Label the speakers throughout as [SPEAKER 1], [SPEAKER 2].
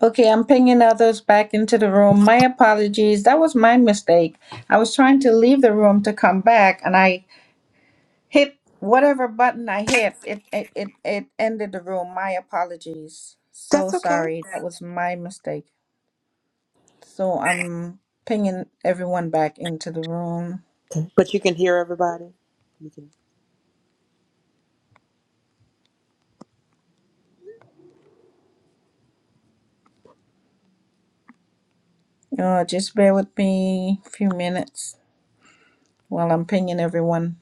[SPEAKER 1] Okay, I'm pinging others back into the room. My apologies. That was my mistake. I was trying to leave the room to come back and I hit whatever button I hit. It it it, it ended the room. My apologies. So
[SPEAKER 2] That's okay.
[SPEAKER 1] sorry. That was my mistake. So I'm pinging everyone back into the room.
[SPEAKER 2] Okay. But you can hear everybody. You can.
[SPEAKER 1] Uh, just bear with me a few minutes while I'm pinging everyone.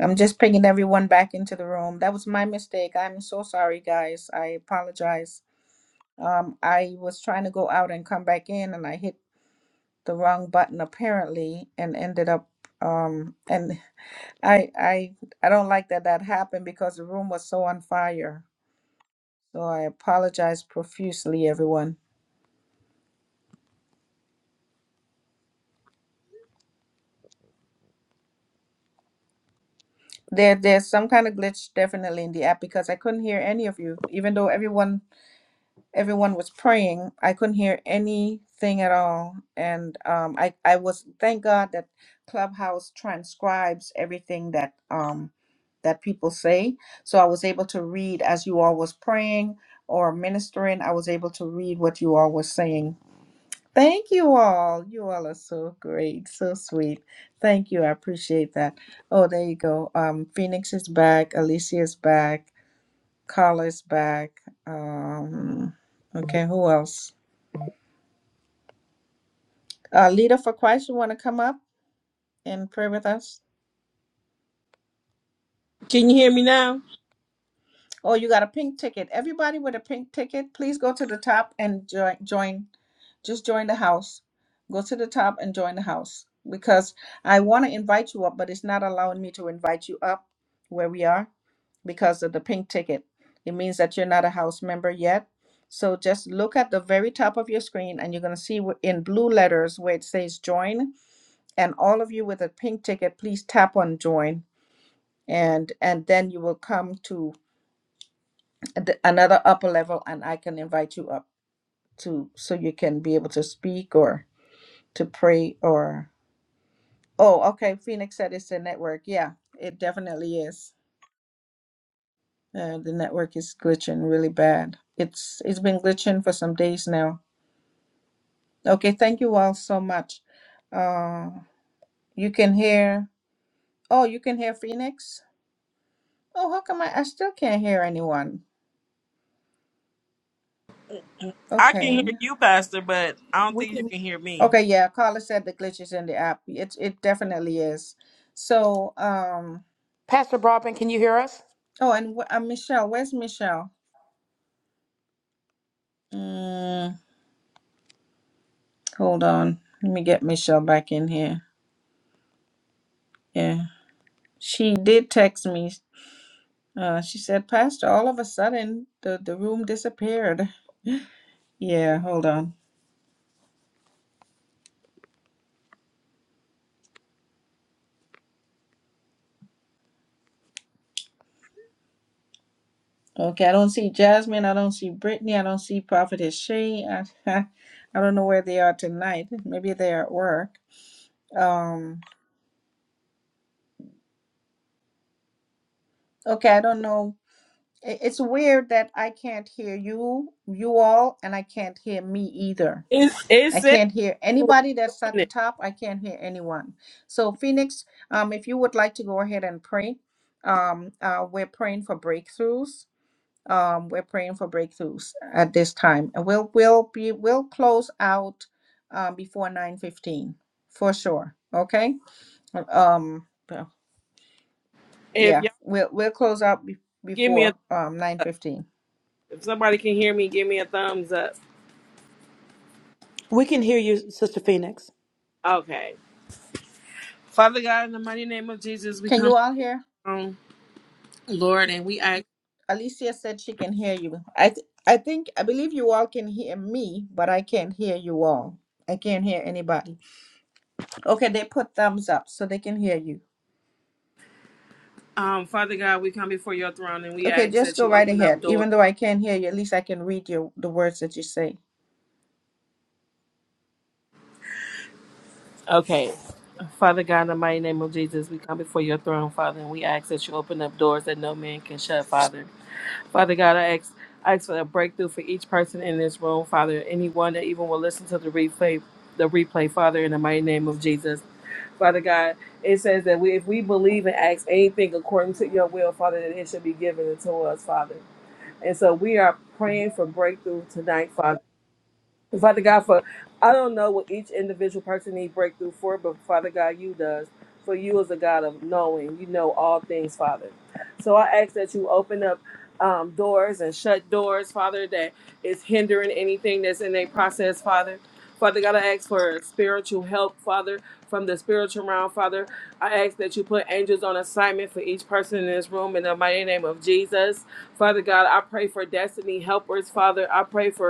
[SPEAKER 1] I'm just pinging everyone back into the room. That was my mistake. I'm so sorry, guys. I apologize. Um, I was trying to go out and come back in, and I hit the wrong button apparently, and ended up. Um, and I I I don't like that that happened because the room was so on fire. So I apologize profusely, everyone. There there's some kind of glitch definitely in the app because I couldn't hear any of you, even though everyone everyone was praying. I couldn't hear anything at all, and um, I I was thank God that Clubhouse transcribes everything that um that people say, so I was able to read as you all was praying or ministering. I was able to read what you all was saying. Thank you all. You all are so great, so sweet. Thank you. I appreciate that. Oh, there you go. Um, Phoenix is back. Alicia is back. Carla's back. Um, okay, who else? Uh, leader for Christ, you want to come up and pray with us?
[SPEAKER 3] Can you hear me now?
[SPEAKER 1] Oh, you got a pink ticket. Everybody with a pink ticket, please go to the top and join. Join. Just join the house. Go to the top and join the house because I want to invite you up, but it's not allowing me to invite you up where we are because of the pink ticket. It means that you're not a house member yet. So just look at the very top of your screen and you're going to see wh- in blue letters where it says join and all of you with a pink ticket please tap on join and and then you will come to th- another upper level and I can invite you up to so you can be able to speak or to pray or oh okay Phoenix said it's the network yeah it definitely is uh, the network is glitching really bad it's it's been glitching for some days now okay thank you all so much uh you can hear oh you can hear Phoenix oh how come I, I still can't hear anyone
[SPEAKER 3] I can
[SPEAKER 1] okay
[SPEAKER 3] hear you, Pastor, but I don't
[SPEAKER 2] We
[SPEAKER 3] think you
[SPEAKER 2] can,
[SPEAKER 3] can hear me.
[SPEAKER 1] okay yeah Carla said the glitch is in the app it it definitely is so um
[SPEAKER 2] Pastor Broadbent, can you hear us?
[SPEAKER 1] Oh, and wh- uh, Michelle, where's Michelle? Mm, hold on. Let me get Michelle back in here. Yeah. She did text me. Uh, she said, Pastor, all of a sudden the, the room disappeared. Yeah, hold on. Okay, I don't see Jasmine. I don't see Brittany. I don't see Prophetess Shay. I, I don't know where they are tonight. Maybe they're at work. Um, okay, I don't know. I- It's weird that I can't hear you, you all, and I can't hear me either.
[SPEAKER 3] It's it
[SPEAKER 1] I
[SPEAKER 3] says
[SPEAKER 1] can't hear
[SPEAKER 3] who
[SPEAKER 1] anybody
[SPEAKER 3] are
[SPEAKER 1] that's at
[SPEAKER 3] doing
[SPEAKER 1] the
[SPEAKER 3] it.
[SPEAKER 1] top. I can't hear anyone. So, Phoenix, um, if you would like to go ahead and pray, um, uh, we're praying for breakthroughs. Um, we're praying for breakthroughs at this time, and we'll we'll be we'll close out um, before nine fifteen for sure. Okay. Um,
[SPEAKER 3] If
[SPEAKER 1] yeah,
[SPEAKER 3] y'all
[SPEAKER 1] we'll we'll close out be-
[SPEAKER 3] give me a
[SPEAKER 1] before um nine
[SPEAKER 3] th-
[SPEAKER 1] fifteen.
[SPEAKER 3] if somebody can hear me, give me a thumbs up.
[SPEAKER 2] We can hear you, Sister Phoenix.
[SPEAKER 3] Okay. Father God, in the mighty name of Jesus, we
[SPEAKER 1] Can
[SPEAKER 3] come
[SPEAKER 1] you all hear?
[SPEAKER 3] on, Lord, and we ask
[SPEAKER 1] Alicia said she can hear you. I th- I think I believe you all can hear me, but I can't hear you all. I can't hear anybody. Okay, they put thumbs up so they can hear you.
[SPEAKER 3] um Father God, we come before your throne and we
[SPEAKER 1] Okay,
[SPEAKER 3] ask
[SPEAKER 1] just
[SPEAKER 3] that
[SPEAKER 1] go
[SPEAKER 3] you
[SPEAKER 1] right
[SPEAKER 3] open
[SPEAKER 1] ahead.
[SPEAKER 3] up doors.
[SPEAKER 1] Even though I can't hear you, at least I can read your the words that you say.
[SPEAKER 3] Okay. Father God, in the mighty name of Jesus, we come before your throne, Father, and we ask that you open up doors that no man can shut, Father. Father God, I ask, I ask for a breakthrough for each person in this room, Father. Anyone that even will listen to the replay, the replay, Father, in the mighty name of Jesus, Father God. It says that we, if we believe and ask anything according to Your will, Father, that it should be given unto us, Father. And so we are praying for breakthrough tonight, Father. Father God, for I don't know what each individual person needs breakthrough for, but Father God, you does. For you is a God of knowing. You know all things, Father. So I ask that you open up um, doors and shut doors, Father, that is hindering anything that's in their process, Father. Father God, I ask for spiritual help, Father, from the spiritual realm, Father. I ask that you put angels on assignment for each person in this room in the mighty name of Jesus. Father God, I pray for destiny helpers, Father. I pray for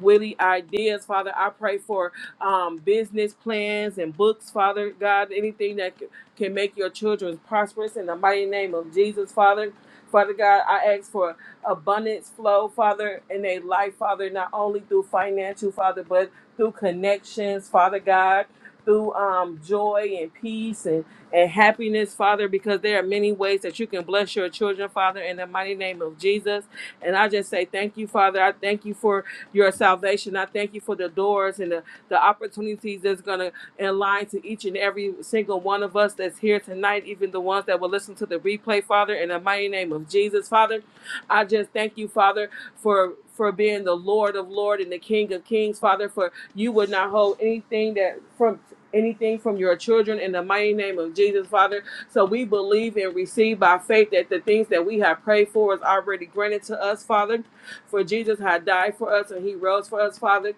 [SPEAKER 3] witty ideas, Father. I pray for um, business plans and books, Father God, anything that c- can make your children prosperous in the mighty name of Jesus, Father. Father God, I ask for abundance flow, Father, in their life, Father, not only through financial, Father, but through connections, Father God, through um, joy and peace and, and happiness, Father, because there are many ways that you can bless your children, Father, in the mighty name of Jesus. And I just say thank you, Father. I thank you for your salvation. I thank you for the doors and the, the opportunities that's going to align to each and every single one of us that's here tonight, even the ones that will listen to the replay, Father, in the mighty name of Jesus, Father. I just thank you, Father, for for being the Lord of Lord and the King of Kings, Father, for you would not hold anything that from anything from your children in the mighty name of Jesus, Father. So we believe and receive by faith that the things that we have prayed for is already granted to us, Father. For Jesus had died for us and he rose for us, Father.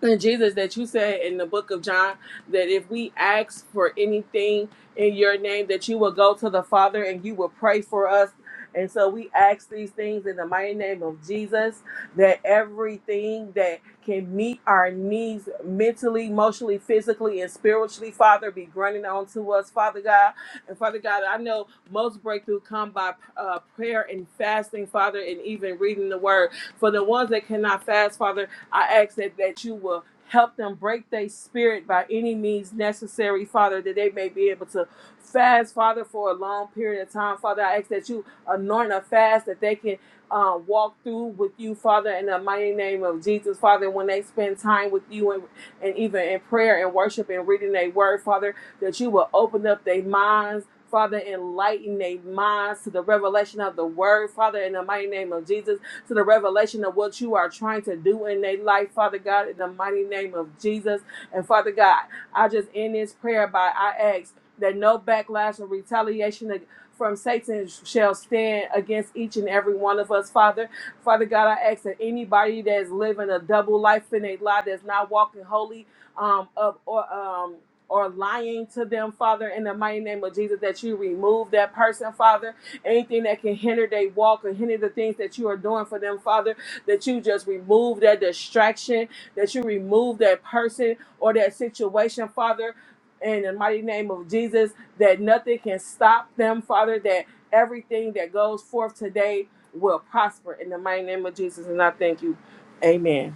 [SPEAKER 3] And Jesus, that you said in the book of John that if we ask for anything in your name, that you will go to the Father and you will pray for us. And so we ask these things in the mighty name of Jesus that everything that can meet our needs mentally, emotionally, physically, and spiritually, Father, be granted unto us, Father God. And Father God, I know most breakthrough come by uh, prayer and fasting, Father, and even reading the word. For the ones that cannot fast, Father, I ask that, that you will help them break their spirit by any means necessary, Father, that they may be able to fast, Father, for a long period of time. Father, I ask that you anoint a fast that they can uh, walk through with you, Father, in the mighty name of Jesus, Father, when they spend time with you and, and even in prayer and worship and reading their word, Father, that you will open up their minds. Father, enlighten their minds to the revelation of the word, Father, in the mighty name of Jesus to the revelation of what you are trying to do in their life, Father God, in the mighty name of Jesus. And Father God, I just end this prayer by I ask that no backlash or retaliation from Satan shall stand against each and every one of us, Father. Father God, I ask that anybody that is living a double life in a lie that's not walking holy um, up or um, or lying to them, Father, in the mighty name of Jesus, that you remove that person, Father anything that can hinder their walk or hinder the things that you are doing for them, Father, that you just remove that distraction, that you remove that person or that situation, Father, in the mighty name of Jesus, that nothing can stop them, Father, that everything that goes forth today will prosper in the mighty name of Jesus. And I thank you. Amen.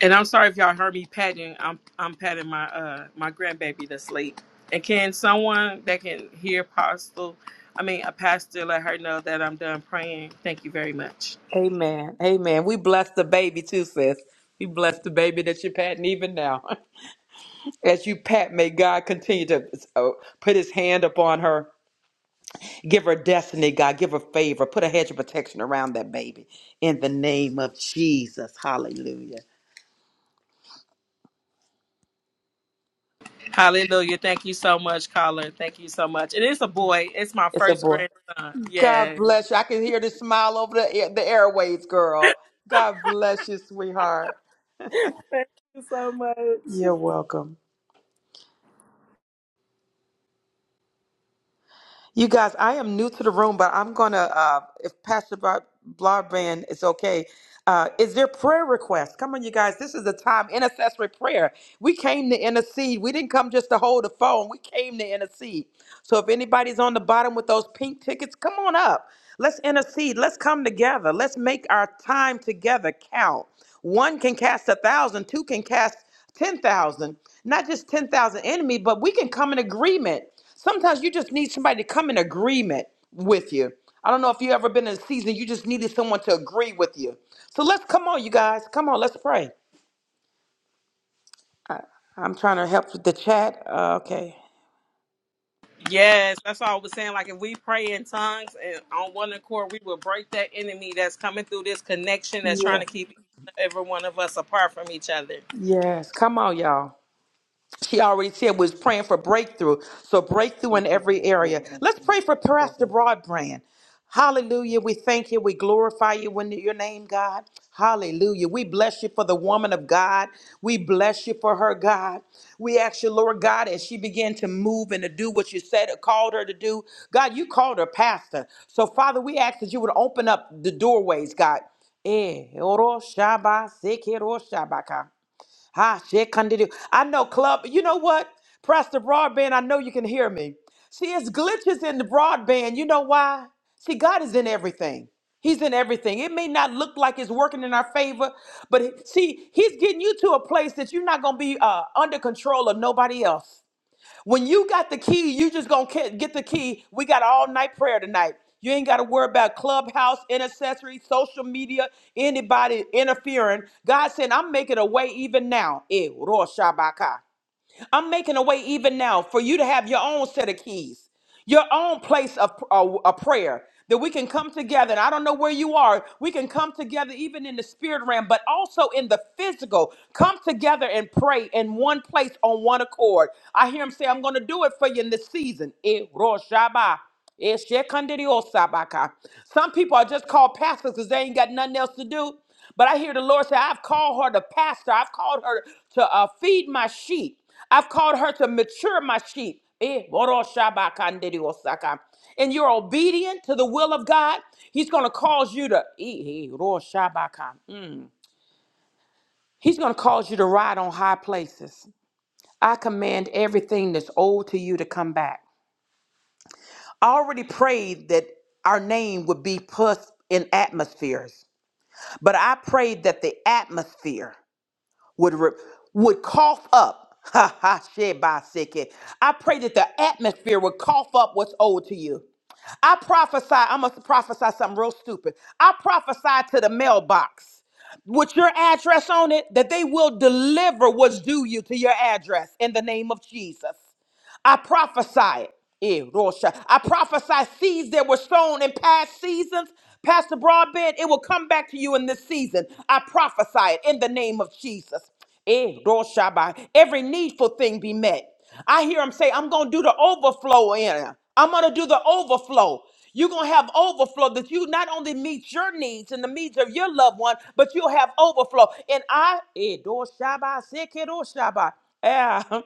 [SPEAKER 3] And I'm sorry if y'all heard me patting. I'm I'm patting my uh my grandbaby that's late. And can someone that can hear Apostle, I mean a pastor, let her know that I'm done praying. Thank you very much.
[SPEAKER 2] Amen. Amen. We bless the baby too, sis. We bless the baby that you're patting even now. As you pat, may God continue to uh, put his hand upon her. Give her destiny, God. Give her favor. Put a hedge of protection around that baby. In the name of Jesus. Hallelujah.
[SPEAKER 3] Hallelujah. Thank you so much, caller. Thank you so much. And it's a boy. It's my
[SPEAKER 2] It's a
[SPEAKER 3] first
[SPEAKER 2] boy.
[SPEAKER 3] grandson.
[SPEAKER 2] God
[SPEAKER 3] Yeah.
[SPEAKER 2] bless you. I can hear the smile over the air- the airways, girl. God bless you, sweetheart.
[SPEAKER 3] Thank you so much.
[SPEAKER 2] You're welcome. You guys, I am new to the room, but I'm gonna uh if Pastor Bar- Broadband is okay. Uh, is there prayer requests? Come on, you guys. This is the time intercessory prayer. We came to intercede. We didn't come just to hold the phone. We came to intercede. So if anybody's on the bottom with those pink tickets, come on up. Let's intercede. Let's come together. Let's make our time together count. One can cast a thousand, two can cast 10,000. Not just 10,000 enemy, but we can come in agreement. Sometimes you just need somebody to come in agreement with you. I don't know if you ever been in a season you just needed someone to agree with you. So let's come on, you guys. Come on, let's pray. I, I'm trying to help with the chat. Uh, okay.
[SPEAKER 3] Yes, that's all I was saying. Like if we pray in tongues and on one accord, we will break that enemy that's coming through this connection that's trying to
[SPEAKER 2] Yes.
[SPEAKER 3] keep every one of us apart from each other.
[SPEAKER 2] Yes. Come on, y'all. She already said was praying for breakthrough. So breakthrough
[SPEAKER 4] Thank
[SPEAKER 2] in
[SPEAKER 4] you.
[SPEAKER 2] every area. Let's pray for Pastor
[SPEAKER 4] Lord.
[SPEAKER 2] Broadbrand. Hallelujah. We thank you. We glorify you in your name, God. Hallelujah. We bless you for the woman of God. We bless you for her, God. We ask you, Lord God, as she began to move and to do what you said, called her to do. God, you called her pastor. So, Father, we ask that you would open up the doorways, God. Eh, oro shaba, seke ro shabaka. Ah, shit, continue. I know club. You know what? Pastor Broadband, I know you can hear me. See, it's glitches in the broadband. You know why? See, God is in everything. He's in everything. It may not look like it's working in our favor, but see, He's getting you to a place that you're not going to be uh, under control of nobody else. When you got the key, you just gonna ca- get the key. We got all night prayer tonight. You ain't got to worry about clubhouse, intercessory, social media, anybody interfering. God said, I'm making a way even now. Eh, Rosh Hashanah. I'm making a way even now for you to have your own set of keys, your own place of a, prayer that we can come together. And I don't know where you are. We can come together even in the spirit realm, but also in the physical. Come together and pray in one place on one accord. I hear him say, I'm going to do it for you in this season. Eh, Rosh Hashanah. Eh, Shekinah Sabaka. Some people are just called pastors because they ain't got nothing else to do. But I hear the Lord say, I've called her to pastor. I've called her to uh, feed my sheep. I've called her to mature my sheep. Eh, boro shaba kandiri osaka. And you're obedient to the will of God, He's going to cause you to. eh, eh, ro shaba ka. Mm. He's going to cause you to ride on high places. I command everything that's old to you to come back. I already prayed that our name would be put in atmospheres, but I prayed that the atmosphere would re- would cough up. Ha ha shit by sick. I pray that the atmosphere would cough up what's owed to you. I prophesy, I'm gonna prophesy something real stupid. I prophesy to the mailbox with your address on it that they will deliver what's due you to your address in the name of Jesus. I prophesy it. Eh, Rosha. I prophesy seeds that were sown in past seasons. Pastor Broadbent, it will come back to you in this season. I prophesy it in the name of Jesus. Eh, Roshabai. Every needful thing be met. I hear him say, I'm going to do the overflow in. her. I'm going to do the overflow. You're going to have overflow that you not only meet your needs and the needs of your loved one, but you'll have overflow. And I, eh, do shaba, sekedo shaba. Yeah.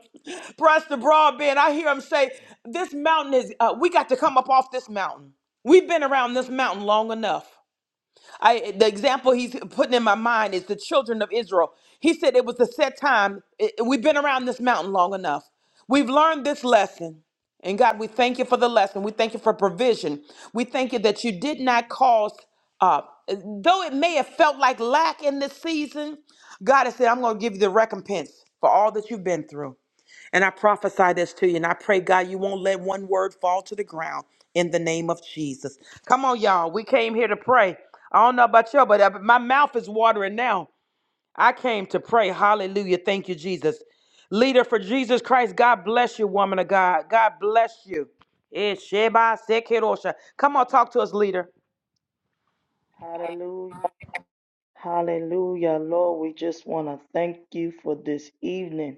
[SPEAKER 2] Pastor Broadbent, I hear him say, This mountain is, uh, we got to come up off this mountain. We've been around this mountain long enough. I, the example he's putting in my mind is the children of Israel. He said it was the set time. It- we've been around this mountain long enough. We've learned this lesson. And God, we thank you for the lesson. We thank you for provision. We thank you that you did not cause, uh, though it may have felt like lack in this season, God has said, I'm going to give you the recompense for all that you've been through. And I prophesy this to you. And I pray, God, you won't let one word fall to the ground in the name of Jesus. Come on, y'all. We came here to pray. I don't know about y'all, but uh, my mouth is watering now. I came to pray. Hallelujah. Thank you, Jesus. Leader for Jesus Christ, God bless you, woman of God. God bless you. Eh, Sheba Sekirosha. Come on, talk to us, leader.
[SPEAKER 4] Hallelujah. Hallelujah, Lord. We just want to thank you for this evening,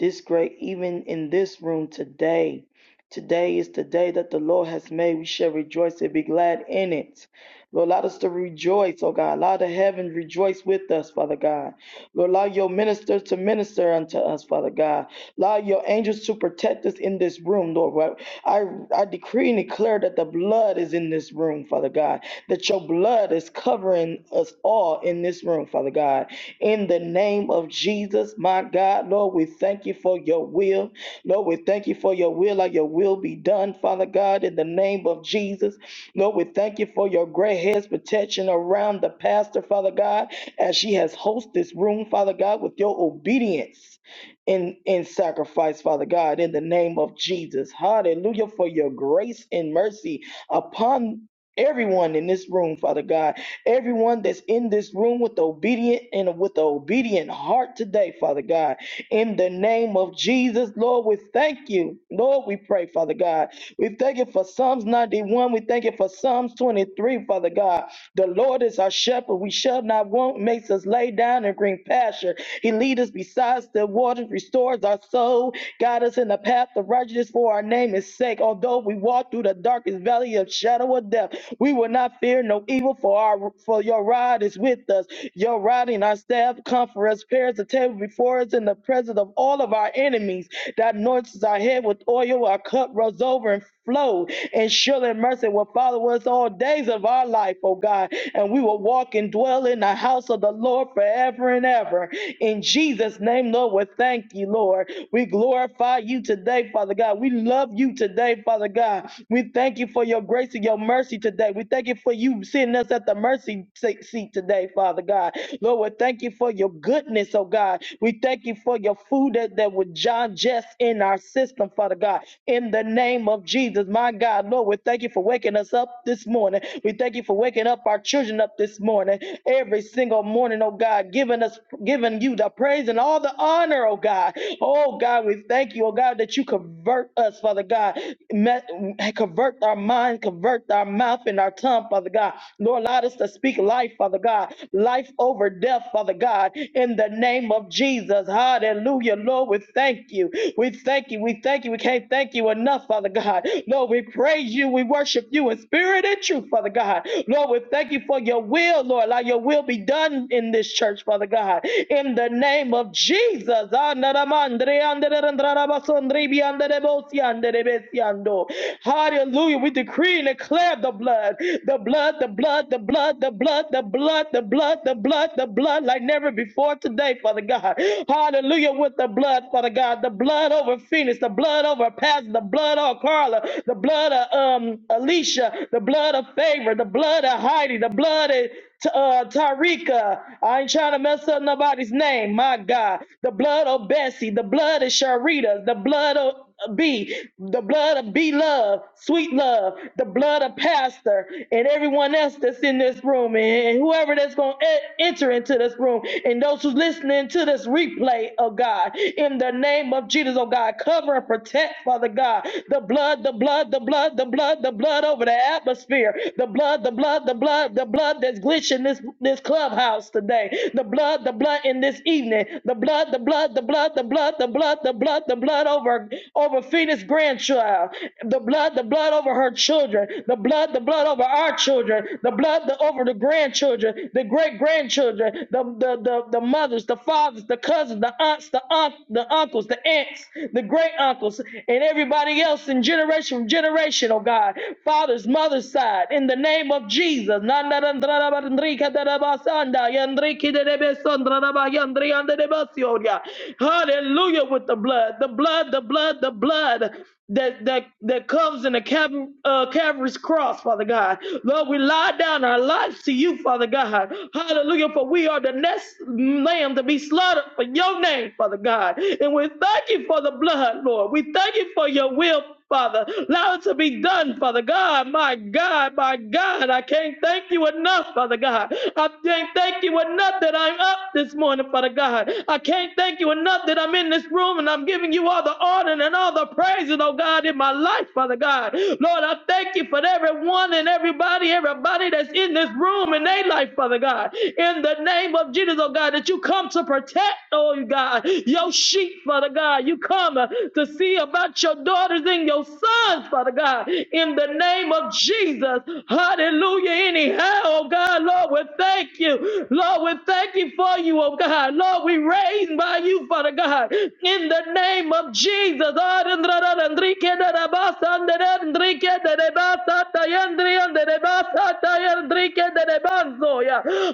[SPEAKER 4] this great evening in this room today. Today is the day that the Lord has made. We shall rejoice and be glad in it. Lord, allow us to rejoice, oh God. Allow the heaven rejoice with us, Father God. Lord, allow your ministers to minister unto us, Father God. Allow your angels to protect us in this room, Lord. Well, I, I decree and declare that the blood is in this room, Father God that your blood is covering us all in this room, Father God. In the name of Jesus, my God, Lord, we thank you for your will. Lord, we thank you for your will, like your will be done, Father God, in the name of Jesus. Lord, we thank you for your great head's protection around the pastor, Father God, as she has hosted this room, Father God, with your obedience in, in sacrifice, Father God, in the name of Jesus. Hallelujah for your grace and mercy upon everyone in this room, Father God, everyone that's in this room with obedient and with an obedient heart today, Father God, in the name of Jesus, Lord, we thank you. Lord, we pray, Father God. We thank you for Psalms 91. We thank you for Psalms 23, Father God. The Lord is our shepherd. We shall not want, makes us lay down in green pasture. He leads us beside the waters, restores our soul, guide us in the path of righteousness for our name is sake. Although we walk through the darkest valley of shadow of death, we will not fear no evil, for our for your rod is with us. Your rod and our staff comfort us. Prepares the table before us in the presence of all of our enemies. That anoints our head with oil. Our cup runs over and flow. And surely mercy will follow us all days of our life, O God. And we will walk and dwell in the house of the Lord forever and ever. In Jesus' name, Lord, we thank you, Lord. We glorify you today, Father God. We love you today, Father God. We thank you for your grace and your mercy today. We thank you for you sitting us at the mercy se- seat today, Father God. Lord, we thank you for your goodness, oh God. We thank you for your food that, that would digest in our system, Father God. In the name of Jesus, my God, Lord, we thank you for waking us up this morning. We thank you for waking up our children up this morning, every single morning, oh God, giving us giving giving you the praise and all the honor, oh God. Oh God, we thank you, oh God, that you convert us, Father God. Me- Convert our mind, convert our mouth and our tongue, Father God. Lord, allow us to speak life, Father God. Life over death, Father God, in the name of Jesus. Hallelujah, Lord, we thank you. We thank you. We thank you. We can't thank you enough, Father God. Lord, we praise you. We worship you in spirit and truth, Father God. Lord, we thank you for your will, Lord. Allow your will be done in this church, Father God in the name of Jesus. Hallelujah. We decree and declare the blood, the blood, the blood, the blood, the blood, the blood, the blood, the blood, the blood, like never before today, Father God. Hallelujah. With the blood, Father God, the blood over Phoenix, the blood over Pastor, the blood over Carla, the blood of um Alicia, the blood of favor, the blood of Heidi, the blood of T- uh, Tarika. I ain't trying to mess up of nobody's name, my God. The blood of Bessie, the blood of Sharita, the blood of B, the blood of B Love, Sweet Love, the blood of Pastor, and everyone else that's in this room, and whoever that's going to enter into this room, and those who's listening to this replay, oh God, in the name of Jesus, oh God, cover and protect, Father God, the blood, the blood, the blood, the blood, the blood over the atmosphere, the blood, the blood, the blood, the blood that's glitching this this clubhouse today, The blood blood, the blood in this evening. The blood, the blood, the blood, the blood, the blood, the blood, the blood over over Phoenix grandchild. The blood, the blood over her children. The blood, the blood over our children. The blood the, over the grandchildren, the great grandchildren, the, the the the mothers, the fathers, the cousins, the aunts, the aunt, the uncles, the aunts, the great uncles, and everybody else in generation from generation, oh God. Father's mother's side, in the name of Jesus. Hallelujah with the blood, the blood, the blood, the blood that that that comes in the Calv- uh, Calvary's cross, Father God. Lord, we lie down our lives to you, Father God. Hallelujah, for we are the next lamb to be slaughtered for your name, Father God. And we thank you for the blood, Lord. We thank you for your will Father. Allow it to be done, Father God. My God, my God, I can't thank you enough, Father God. I can't thank you enough that I'm up this morning, Father God. I can't thank you enough that I'm in this room and I'm giving you all the honor and all the praises, oh God, in my life, Father God. Lord, I thank you for everyone and everybody, everybody that's in this room in their life, Father God. In the name of Jesus, oh God, that you come to protect, oh God, your sheep, Father God. God. You come uh, to see about your daughters and your sons, Father God, in the name of Jesus. Hallelujah. Anyhow, oh God, Lord, we thank you. Lord, we thank you for you, oh God. Lord, we raised by you, Father God, in the name of Jesus.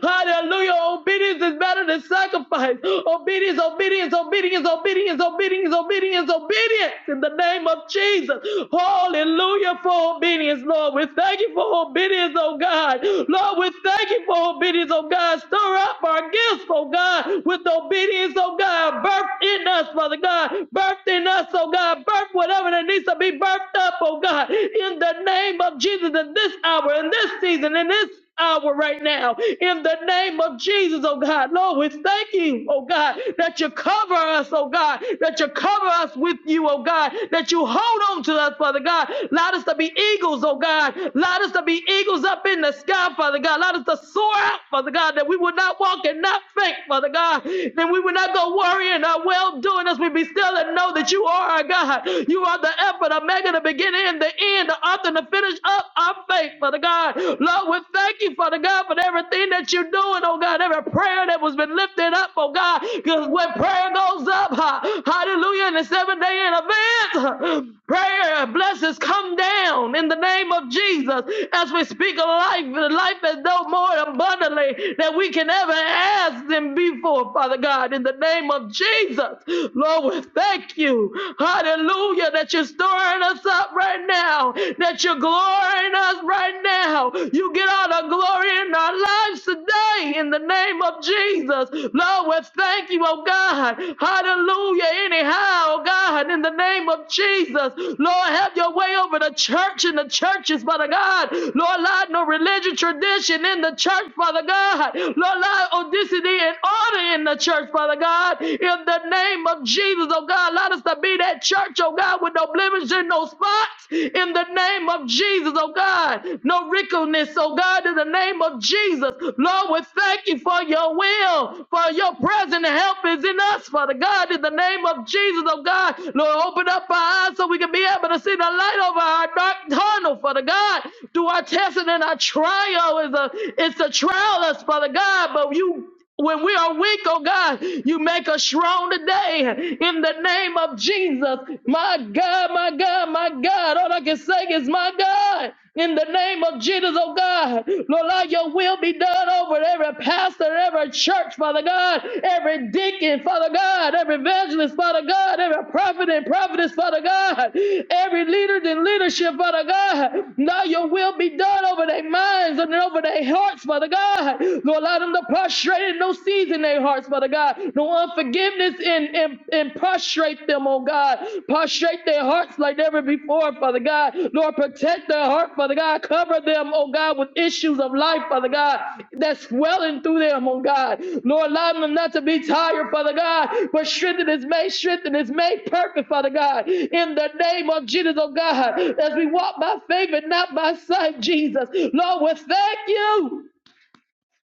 [SPEAKER 4] Hallelujah. Obedience is better than sacrifice. Obedience, obedience, obedience, obedience, obedience, obedience, obedience in the name of Jesus. Hallelujah for obedience, Lord. We thank you for obedience, oh God. Lord, we thank you for obedience, oh God. Stir up our gifts, oh God, with obedience, oh God. Birth in us, Father God. Birth in us, oh God. Birth whatever that needs to be birthed up, oh God. In the name of Jesus, in this hour, in this season, in this hour right now. In the name of Jesus, oh God. Lord, we're thanking, oh God, that you cover us, oh God, that you cover us with you, oh God, that you hold on to us, Father God. Allow us to be eagles, oh God. Allow us to be eagles up in the sky, Father God. Allow us to soar out, Father God, that we would not walk and not faint, Father God. Then we would not go worrying our well doing as we be still and know that you are our God. You are the effort, the mega, the beginning and the end, the author and the finish up I our faith, Father God. Lord, we thank you, Father God, for everything that you're doing, oh God, every prayer that was been lifted up, oh God, because when prayer goes up, ha- hallelujah, in the seven day in advance, prayer and blessings come down in the name of Jesus as we speak of life, the life is no more abundantly than we can ever ask them before, Father God, in the name of Jesus. Lord, we thank you, hallelujah, that you're stirring us us up right now, that you're glorying us right now. You get all the glory in our lives today in the name of Jesus. Lord, we thank you, oh God. Hallelujah. Anyhow, oh God, in the name of Jesus. Lord, have your way over the church and the churches, Father God. Lord, Lord, no religion tradition in the church, Father God. Lord, Lord, audacity and order in the church, Father God. In the name of Jesus, oh God, let us to be that church, oh God, with no blemishes, no spots, in the name of Jesus, oh God. No wrinkleness, oh God, in the name of Jesus. Lord, we thank you for your will, for your present help is in us, Father God, in the name of Jesus, oh God. Lord, open up our eyes so we can be able to see the light over our dark tunnel, Father God. Through our testing and our trial is a it's a trial us, Father God, but you when we are weak, oh God, you make us strong today in the name of Jesus. My God, my God, my God. All I can say is, my God. In the name of Jesus, oh God, Lord, let your will be done over every pastor, every church, Father God, every deacon, Father God, every evangelist, Father God, every prophet and prophetess, Father God, every leader in leadership, Father God. Now your will be done over their minds and over their hearts, Father God. Lord, Lord, allow them to prostrate no seeds in their hearts, Father God. No unforgiveness and, and, and prostrate them, oh God. Prostrate their hearts like never before, Father God. Lord, protect their heart, Father God. Cover them, oh God, with issues of life, Father God, that's swelling through them, oh God. Lord, allow them not to be tired, Father God, but strengthen is made, strengthen is made perfect, Father God. In the name of Jesus, oh God, as we walk by faith and not by sight, Jesus. Lord, we thank you.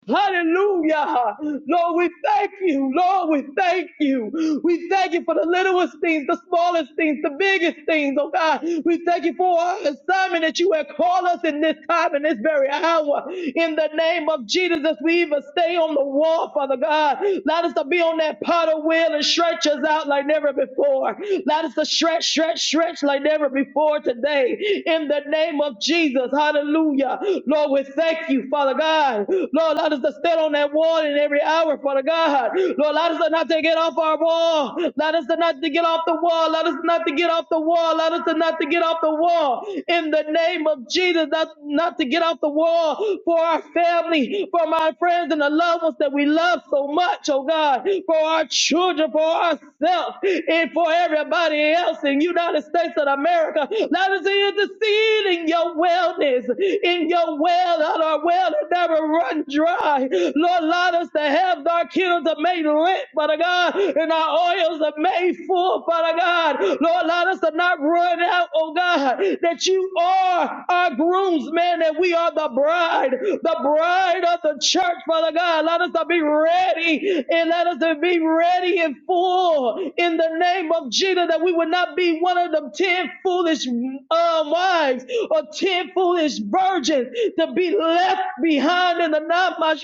[SPEAKER 4] Hallelujah. Lord, we thank you. Lord, we thank you. We thank you for the littlest things, the smallest things, the biggest things, oh God. We thank you for our assignment that you have called us in this time, in this very hour. In the name of Jesus, as we even stay on the wall, Father God. Let us to be on that potter wheel and stretch us out like never before. Let us to stretch, stretch, stretch like never before today. In the name of Jesus, hallelujah. Lord, we thank you, Father God. Lord, allow us to stand on that wall in every hour, Father God. Lord, allow us to not to get off our wall. Allow us to not to get off the wall. Allow us not to get off the wall. Allow us to not to get off the wall. In the name of Jesus, not, not to get off the wall for our family, for my friends and the loved ones that we love so much, oh God, for our children, for ourselves, and for everybody else in the United States of America. Let us intercede in your wellness, in your well, that our well that never runs dry. Lord, allow us to have our candles that made lit, Father God, and our oils that made full, Father God. Lord, allow us to not run out, oh God, that you are our groomsman, and we are the bride, the bride of the church, Father God. Let us to be ready and let us to be ready and full in the name of Jesus, that we would not be one of them ten foolish uh, wives or ten foolish virgins to be left behind in the night. Let me not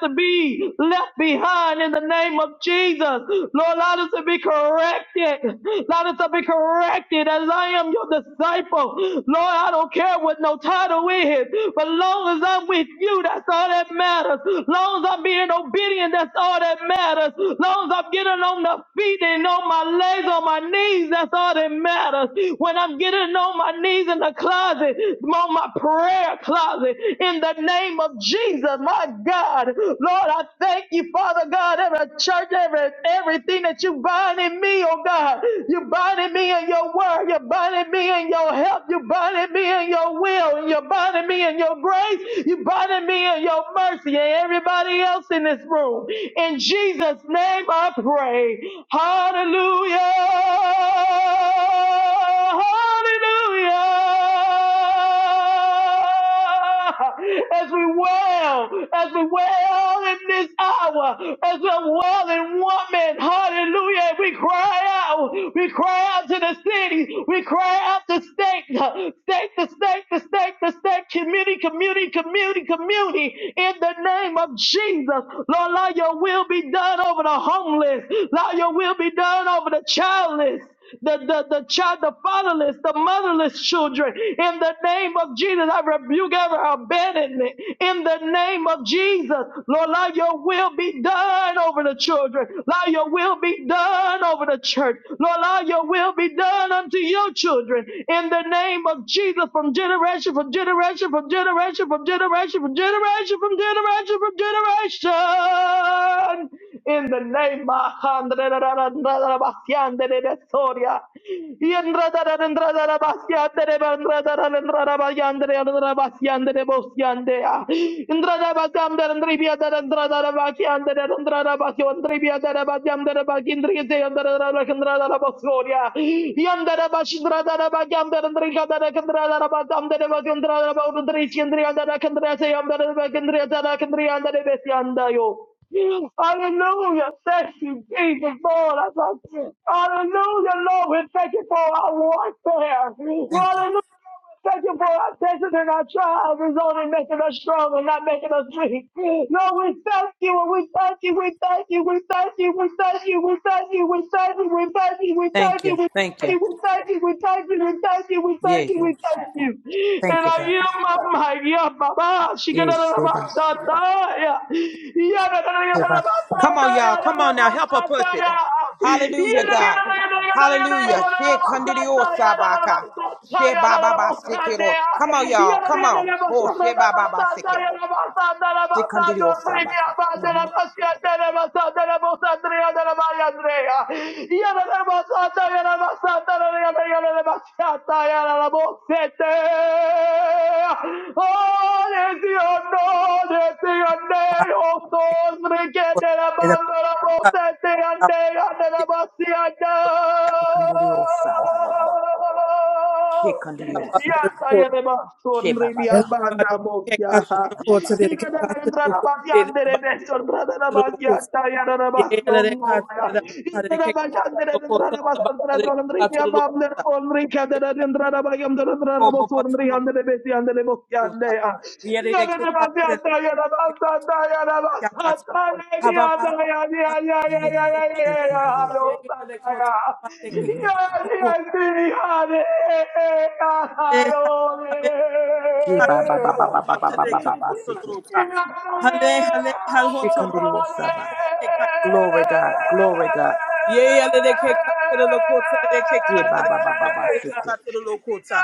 [SPEAKER 4] to be left behind in the name of Jesus. Lord, allow us to be corrected. Allow us to be corrected as I am your disciple. Lord, I don't care what no title is, but long as I'm with you, that's all that matters. Long as I'm being obedient, that's that's all that matters. Long as I'm getting on the feet and on my legs, on my knees, that's all that matters. When I'm getting on my knees in the closet, on my prayer closet, in the name of Jesus, my God, Lord, I thank you, Father God, every church, every everything that you bind in me, oh God, you binding me in your word, you are binding me in your help, you are binding me in your will, and you are binding me in your grace, you are binding me in your mercy, and everybody else in this room. In Jesus' name I pray. Hallelujah. Hallelujah. As we wail, as we wail in this hour, as a wailing woman, hallelujah. We cry out, we cry out to the city, we cry out to state, state to state to state to state, community, community, community, community, in the name of Jesus. Lord, Lord, your will be done over the homeless. Lord, your will be done over the childless. The, the, the child, the fatherless, the motherless children. In the name of Jesus, I rebuke every abandonment. In the name of Jesus, Lord, let your will be done over the children. Let your will be done over the church. Lord, let your will be done unto your children. In the name of Jesus, from generation, from generation, from generation, from generation, from generation, from generation, from generation salvation in the name of Yandere Jesus, hallelujah. Thank you, Jesus, Lord. I love you. Hallelujah, Lord. We thank you for our warfare.
[SPEAKER 2] Thank you.
[SPEAKER 4] Hallelujah. Thank you for our patience and our trials is only making us strong and not making us weak. No, we thank you and we thank you, we thank you, we thank you, we thank you, we thank you, we thank you, we thank you, we thank you, we
[SPEAKER 2] Thank
[SPEAKER 4] thank
[SPEAKER 2] you.
[SPEAKER 4] you
[SPEAKER 2] Thank you.
[SPEAKER 4] you, we thank you, we thank you, we thank you, we
[SPEAKER 2] Yeah.
[SPEAKER 4] thank you, we thank you. And
[SPEAKER 2] Thank you,
[SPEAKER 4] I
[SPEAKER 2] God.
[SPEAKER 4] am my yeah, Baba, she got
[SPEAKER 2] Yes,
[SPEAKER 4] out of
[SPEAKER 2] Sheba.
[SPEAKER 4] Sataya.
[SPEAKER 2] Come on, y'all. Come on now. Help her push it. Hallelujah, God. Hallelujah. She kandidio sabaka. She baba basikiro. Come on, y'all. Come on. Oh, she baba basike. She kandidio
[SPEAKER 4] Yada,
[SPEAKER 2] sabaka.
[SPEAKER 3] Hababa
[SPEAKER 2] She kandidio sababa.
[SPEAKER 4] Oh, Yandere
[SPEAKER 2] She kandidio sabaka. She babaka.
[SPEAKER 3] Hale, hale, hale,
[SPEAKER 2] She
[SPEAKER 3] hale,
[SPEAKER 2] baba baba
[SPEAKER 3] kopa
[SPEAKER 2] baba baba
[SPEAKER 3] tere ke
[SPEAKER 2] baba basike.
[SPEAKER 3] kotorota. Hale, hale, hale,
[SPEAKER 2] She
[SPEAKER 3] hotoro
[SPEAKER 2] kandidio
[SPEAKER 3] kopa
[SPEAKER 2] sabaka.
[SPEAKER 3] tere ke katere ke
[SPEAKER 2] Glory God. Glory
[SPEAKER 3] kotorota.
[SPEAKER 2] God.
[SPEAKER 3] Ye yale de ke katere lo kotere de ke
[SPEAKER 2] She
[SPEAKER 3] katere lo
[SPEAKER 2] baba baba
[SPEAKER 3] baba tere ke
[SPEAKER 2] basike.
[SPEAKER 3] katere lo kota.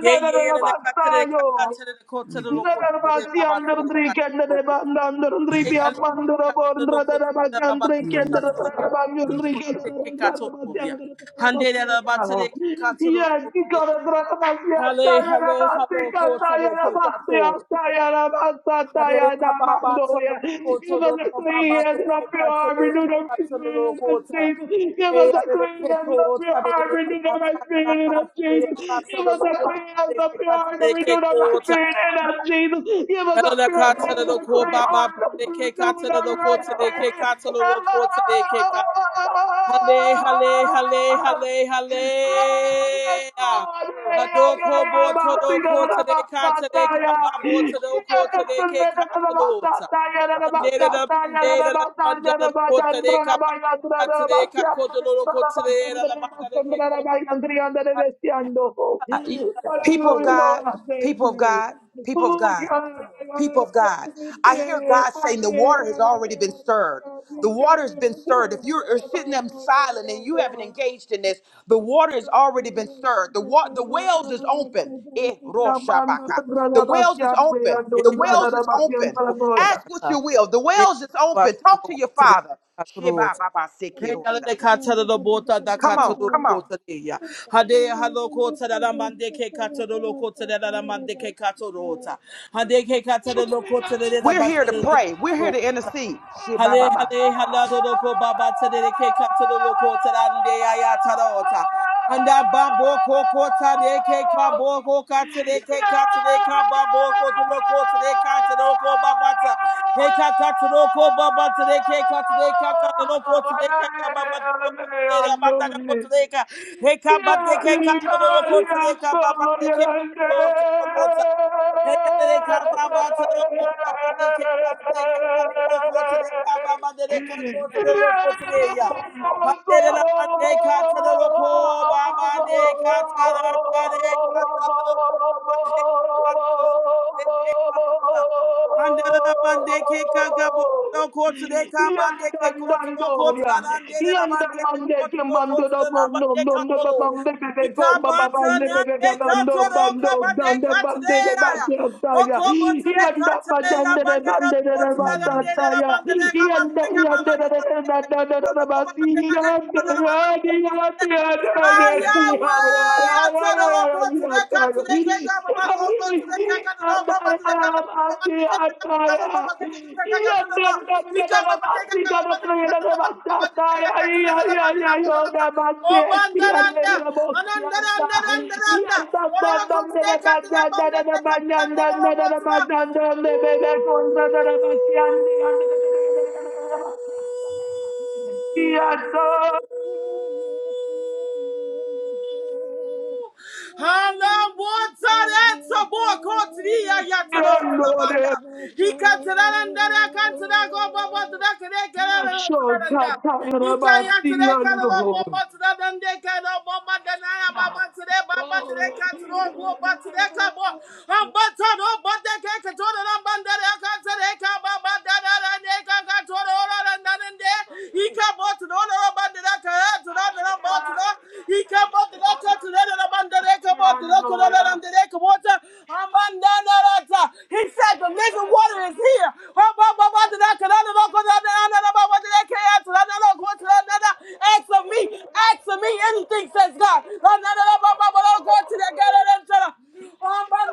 [SPEAKER 3] Ye ye yale de katere de
[SPEAKER 4] Thank
[SPEAKER 3] ka
[SPEAKER 4] you.
[SPEAKER 3] katere de kotere lo kotere de
[SPEAKER 4] Ndarabasi
[SPEAKER 3] baba tere de
[SPEAKER 4] andrundri
[SPEAKER 3] katere lo
[SPEAKER 4] kendere
[SPEAKER 3] kota.
[SPEAKER 4] banda andrundri
[SPEAKER 3] Ye
[SPEAKER 4] bi
[SPEAKER 3] yale de ke
[SPEAKER 4] apandura
[SPEAKER 3] katere lo
[SPEAKER 4] borundra
[SPEAKER 3] kotere de
[SPEAKER 4] darabasi
[SPEAKER 3] baba
[SPEAKER 4] andri
[SPEAKER 3] tere de
[SPEAKER 4] kendere
[SPEAKER 3] katere ke kotere lo
[SPEAKER 4] darabandrundri
[SPEAKER 3] kotere de
[SPEAKER 4] kendere
[SPEAKER 3] ke katere lo
[SPEAKER 4] darabasi
[SPEAKER 3] ya.
[SPEAKER 4] andrundri
[SPEAKER 3] Hande de baba tere ke
[SPEAKER 4] darabasi
[SPEAKER 3] katere
[SPEAKER 4] ya
[SPEAKER 3] lo kotere
[SPEAKER 4] dikara
[SPEAKER 3] ya.
[SPEAKER 4] darabasi ata
[SPEAKER 3] Hale,
[SPEAKER 4] ya
[SPEAKER 3] hale,
[SPEAKER 4] darabasi
[SPEAKER 3] halo,
[SPEAKER 4] kata
[SPEAKER 3] kota de
[SPEAKER 4] ya
[SPEAKER 3] ke
[SPEAKER 4] darabasi
[SPEAKER 3] kato.
[SPEAKER 4] ata ya darabasi ata ya
[SPEAKER 3] Hale, hababa,
[SPEAKER 4] darabando
[SPEAKER 3] tolo, koto, do, kobaba,
[SPEAKER 4] ya
[SPEAKER 3] de
[SPEAKER 4] Open
[SPEAKER 3] ke
[SPEAKER 4] up your
[SPEAKER 3] kato,
[SPEAKER 4] heart,
[SPEAKER 3] de ke
[SPEAKER 4] renew the spirit
[SPEAKER 3] kato,
[SPEAKER 4] in us,
[SPEAKER 3] kota.
[SPEAKER 4] Jesus. Give
[SPEAKER 3] Hey,
[SPEAKER 4] us a
[SPEAKER 3] hale, de
[SPEAKER 4] clean
[SPEAKER 3] ke
[SPEAKER 4] hands of your
[SPEAKER 3] kota, de,
[SPEAKER 4] heart,
[SPEAKER 3] hale,
[SPEAKER 4] renew the right
[SPEAKER 3] tana,
[SPEAKER 4] spirit
[SPEAKER 3] la,
[SPEAKER 4] in
[SPEAKER 3] ba,
[SPEAKER 4] us,
[SPEAKER 3] tade, de ke
[SPEAKER 4] Jesus.
[SPEAKER 3] kato,
[SPEAKER 4] Give
[SPEAKER 3] lo,
[SPEAKER 4] us
[SPEAKER 3] lo,
[SPEAKER 4] a
[SPEAKER 3] kota,
[SPEAKER 4] clean hands
[SPEAKER 3] de
[SPEAKER 4] of
[SPEAKER 3] ke
[SPEAKER 4] your
[SPEAKER 3] kato,
[SPEAKER 4] heart,
[SPEAKER 3] de
[SPEAKER 4] renew
[SPEAKER 3] ke
[SPEAKER 4] the right
[SPEAKER 3] kota.
[SPEAKER 4] spirit in us, Jesus. Give us a
[SPEAKER 3] Hale, de
[SPEAKER 4] pure
[SPEAKER 3] kato, de,
[SPEAKER 4] hands
[SPEAKER 3] lo,
[SPEAKER 4] and a clean
[SPEAKER 3] kobaba,
[SPEAKER 4] heart,
[SPEAKER 3] de ke
[SPEAKER 4] renew
[SPEAKER 3] kato, de,
[SPEAKER 4] the
[SPEAKER 3] lo,
[SPEAKER 4] right
[SPEAKER 3] kota, de ke
[SPEAKER 4] spirit
[SPEAKER 3] kato, kota, Hale, hale, hale,
[SPEAKER 4] in
[SPEAKER 3] hale,
[SPEAKER 4] Hallelujah, Lord, I thank you. Oh,
[SPEAKER 3] hale. Ah. Hadoko bo todo ko today ka today ka ba bo todo ko today ke ka tolota. Andere da bandere da bandere da ko today ka ba ka today ka ko tolo ko today da da bandere ke ko ba
[SPEAKER 2] People of
[SPEAKER 3] tolo.
[SPEAKER 2] People of God. People of God. People of God.
[SPEAKER 4] God, I
[SPEAKER 2] people of God. I hear God saying the water has already been stirred. The water's been
[SPEAKER 4] God,
[SPEAKER 2] stirred. If you're, you're sitting there
[SPEAKER 4] God,
[SPEAKER 2] silent and you haven't
[SPEAKER 4] God.
[SPEAKER 2] engaged in this, the water has already been stirred. The wa- the wells is open. Eh, ro shabaka. The wells is open.
[SPEAKER 3] Ye
[SPEAKER 2] The
[SPEAKER 3] la
[SPEAKER 2] wells is open.
[SPEAKER 3] ko
[SPEAKER 2] Ask
[SPEAKER 3] today
[SPEAKER 2] what
[SPEAKER 3] ka.
[SPEAKER 2] you will. The
[SPEAKER 3] Ye
[SPEAKER 2] wells is
[SPEAKER 3] ba
[SPEAKER 2] open. Talk
[SPEAKER 3] tolo
[SPEAKER 2] to
[SPEAKER 3] ko
[SPEAKER 2] your
[SPEAKER 3] today
[SPEAKER 2] father.
[SPEAKER 3] ka
[SPEAKER 2] Sheba baba sekirosa.
[SPEAKER 3] Heyale katara do bota da
[SPEAKER 2] Come
[SPEAKER 3] katara
[SPEAKER 2] on,
[SPEAKER 3] do
[SPEAKER 2] come on.
[SPEAKER 3] kota de ya. Hade halo kota da da mande ke katara do kota da da da mande ke katara ota. Hade ke katara do kota de de da
[SPEAKER 2] We're here to
[SPEAKER 3] batara do
[SPEAKER 2] pray. We're here
[SPEAKER 3] kota.
[SPEAKER 2] to intercede.
[SPEAKER 3] Hale hale hala doko baba tadere ke katado loko tadande ayatarota. Handa babo koko tade ke kabo ko katade ke katade ka babo ko tado ko tade katado ko baba ta. He ka katado ko baba tade ke katade ka katado ko tade ke ka baba tado ko tade ya bata ko
[SPEAKER 4] Hallelujah.
[SPEAKER 3] tade ka. He ka
[SPEAKER 4] Yeah,
[SPEAKER 3] bate ke katado ko tade ka baba te ke ko tado ko. Hey, y'all, they come by by to the local, by by they can't by to they can't by to the local, to they come by by they can't go to the local today, yeah. Hallelujah. man, they can't to the local, by man, they can't to the under, they can't to the local, man, they can't to the local, they can't come out. Hallelujah, man, they can't come out to the
[SPEAKER 4] Yes,
[SPEAKER 3] local, to they come by, they can't go to the local, to the under, they can't go to the local, to the number, they can't go. Today, Ah, Yahweh, I tell the Lord, boy,
[SPEAKER 4] yeah,
[SPEAKER 3] today, God, today, can't go, my body, also, today, can't go, the Lord, my body, today, can't go, my body, today, can't go, my body, today, can't go, my body, today, can't go, to the Lord. He can't go, my body, can't go, my body, today, can't go, my body, today, can go, to the Lord, my can't go, to the Lord. Oh, man, da, da, da. Oh, da, da, da, da, da, da, da. Oh, Lord, come today, come today, man, da, da, come today, da, da, da, Hala
[SPEAKER 4] Yanda he has done
[SPEAKER 3] water sabor kotria
[SPEAKER 4] it,
[SPEAKER 3] yatano
[SPEAKER 4] Lord.
[SPEAKER 3] banda. He can't and then I can't go baba to that. Ikaya today, kala lo
[SPEAKER 4] Mashotatairabasiando.
[SPEAKER 3] baba today, dan de kala baba dan ay baba today, baba today kala today, baba today kala i Am bata no bata kala kala ram banda kala today kala baba dan dan de kala kala today ora dan dan de. Ika bo today ora banda kala today ram bo today. Ika bo today kala today ram banda kala bo today kala
[SPEAKER 4] Yandoya.
[SPEAKER 3] ram he said, The living water is here. Ask of me, ask of me anything, says God.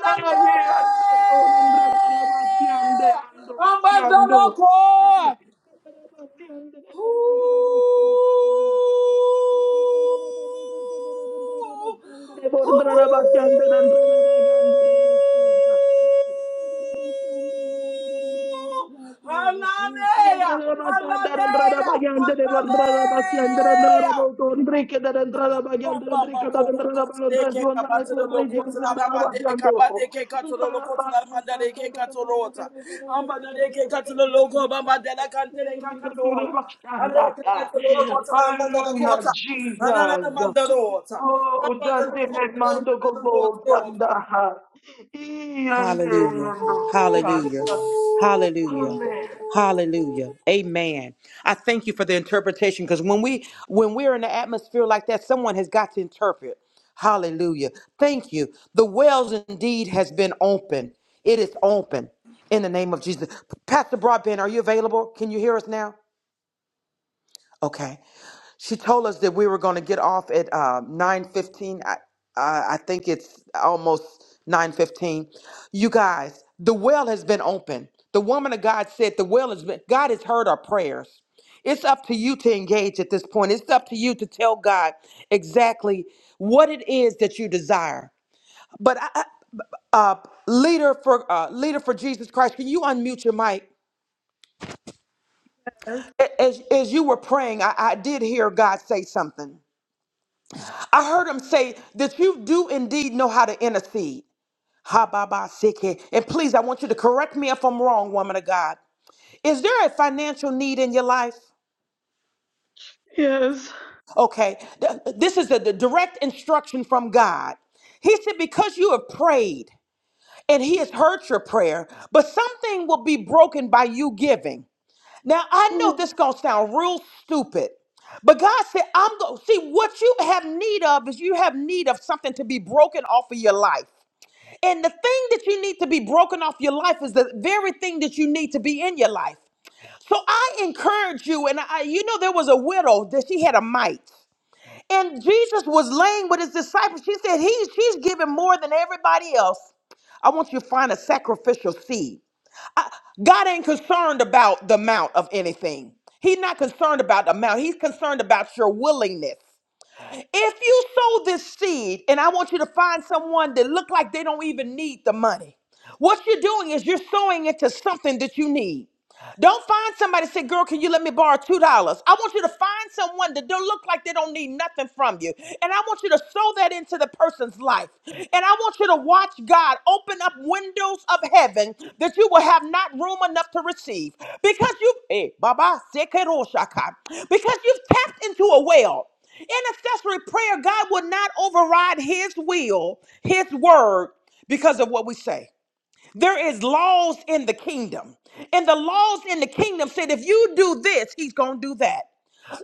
[SPEAKER 4] Ayeyando, yonundretarabasiande, yando, siando.
[SPEAKER 3] Ambandaloko.
[SPEAKER 4] Yandere
[SPEAKER 3] Hallelujah! Hallelujah! Hallelujah! Bam bam bam go go go to the ke kabato the loko to the gamande the kabande ke kato the loko to the manda the ke kato rota. Amba the ke kato the loko bamba de la kante the kakato rota. Amba the ke kato the loko to the manda the
[SPEAKER 4] Hallelujah,
[SPEAKER 3] kota. Anana the
[SPEAKER 4] Jesus.
[SPEAKER 3] manda rota.
[SPEAKER 4] Oh,
[SPEAKER 3] Amba the
[SPEAKER 4] Dante
[SPEAKER 3] loko
[SPEAKER 4] nel
[SPEAKER 3] to
[SPEAKER 4] manto
[SPEAKER 3] the
[SPEAKER 4] con
[SPEAKER 3] manda rota.
[SPEAKER 4] Sanda. E
[SPEAKER 2] Hallelujah.
[SPEAKER 4] andando,
[SPEAKER 2] Hallelujah.
[SPEAKER 4] Sanda.
[SPEAKER 2] Hallelujah.
[SPEAKER 4] Amen.
[SPEAKER 2] Hallelujah. Amen. I thank you for the interpretation because when we when we're in the atmosphere like that, someone has got to interpret. Hallelujah. Thank you. The wells indeed has been open. It is open in the name of Jesus. Pastor Broadbent, are you available? Can you hear us now? Okay. She told us that we were going to get off at uh, 9.15. I, I, I think it's almost 9.15. You guys, the well has been open. The woman of God said the well has been, God has heard our prayers. It's up to you to engage at this point. It's up to you to tell God exactly what it is that you desire. But I, I- uh, leader for uh, leader for Jesus Christ, can you unmute your mic?
[SPEAKER 4] Yes.
[SPEAKER 2] A- As, as you were praying, I, I did hear God say something. I heard him say that you do indeed know how to intercede. Ha ba ba siki. And please, I want you to correct me if I'm wrong, woman of God. Is there a financial need in your life?
[SPEAKER 4] Yes.
[SPEAKER 2] Okay, th- this is a the direct instruction from God. He said, because you have prayed and He has heard your prayer, but something will be broken by you giving. Now, I know this
[SPEAKER 4] Oh,
[SPEAKER 2] gonna sound real stupid, but God said, I'm going to see what you have need of is you have need of something to be broken off of your life. And the thing that you need to be broken off your life is the very thing that you need to be in your life. So I encourage you, and I, you know, there was a widow that she had a mite. And Jesus was laying with his disciples. She said, he, She's giving more than everybody else. I want you to find a sacrificial seed. God ain't concerned about the amount of anything. He's not concerned about the amount. He's concerned about your willingness. If you sow this seed, and I want you to find someone that look like they don't even need the money, what you're doing is you're sowing into something that you need. Don't find somebody say, girl, can you let me borrow $2? I want you to find someone that don't look like they don't need nothing from you. And I want you to sow that into the person's life. And I want you to watch God open up windows of heaven that you will have not room enough to receive. Because you, hey, Baba, sekeroshaka. because you've tapped into a well. Intercessory prayer, God will not override his will, his word, because of what we say. There is laws in the kingdom. And the laws in the kingdom said if you do this, he's going to do that.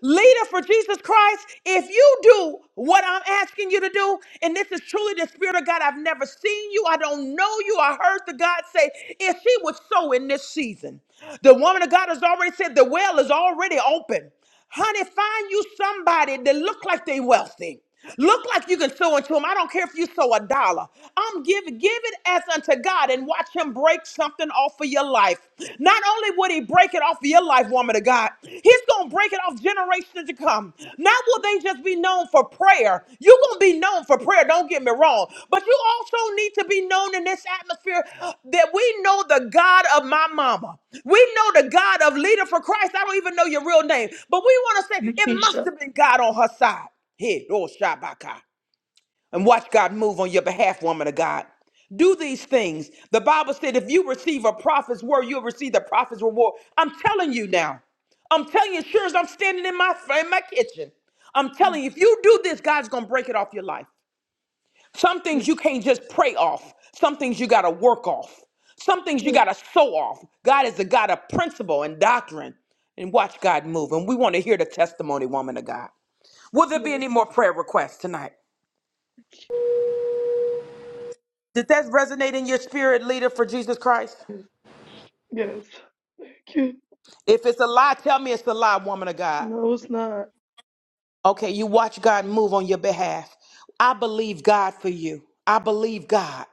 [SPEAKER 2] Leader for Jesus Christ, if you do what I'm asking you to do, and this is truly the Spirit of God, I've never seen you, I don't know you, I heard the God say, if she would sow in this season, the woman of God has already said the well is already open. Honey, find you somebody that look like they wealthy. Look like you can sow into him. I don't care if you sow a dollar. I'm give give it as unto God and watch him break something off of your life. Not only would he break it off of your life, woman of God, he's gonna break it off generations to come. Not will they just be known for prayer. You're gonna be known for prayer, don't get me wrong. But you also need to be known in this atmosphere that we know the God of my mama. We know the God of leader for Christ. I don't even know your real name, but we want to say it must
[SPEAKER 4] Nikisha.
[SPEAKER 2] have been God on her side. Hey, Roshabaka. And watch God move on your behalf, woman of God. Do these things. The Bible said if you receive a prophet's word, you'll receive the prophet's reward. I'm telling you now. I'm telling you, sure as I'm standing in my in my kitchen. I'm
[SPEAKER 4] Yes.
[SPEAKER 2] telling you, if you do this, God's gonna break it off your life. Some things you can't just pray off. Some things you gotta work off. Some things you
[SPEAKER 4] Yes.
[SPEAKER 2] gotta sow off. God is a God of principle and doctrine. And watch God move. And we want to hear the testimony, woman of God. Will there be
[SPEAKER 4] Yes.
[SPEAKER 2] any more prayer requests tonight? Did that resonate in your spirit, leader, for Jesus Christ?
[SPEAKER 4] Yes. Thank you.
[SPEAKER 2] If it's a lie, tell me it's a lie, woman of God.
[SPEAKER 4] No, it's not.
[SPEAKER 2] Okay, you watch God move on your behalf. I believe God for you. I believe God.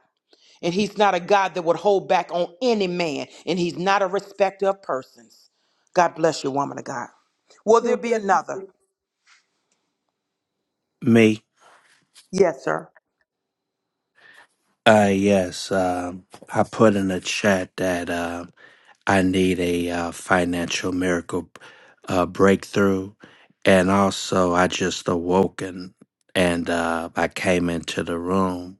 [SPEAKER 2] And He's not a God that would hold back on any man, and He's not a respecter of persons. God bless you, woman of God. Will there
[SPEAKER 4] God
[SPEAKER 2] be
[SPEAKER 4] bless you.
[SPEAKER 2] another?
[SPEAKER 5] Me?
[SPEAKER 2] Yes, sir.
[SPEAKER 5] Uh, yes. Um, I put in a chat that um I need a uh, financial miracle uh, breakthrough, and also I just awoken and uh, I came into the room.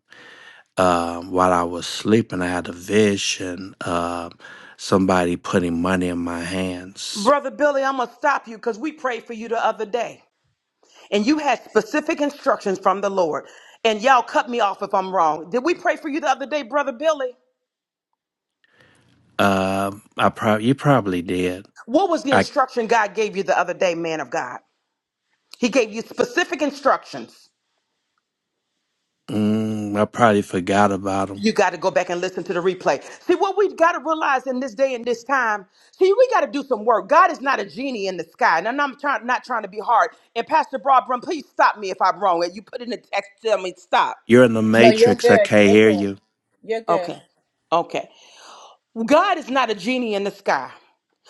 [SPEAKER 5] Um, while I was sleeping, I had a vision of somebody putting money in my hands.
[SPEAKER 2] Brother Billy, I'm going to stop you because we prayed for you the other day. and you had specific instructions from the Lord. And y'all cut me off if I'm wrong. Did we pray for you the other day, Brother Billy?
[SPEAKER 5] Um I probably you probably did.
[SPEAKER 2] What was the
[SPEAKER 5] I
[SPEAKER 2] instruction God gave you the other day, man of God? He gave you specific instructions.
[SPEAKER 5] mm, I probably forgot about them.
[SPEAKER 2] You got to go back and listen to the replay. See, what we got to realize in this day and this time, see, we got to do some work. God is not a genie in the sky. And I'm not trying, not trying to be hard. And Pastor Broadbent, please stop me if I'm wrong. You put in the text, tell me stop.
[SPEAKER 5] You're in the
[SPEAKER 1] No, you're
[SPEAKER 5] matrix. I
[SPEAKER 1] good.
[SPEAKER 5] can't
[SPEAKER 1] You're
[SPEAKER 5] hear
[SPEAKER 1] good.
[SPEAKER 5] you.
[SPEAKER 1] You're good.
[SPEAKER 2] Okay. Okay. Well, God is not a genie in the sky.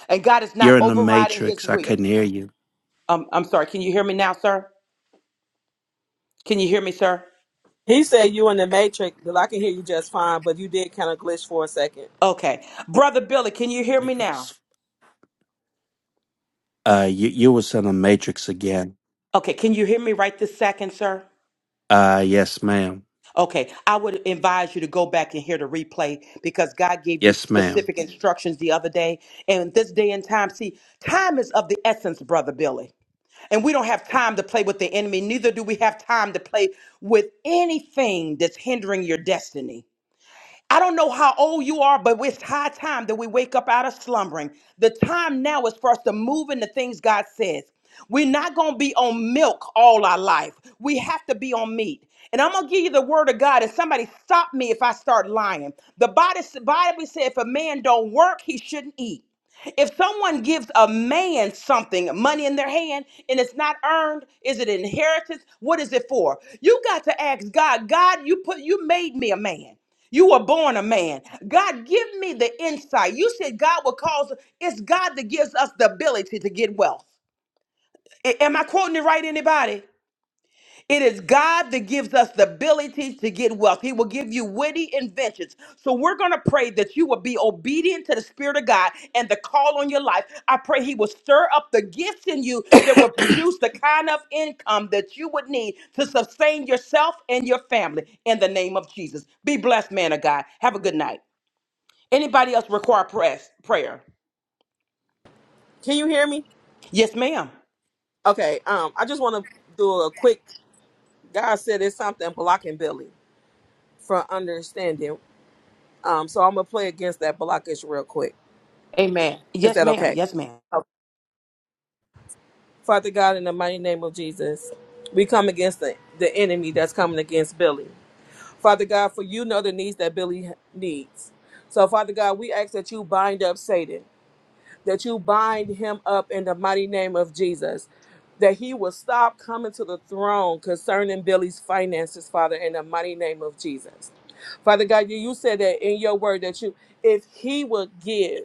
[SPEAKER 2] And God is not
[SPEAKER 5] You're in the
[SPEAKER 2] overriding his
[SPEAKER 5] matrix. I
[SPEAKER 2] will.
[SPEAKER 5] couldn't hear you.
[SPEAKER 2] Um, I'm sorry. Can you hear me now, sir? Can you hear me, sir?
[SPEAKER 3] He said you in the matrix, but I can hear you just fine, but you did kind of glitch for a second.
[SPEAKER 2] Okay. Brother Billy, can you hear
[SPEAKER 5] Holy
[SPEAKER 2] me now?
[SPEAKER 5] Ghost. Uh, you you was in the matrix again.
[SPEAKER 2] Okay. Can you hear me right this second, sir?
[SPEAKER 5] Uh, yes, ma'am.
[SPEAKER 2] Okay. I would advise you to go back and hear the replay because God gave you
[SPEAKER 5] Yes, ma'am.
[SPEAKER 2] specific instructions the other day. And this day and time, see, time is of the essence, Brother Billy. And we don't have time to play with the enemy. Neither do we have time to play with anything that's hindering your destiny. I don't know how old you are, but it's high time that we wake up out of slumbering. The time now is for us to move into things God says. We're not going to be on milk all our life. We have to be on meat. And I'm going to give you the word of God. And somebody stop me if I start lying. The Bible Bible said if a man don't work, he shouldn't eat. If someone gives a man something, money in their hand, and it's not earned, is it inheritance? What is it for? You got to ask God, God, you put you made me a man. You were born a man. God, give me the insight. You said God will cause, it's God that gives us the ability to get wealth. A- Am I quoting it right, anybody? It is God that gives us the ability to get wealth. He will give you witty inventions. So we're going to pray that you will be obedient to the Spirit of God and the call on your life. I pray He will stir up the gifts in you that will produce the kind of income that you would need to sustain yourself and your family in the name of Jesus. Be blessed, man of God. Have a good night. Anybody else require press, prayer?
[SPEAKER 3] Can you hear me?
[SPEAKER 2] Yes, ma'am.
[SPEAKER 3] Okay, um, I just want to do a quick. God said it's something blocking Billy from understanding Um, so I'm gonna play against that blockage real quick.
[SPEAKER 2] Amen.
[SPEAKER 3] Is
[SPEAKER 2] Yes,
[SPEAKER 3] that
[SPEAKER 2] ma'am.
[SPEAKER 3] okay?
[SPEAKER 2] Yes, ma'am.
[SPEAKER 3] Okay. Father God, in the mighty name of Jesus, we come against the, the enemy that's coming against Billy. Father God, for you know the needs that Billy needs. So, Father God, we ask that you bind up Satan, that you bind him up in the mighty name of Jesus, that he will stop coming to the throne concerning Billy's finances, Father, in the mighty name of Jesus. Father God, you you said that in your word that you, if he would give,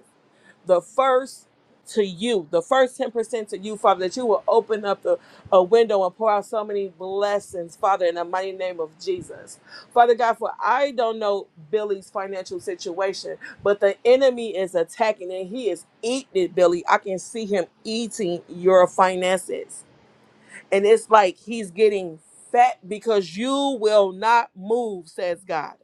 [SPEAKER 3] the first to you, the first 10% to you, Father, that you will open up the, a window and pour out so many blessings, Father, in the mighty name of Jesus. Father God, for I don't know Billy's financial situation, but the enemy is attacking and he is eating it, Billy. I can see him eating your finances. And it's like he's getting fat because you will not move, says God.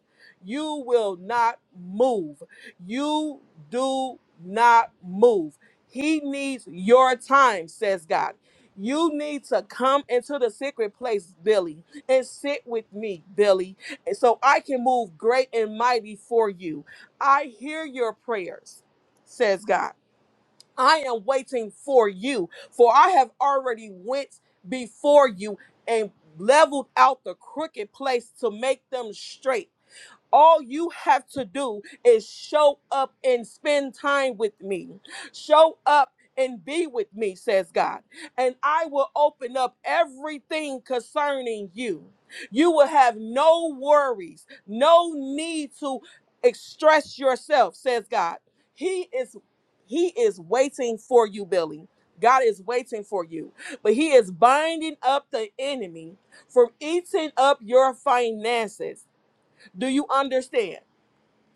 [SPEAKER 3] You will not move. You do not move. He needs your time, says God. You need to come into the secret place, Billy, and sit with me, Billy, and so I can move great and mighty for you. I hear your prayers, says God. I am waiting for you, for I have already went before you and leveled out the crooked place to make them straight. All you have to do is show up and spend time with me. Show up and be with me, says God. And I will open up everything concerning you. You will have no worries, no need to express yourself, says God. He is he is waiting for you, Billy. God is waiting for you, but he is binding up the enemy from eating up your finances. Do you understand?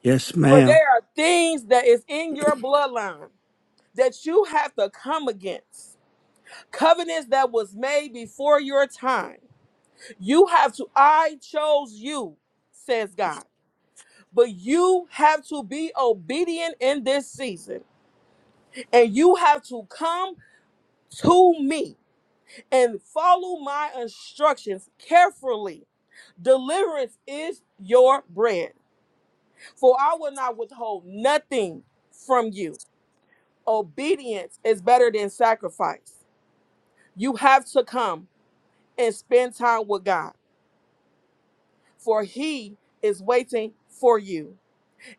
[SPEAKER 5] Yes,
[SPEAKER 3] For
[SPEAKER 5] ma'am.
[SPEAKER 3] there are things that is in your bloodline that you have to come against. Covenants that was made before your time. You have to, I chose you, says God. But you have to be obedient in this season. And you have to come to me and follow my instructions carefully. Deliverance is your bread. For I will not withhold nothing from you. obedience is better than sacrifice. You have to come and spend time with God, for He is waiting for you,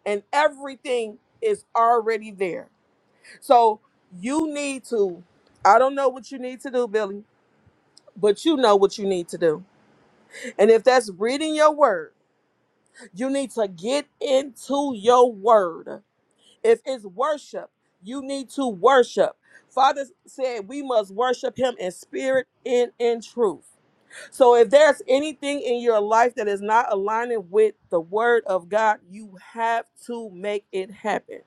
[SPEAKER 3] and everything is already there. So you need to, I don't know what you need to do, Billy, but you know what you need to do. And if that's reading your word, you need to get into your word. If it's worship, you need to worship. Father said we must worship him in spirit and in truth. So if there's anything in your life that is not aligning with the word of God, you have to make it happen.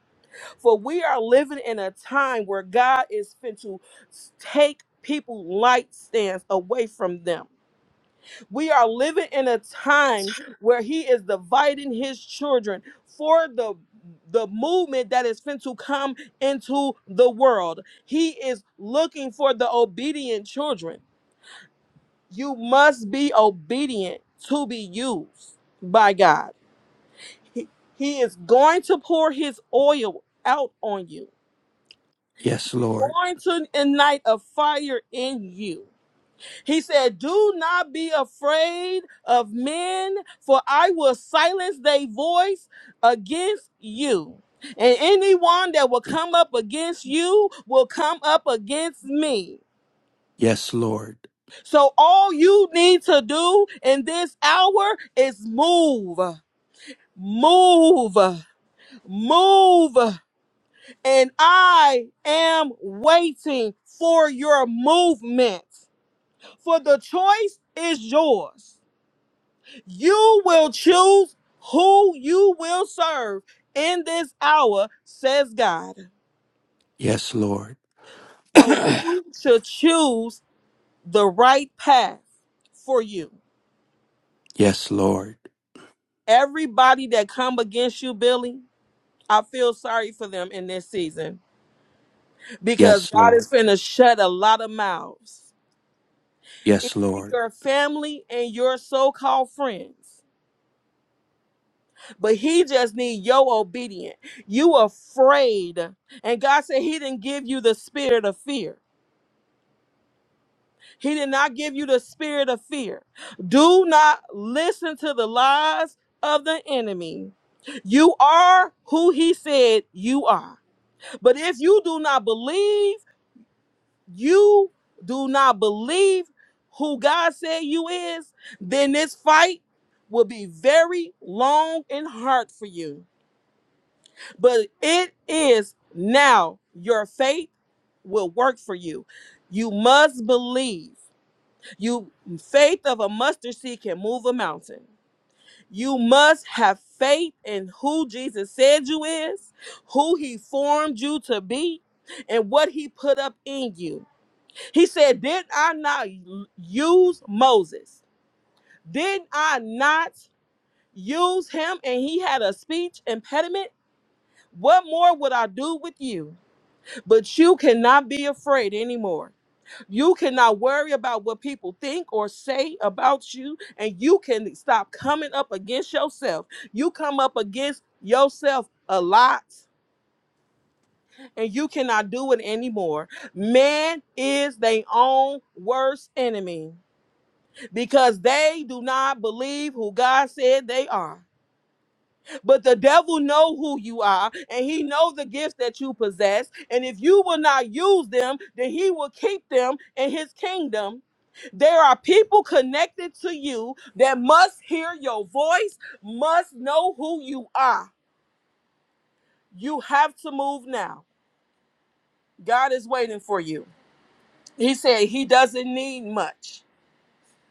[SPEAKER 3] For we are living in a time where God is fin to take people light stands away from them. We are living in a time where he is dividing his children for the the movement that is fin to come into the world. He is looking for the obedient children. You must be obedient to be used by God. He, he is going to pour his oil out on you,
[SPEAKER 5] Yes, Lord.
[SPEAKER 3] going to ignite a fire in you. He said, Do not be afraid of men, for I will silence their voice against you. And anyone that will come up against you will come up against me.
[SPEAKER 5] Yes, Lord.
[SPEAKER 3] So all you need to do in this hour is move. move, move. And I am waiting for your movement. For the choice is yours. You will choose who you will serve in this hour, says God.
[SPEAKER 5] Yes, Lord.
[SPEAKER 3] So you should choose the right path for you.
[SPEAKER 5] yes, Lord.
[SPEAKER 3] Everybody that come against you, Billy, I feel sorry for them in this season because
[SPEAKER 5] Yes,
[SPEAKER 3] God is
[SPEAKER 5] Lord.
[SPEAKER 3] finna shut a lot of mouths. even
[SPEAKER 5] Yes, Lord.
[SPEAKER 3] your family and your so-called friends. But he just need your obedience. You afraid. And God said he didn't give you the spirit of fear. He did not give you the spirit of fear. Do not listen to the lies of the enemy. You are who he said you are. But if you do not believe, you do not believe who God said you is, then this fight will be very long and hard for you. But it is now your faith will work for you. You must believe. You faith of a mustard seed can move a mountain. You must have faith in who Jesus said you is, who he formed you to be, and what he put up in you. He said, Did I not use Moses? Did I not use him and he had a speech impediment? What more would I do with you? But you cannot be afraid anymore. You cannot worry about what people think or say about you, and you can stop coming up against yourself. You come up against yourself a lot, and you cannot do it anymore. Man is their own worst enemy. because they do not believe who God said they are. But the devil know who you are and he know the gifts that you possess and if you will not use them, then he will keep them in his kingdom. There are people connected to you that must hear your voice, must know who you are. You have to move now. God is waiting for you. He said he doesn't need much.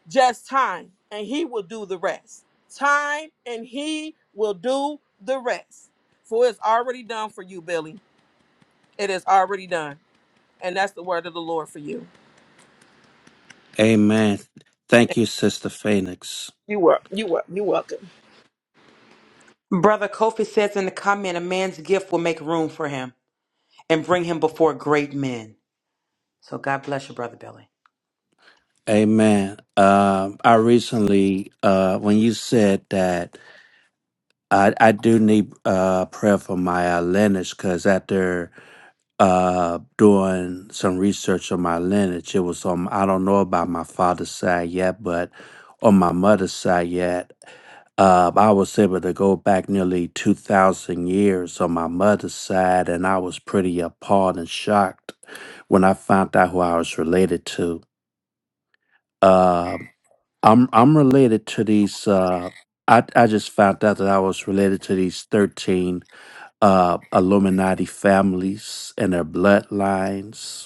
[SPEAKER 3] just time and he will do the rest. Time and he will do the rest. For it's already done for you, Billy. It is already done. And that's the word of the Lord for you.
[SPEAKER 5] Amen. Thank you, Sister Phoenix.
[SPEAKER 2] Brother Kofi says in the comment, a man's gift will make room for him and bring him before great men. So God bless you, Brother Billy.
[SPEAKER 5] Amen. Um, I recently, uh, when you said that, I, I do need uh prayer for my uh, lineage because after uh doing some research on my lineage it was on i don't know about my father's side yet but on my mother's side yet uh i was able to go back nearly 2000 years on my mother's side and i was pretty appalled and shocked when i found out who i was related to uh i'm i'm related to these uh I, I just found out that I was related to these 13 uh, Illuminati families and their bloodlines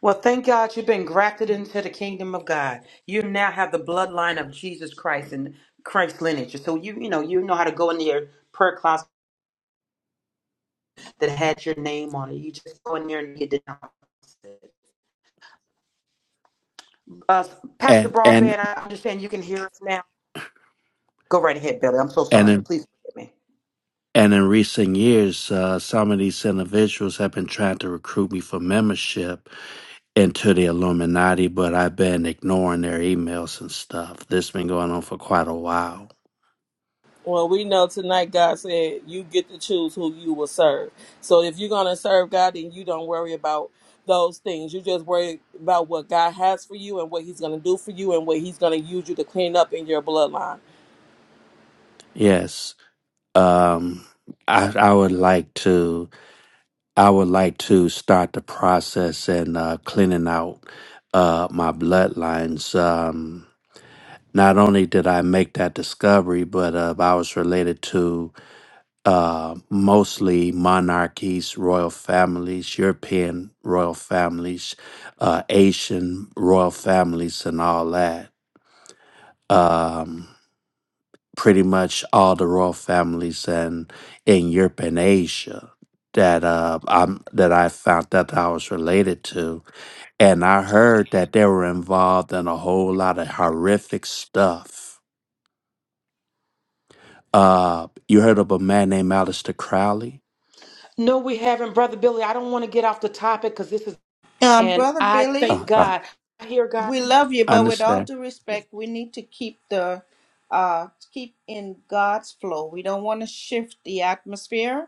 [SPEAKER 2] Well, thank God you've been grafted into the kingdom of God. You now have the bloodline of Jesus Christ and Christ's lineage. So you, you know, you know how to go into your prayer closet that had your name on it. You just go in there and you denounce it. Uh, Pastor
[SPEAKER 5] And and
[SPEAKER 2] Broadbent, I understand you can hear us now. Go right ahead, Billy. I'm so
[SPEAKER 5] and
[SPEAKER 2] sorry.
[SPEAKER 5] in,
[SPEAKER 2] Please forgive me.
[SPEAKER 5] and in recent years, uh, some of these individuals have been trying to recruit me for membership into the Illuminati, but I've been ignoring their emails and stuff. This has been going on for quite a while.
[SPEAKER 3] Well, we know tonight God said you get to choose who you will serve. So if you're going to serve God, then you don't worry about those things. You just worry about what God has for you and what he's going to do for you and what he's going to use you to clean up in your bloodline.
[SPEAKER 5] Yes, um, I I would like to I would like to start the process and uh, cleaning out uh, my bloodlines. Um, not only did I make that discovery, but uh, I was related to uh, mostly monarchies, royal families, European royal families, uh, Asian royal families, and all that. Um, pretty much all the royal families and in Europe and Asia that uh, I'm that I found that I was related to, and I heard that they were involved in a whole lot of horrific stuff Uh, you heard of a man named Aleister Crowley?
[SPEAKER 2] No, we haven't, Brother Billy. I don't want to get off the topic because this is,
[SPEAKER 1] Um,
[SPEAKER 2] and
[SPEAKER 1] brother
[SPEAKER 2] I
[SPEAKER 1] Billy,
[SPEAKER 2] thank
[SPEAKER 5] Uh, uh,
[SPEAKER 2] God. I hear God.
[SPEAKER 1] we love you,
[SPEAKER 5] I
[SPEAKER 1] but with all
[SPEAKER 5] understand.
[SPEAKER 1] due respect, we need to keep the uh keep in God's flow. We don't want to shift the atmosphere.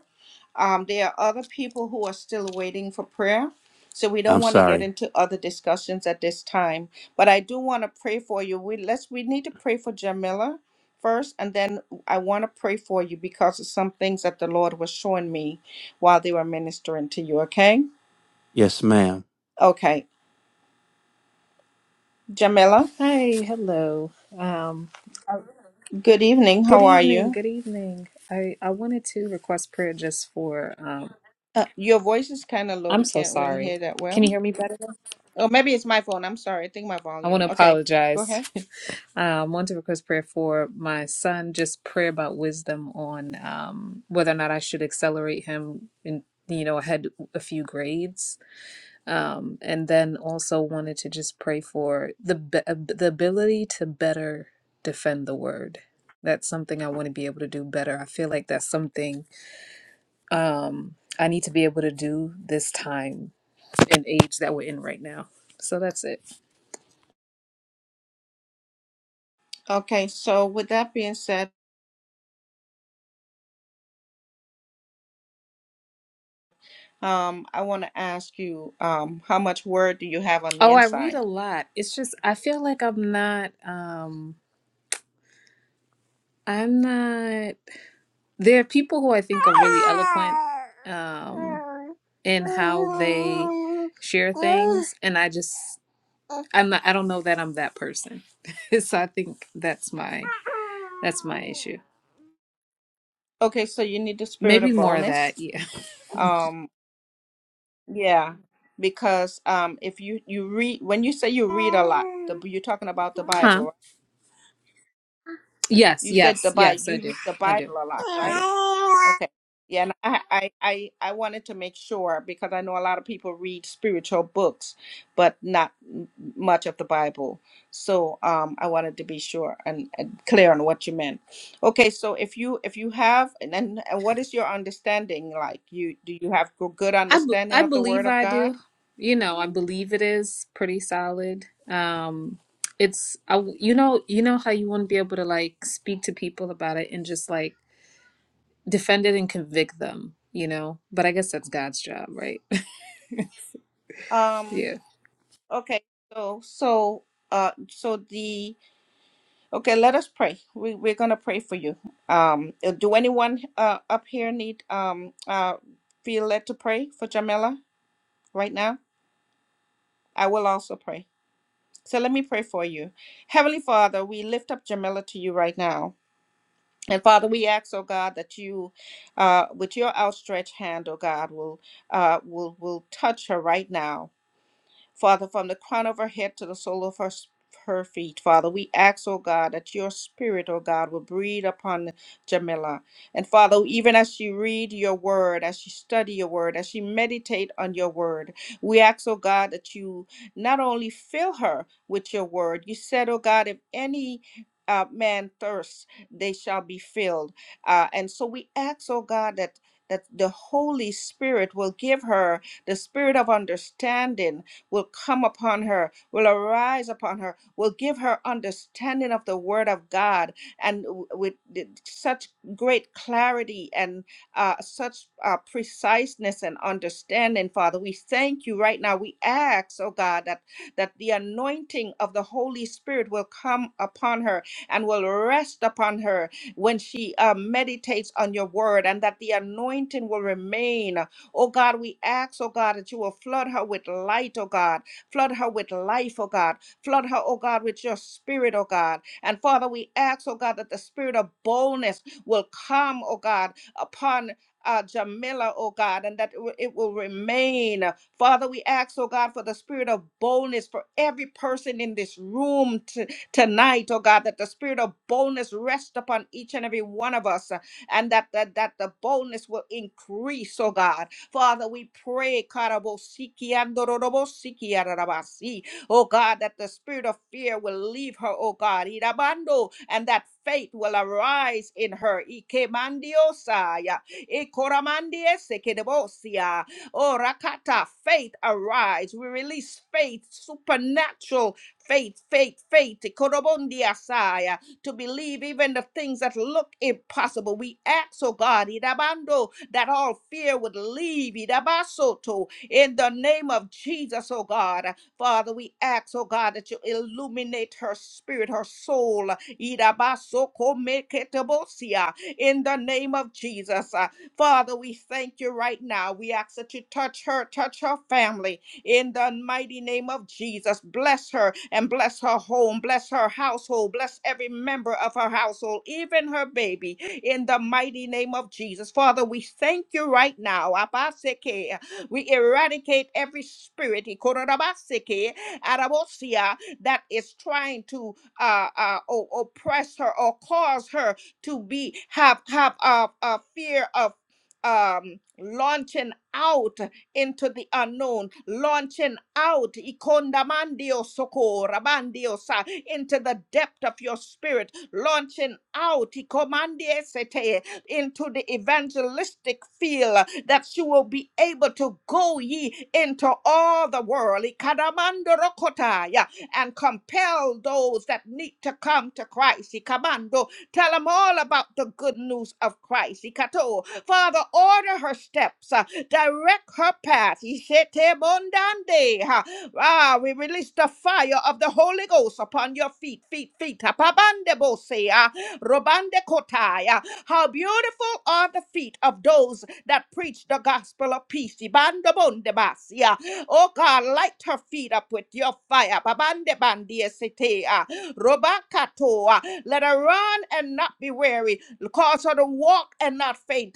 [SPEAKER 1] Um, there are other people who are still waiting for prayer, so we don't
[SPEAKER 5] I'm
[SPEAKER 1] want to get
[SPEAKER 5] sorry.
[SPEAKER 1] into other discussions at this time. But I do want to pray for you. We let's we need to pray for Jamila first, and then I want to pray for you because of some things that the Lord was showing me while they were ministering to you. Okay,
[SPEAKER 5] Yes, ma'am.
[SPEAKER 1] okay, Jamila.
[SPEAKER 6] Hi, hello. Um, uh,
[SPEAKER 1] Good evening.
[SPEAKER 6] good
[SPEAKER 1] How are
[SPEAKER 6] evening.
[SPEAKER 1] you?
[SPEAKER 6] Good evening. I I wanted to request prayer just for. Um,
[SPEAKER 1] Uh, your voice is kind of low.
[SPEAKER 6] I'm
[SPEAKER 1] We
[SPEAKER 6] so
[SPEAKER 1] can't really
[SPEAKER 6] sorry.
[SPEAKER 1] hear that
[SPEAKER 6] Can you
[SPEAKER 1] well.
[SPEAKER 6] hear me better? now?
[SPEAKER 1] Oh, maybe it's my phone. I'm sorry. I think my
[SPEAKER 6] I want
[SPEAKER 1] volume.
[SPEAKER 6] to
[SPEAKER 1] Okay, go
[SPEAKER 6] apologize.
[SPEAKER 1] ahead.
[SPEAKER 6] um, want to request prayer for my son. Just prayer about wisdom on um whether or not I should accelerate him in you know ahead a few grades Um, and then also wanted to just pray for the be- the ability to better defend the word. That's something I want to be able to do better. I feel like that's something um, I need to be able to do this time and age that we're in right now. So that's it.
[SPEAKER 1] Okay, so with that being said. Um, I want to ask you, um, how much word do you have on the
[SPEAKER 6] Oh, I read a
[SPEAKER 1] inside?
[SPEAKER 6] lot. It's just I feel like I'm not. Um, I'm not. There are people who I think are really eloquent um, in how they share things, and I just I'm not, I don't know that I'm that person. so I think that's my that's my issue.
[SPEAKER 1] Okay, so you need the spirit
[SPEAKER 6] Maybe
[SPEAKER 1] of
[SPEAKER 6] more of that,
[SPEAKER 1] boldness.
[SPEAKER 6] yeah.
[SPEAKER 1] Um, yeah, because um, if you you read when you say you read a lot, the you're talking about the Bible,
[SPEAKER 6] Huh?
[SPEAKER 1] right?
[SPEAKER 6] Yes,
[SPEAKER 1] You said
[SPEAKER 6] yes,
[SPEAKER 1] the Bible,
[SPEAKER 6] yes, I
[SPEAKER 1] you
[SPEAKER 6] do.
[SPEAKER 1] read the
[SPEAKER 6] I do.
[SPEAKER 1] Bible a lot,
[SPEAKER 6] I
[SPEAKER 1] right?
[SPEAKER 6] do.
[SPEAKER 1] Okay. Yeah, and I, I, I, I wanted to make sure because I know a lot of people read spiritual books, but not m- much of the Bible. So um, I wanted to be sure and, and clear on what you meant. Okay, so if you if you have and, and and what is your understanding like? You do you have go- good
[SPEAKER 6] I, b-
[SPEAKER 1] understanding
[SPEAKER 6] I
[SPEAKER 1] of the Word
[SPEAKER 6] believe
[SPEAKER 1] of
[SPEAKER 6] I
[SPEAKER 1] God?
[SPEAKER 6] do. You know, I believe it is pretty solid. Um it's I, w- you know, you know how you want to be able to like speak to people about it and just like defend it and convict them, you know? But I guess that's God's job, right?
[SPEAKER 1] Um.
[SPEAKER 6] yeah.
[SPEAKER 1] Okay. So so uh so the Okay, let us pray. We we're gonna pray for you. Um, uh, do anyone uh, up here need um uh feel led to pray for Jamila right now? I will also pray. So let me pray for you, Heavenly Father. We lift up Jamila to you right now, and Father, we ask, oh God, that you, uh, with your outstretched hand, oh God, will uh will will touch her right now. Father, from the crown of her head to the sole of her, her feet. Father, we ask, oh God, that your spirit, oh God, will breathe upon Jamila. And Father, even as she read your word, as she study your word, as she meditate on your word, we ask, oh God, that you not only fill her with your word, you said, oh God, if any uh, man thirsts, they shall be filled. Uh, and so we ask, oh God, that that the Holy Spirit will give her the spirit of understanding will come upon her, will arise upon her, will give her understanding of the word of God and w- with th- such great clarity and uh, such uh, preciseness and understanding, Father. We thank you right now. We ask, oh God, that, that the anointing of the Holy Spirit will come upon her and will rest upon her when she uh, meditates on your word, and that the anointing will remain. Oh God, we ask, oh God, that you will flood her with light, oh God. Flood her with life, oh God. Flood her, oh God, with your spirit, oh God. And Father, we ask, oh God, that the spirit of boldness will come, oh God, upon uh, Jamila, oh God, and that it will it will remain. Father, we ask, oh God, for the spirit of boldness for every person in this room t- tonight, oh God, that the spirit of boldness rest upon each and every one of us, uh, and that, that that the boldness will increase, oh God. Father, we pray, Karabosiki andorobosiki ararabasi. oh God, that the spirit of fear will leave her, oh God, Irabando, and that faith will arise in her. Ikemandiosaya, ikoramandiesekedebosia. Oh, Rakata, faith arise. We release faith, supernatural faith, faith, faith. Korobondiasaya to believe even the things that look impossible. We ask, oh God, Idabando, that all fear would leave Idabasoto in the name of Jesus, oh God. Father, we ask, oh God, that you illuminate her spirit, her soul, Idabasoko in the name of Jesus. Uh, Father, we thank you right now. We ask that you touch her, touch her family, in the mighty name of Jesus. Bless her and bless her home, bless her household, bless every member of her household, even her baby, in the mighty name of Jesus. Father, we thank you right now. Abaseke. We eradicate every spirit ikorabaseke, arabosia, that is trying to uh, uh, o- oppress her or cause her to be have have a uh, uh, fear of um launching out into the unknown, launching out ikondamandio soko rabandiosa into the depth of your spirit, launching out ikomandiesete into the evangelistic field that you will be able to go ye into all the world ikadamandorokotaya, and compel those that need to come to Christ. Ikamando Tell them all about the good news of Christ. Ikato. Father, order her steps. Uh, direct her path. Ishetebondande, ha. Ah, we release the fire of the Holy Ghost upon your feet, feet, feet. Apabandebose, ah, robandekotai, ah. How beautiful are the feet of those that preach the gospel of peace. Ibandobondebasi, ah. Oh God, light her feet up with your fire. Babandebandiesete, ah. Robakato, ah. Let her run and not be weary. Cause her to walk and not faint.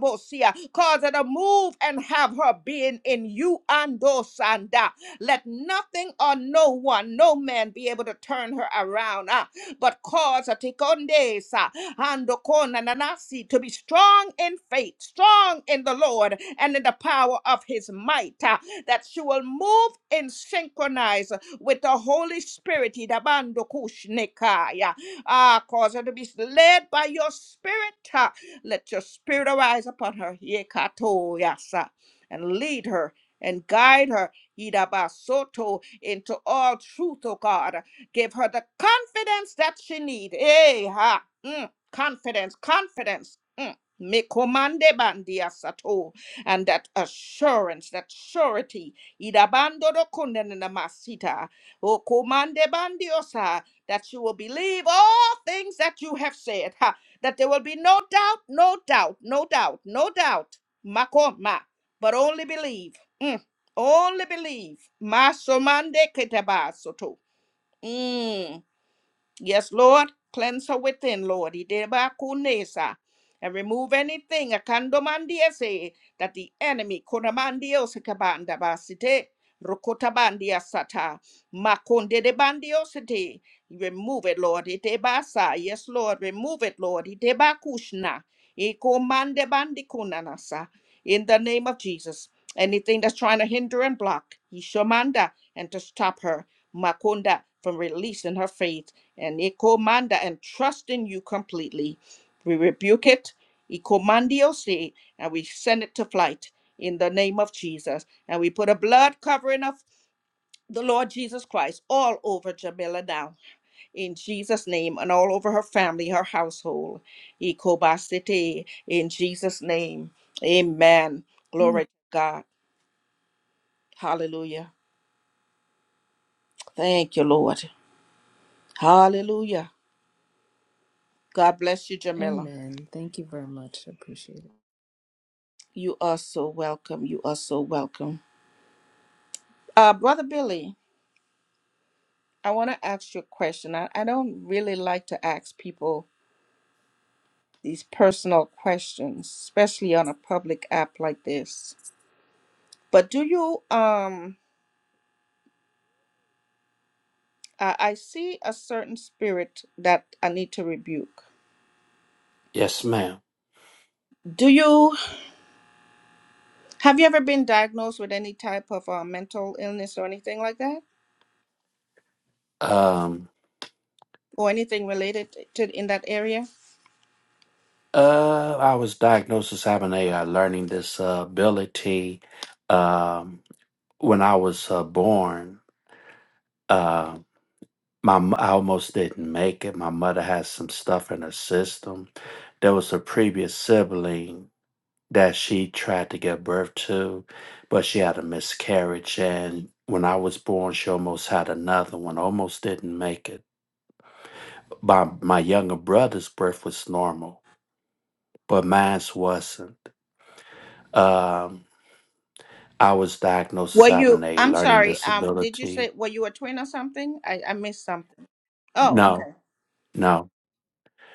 [SPEAKER 1] Andobosia. Cause her to move and have her being in you, Andosanda. Let nothing or no one, no man be able to turn her around. ah. But cause her tikondesa, andokona nanasi, to be strong in faith, strong in the Lord and in the power of his might. ah, That she will move and synchronize with the Holy Spirit. Idabandokushnikaya. Ah, cause her to be led by your spirit. uh, let your spirit arise upon her, Yekato Yasa, and lead her and guide her, Yidabasoto, into all truth, O God. Give her the confidence that she need. Eh, ha. Mm, confidence, confidence. Mm. Mekomande bandia sato and that assurance, that surety, idabando do kundenena masita o komande bandiosa, that you will believe all things that you have said. Ha that there will be no doubt, no doubt, no doubt, no doubt. Makoma, but only believe. Mm. Only believe. Masomande ketabasoto. Yes, Lord, cleanse her within, Lord. Ideba kunesa. And remove anything akandomandiese that the enemy konamandiose kabanda basite rokotabandia sata makonde de bandiosite. Remove it, Lord. Itebasa. Yes, Lord. Remove it, Lord. Iteba kushna. Eko mande bandi kunanasa in the name of Jesus. Anything that's trying to hinder and block Yishomanda and to stop her, Makunda, from releasing her faith and Ikomanda and trusting you completely. We rebuke it, Ikomandio se, and we send it to flight in the name of Jesus. And we put a blood covering of the Lord Jesus Christ all over Jamila now in Jesus' name and all over her family, her household. Ikobasite, in Jesus' name. Amen. Glory to God. Hallelujah. Thank you, Lord. Hallelujah. God bless you, Jamila.
[SPEAKER 6] Amen. Thank you very much. appreciate it.
[SPEAKER 1] You are so welcome. You are so welcome. Uh, Brother Billy, I want to ask you a question. I, I don't really like to ask people these personal questions, especially on a public app like this. But do you um Uh, I see a certain spirit that I need to rebuke.
[SPEAKER 5] Yes, ma'am.
[SPEAKER 1] Do you have you ever been diagnosed with any type of uh, mental illness or anything like that,
[SPEAKER 5] Um,
[SPEAKER 1] or anything related to in that area?
[SPEAKER 5] uh, I was diagnosed as having a uh, learning disability um, when I was uh, born. Uh, my m- I almost didn't make it. My mother had some stuff in her system. There was a previous sibling that she tried to give birth to, but she had a miscarriage. And when I was born, she almost had another one, almost didn't make it. My, my younger brother's birth was normal, but mine's wasn't. Um, I was diagnosed as
[SPEAKER 1] Were you?
[SPEAKER 5] having a
[SPEAKER 1] I'm
[SPEAKER 5] learning
[SPEAKER 1] sorry. Um, did you
[SPEAKER 5] disability.
[SPEAKER 1] say were you a twin or something? I I missed something. Oh, okay.
[SPEAKER 5] No, no,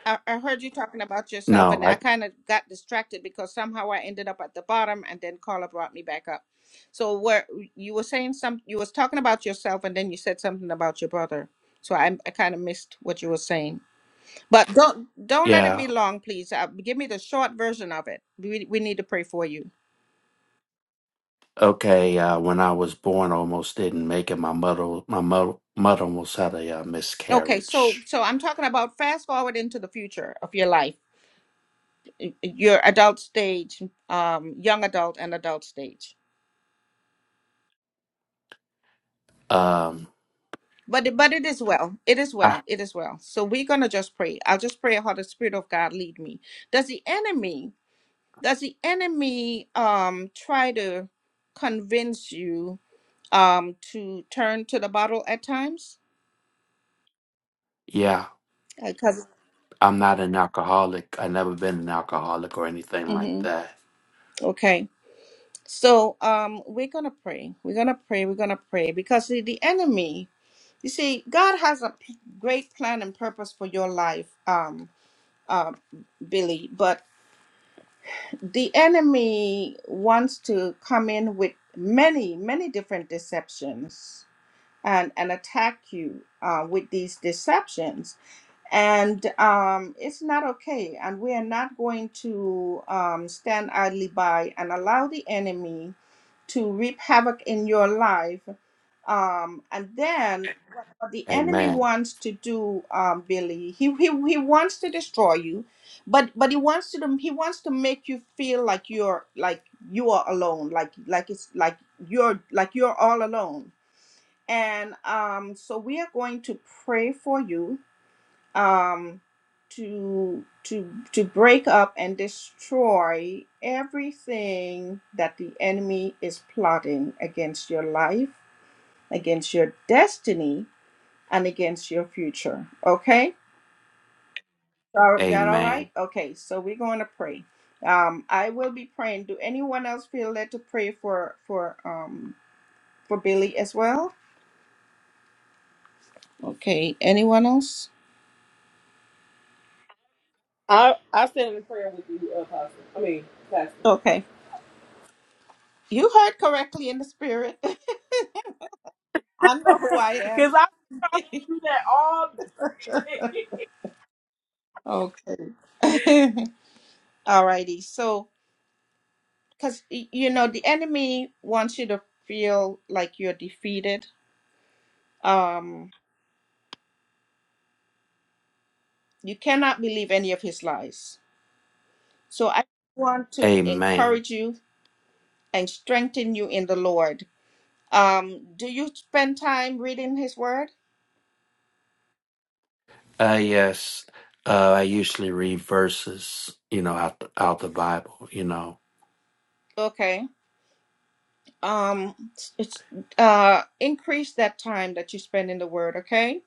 [SPEAKER 1] I, I heard you talking about yourself,
[SPEAKER 5] no.
[SPEAKER 1] and I
[SPEAKER 5] I,
[SPEAKER 1] kind of got distracted because somehow I ended up at the bottom, and then Carla brought me back up. So where you were saying some, you was talking about yourself, and then you said something about your brother. So I, I kind of missed what you were saying. But don't don't let it
[SPEAKER 5] yeah,
[SPEAKER 1] be long, please. Uh, give me the short version of it. We we need to pray for you.
[SPEAKER 5] okay. Uh, when I was born, almost didn't make it. My mother, my mother, mother almost had a uh,
[SPEAKER 1] Okay, so
[SPEAKER 5] miscarriage.
[SPEAKER 1] so I'm talking about fast forward into the future of your life, y- your adult stage, um, young adult and adult stage.
[SPEAKER 5] Um,
[SPEAKER 1] But it- but it is well. It is
[SPEAKER 5] I,
[SPEAKER 1] well. It is well. So we're gonna just pray. I'll just pray how the Spirit of God lead me. Does the enemy does the enemy um try to convince you um to turn to the bottle at times?
[SPEAKER 5] yeah.
[SPEAKER 1] Because
[SPEAKER 5] I'm not an alcoholic. I've never been an alcoholic or anything like
[SPEAKER 1] mm-hmm.
[SPEAKER 5] that.
[SPEAKER 1] okay. So um we're gonna pray. We're gonna pray. We're gonna pray because the, the enemy. You see, God has a p- great plan and purpose for your life, um, uh, Billy. But the enemy wants to come in with many many different deceptions and and attack you uh, with these deceptions and um, it's not okay and we are not going to um, stand idly by and allow the enemy to reap havoc in your life um, and then what the enemy
[SPEAKER 5] Amen.
[SPEAKER 1] wants to do, um, Billy, he, he he wants to destroy you, but but he wants to he wants to make you feel like you're like you are alone, like like it's like you're like you're all alone. And um, so we are going to pray for you um, to to to break up and destroy everything that the enemy is plotting against your life against your destiny, and against your future. Okay? All- Is that all right?
[SPEAKER 5] Amen.
[SPEAKER 1] Okay, so we're going to pray. Um, I will be praying. Do anyone else feel led to pray for for um for Billy as well? Okay, anyone else?
[SPEAKER 3] I, I stand in prayer with you, Apostle. I mean, Pastor.
[SPEAKER 1] Okay. You heard correctly in the spirit. I know who I am.
[SPEAKER 3] because do that all day.
[SPEAKER 1] okay. Alrighty. So, because you know, the enemy wants you to feel like you're defeated. Um, You cannot believe any of his lies. So I want to
[SPEAKER 5] Amen.
[SPEAKER 1] encourage you and strengthen you in the Lord. Um, do you spend time reading his word?
[SPEAKER 5] Uh, yes, uh, I usually read verses, you know, out the, out the Bible, you know.
[SPEAKER 1] Okay. Um, it's, uh, increase that time that you spend in the word, okay?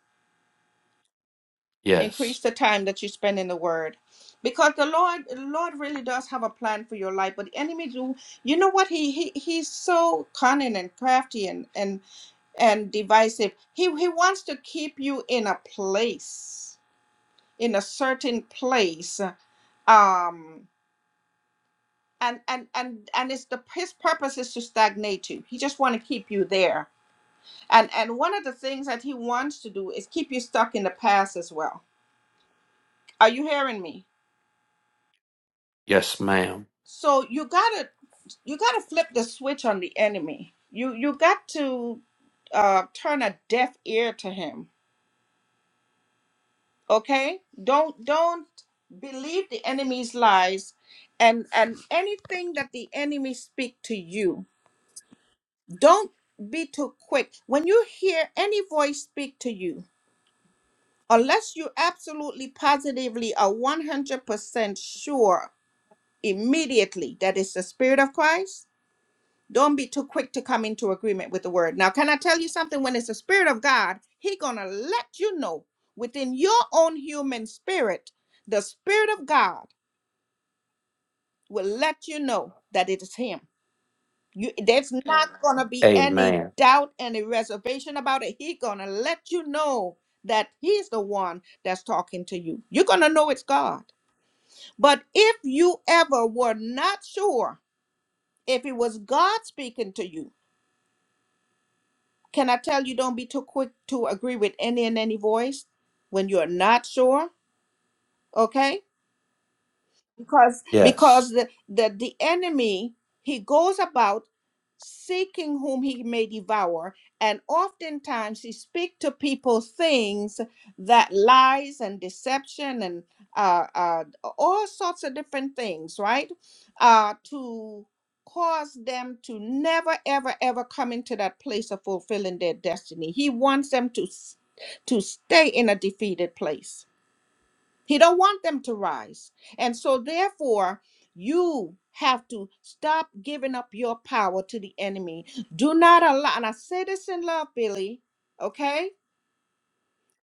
[SPEAKER 1] Increase
[SPEAKER 5] Yes.
[SPEAKER 1] the time that you spend in the word. Because the Lord the Lord really does have a plan for your life, but the enemy do you know what he, he he's so cunning and crafty and, and and divisive. He, he wants to keep you in a place, in a certain place. Um, and and and and it's the his purpose is to stagnate you. He just want to keep you there. And and one of the things that he wants to do is keep you stuck in the past as well. Are you hearing me?
[SPEAKER 5] Yes, ma'am.
[SPEAKER 1] So you gotta you gotta flip the switch on the enemy. You you got to uh, turn a deaf ear to him okay don't don't believe the enemy's lies and and anything that the enemy speak to you don't be too quick when you hear any voice speak to you unless you absolutely positively are 100% sure immediately that it's the spirit of christ don't be too quick to come into agreement with the word now can i tell you something when it's the spirit of god he gonna let you know within your own human spirit the spirit of god will let you know that it is him. You, there's not going to be any
[SPEAKER 5] Amen.
[SPEAKER 1] doubt, any reservation about it. He's going to let you know that he's the one that's talking to you. You're going to know it's God. But if you ever were not sure if it was God speaking to you, can I tell you don't be too quick to agree with any and any voice when you're not sure? Okay? because because
[SPEAKER 5] Yes.
[SPEAKER 1] the, the the enemy he goes about seeking whom he may devour and oftentimes he speak to people things that lies and deception and uh, uh all sorts of different things right uh to cause them to never ever ever come into that place of fulfilling their destiny he wants them to s- to stay in a defeated place he don't want them to rise. And so therefore, you have to stop giving up your power to the enemy. Do not allow and I say this in love, Billy, okay?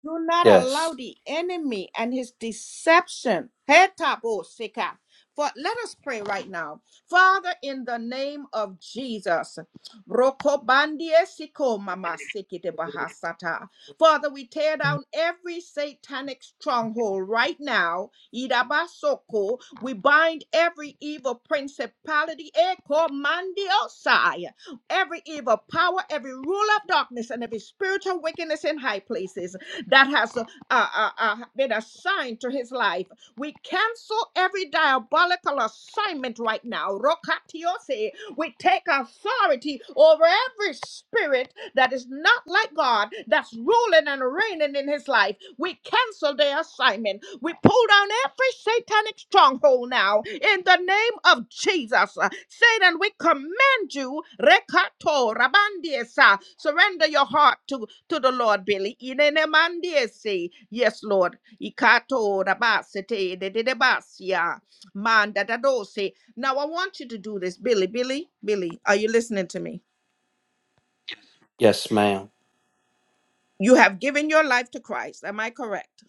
[SPEAKER 1] Do not allow
[SPEAKER 5] Yes.
[SPEAKER 1] the enemy and his deception. Hetabosika. For let us pray right now. Father, in the name of Jesus. Rokobandie siko mama sikite bahasata. Father, we tear down every satanic stronghold right now. Idabasoko. We bind every evil principality. Ekomandiosai every evil power, every rule of darkness, and every spiritual wickedness in high places that has uh, uh, uh, been assigned to his life. We cancel every diabolical assignment right now. Rokatiose. We take authority over every spirit that is not like God, that's ruling and reigning in his life. We cancel their assignment. We pull down every satanic stronghold now in the name of Jesus. Satan, we command you. Rekato rabandiesa. Surrender your heart to, to the Lord, Billy. Inenemandiesi. Yes, Lord. Ikato rabasete dedebasia. Manda dadose. Now I want you to do this, Billy. Billy, Billy, are you listening to me?
[SPEAKER 5] Yes, ma'am.
[SPEAKER 1] You have given your life to Christ. Am I correct?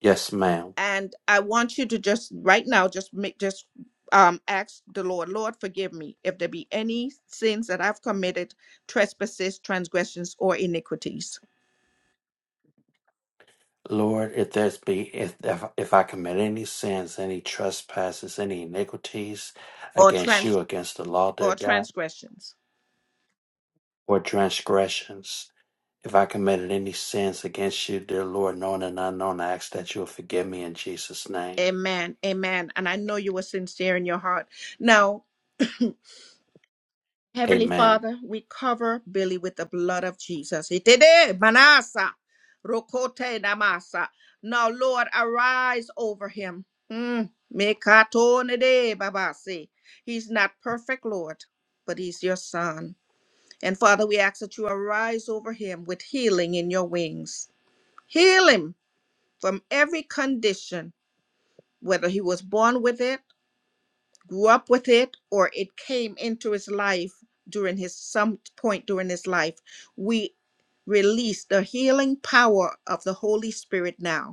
[SPEAKER 5] Yes, ma'am.
[SPEAKER 1] And I want you to just right now just make just um ask the Lord, Lord, forgive me if there be any sins that I've committed, trespasses, transgressions, or iniquities.
[SPEAKER 5] Lord, if there's be if if, if I commit any sins, any trespasses, any iniquities
[SPEAKER 1] or
[SPEAKER 5] against
[SPEAKER 1] trans
[SPEAKER 5] you, against the law, dear
[SPEAKER 1] or
[SPEAKER 5] God,
[SPEAKER 1] transgressions.
[SPEAKER 5] or transgressions, If I committed any sins against you, dear Lord, known and unknown, I ask that you will forgive me in Jesus' name.
[SPEAKER 1] Amen. Amen. And I know you were sincere in your heart. Now, Heavenly
[SPEAKER 5] Amen.
[SPEAKER 1] Father, we cover Billy with the blood of Jesus. Itede manasa rokote namasa. Now, Lord, arise over him. Mm. Mekatone de babase. He's not perfect, Lord, but he's your son. And Father, we ask that you arise over him with healing in your wings. Heal him from every condition whether he was born with it, grew up with it, or it came into his life during his some point during his life, we release the healing power of the Holy Spirit now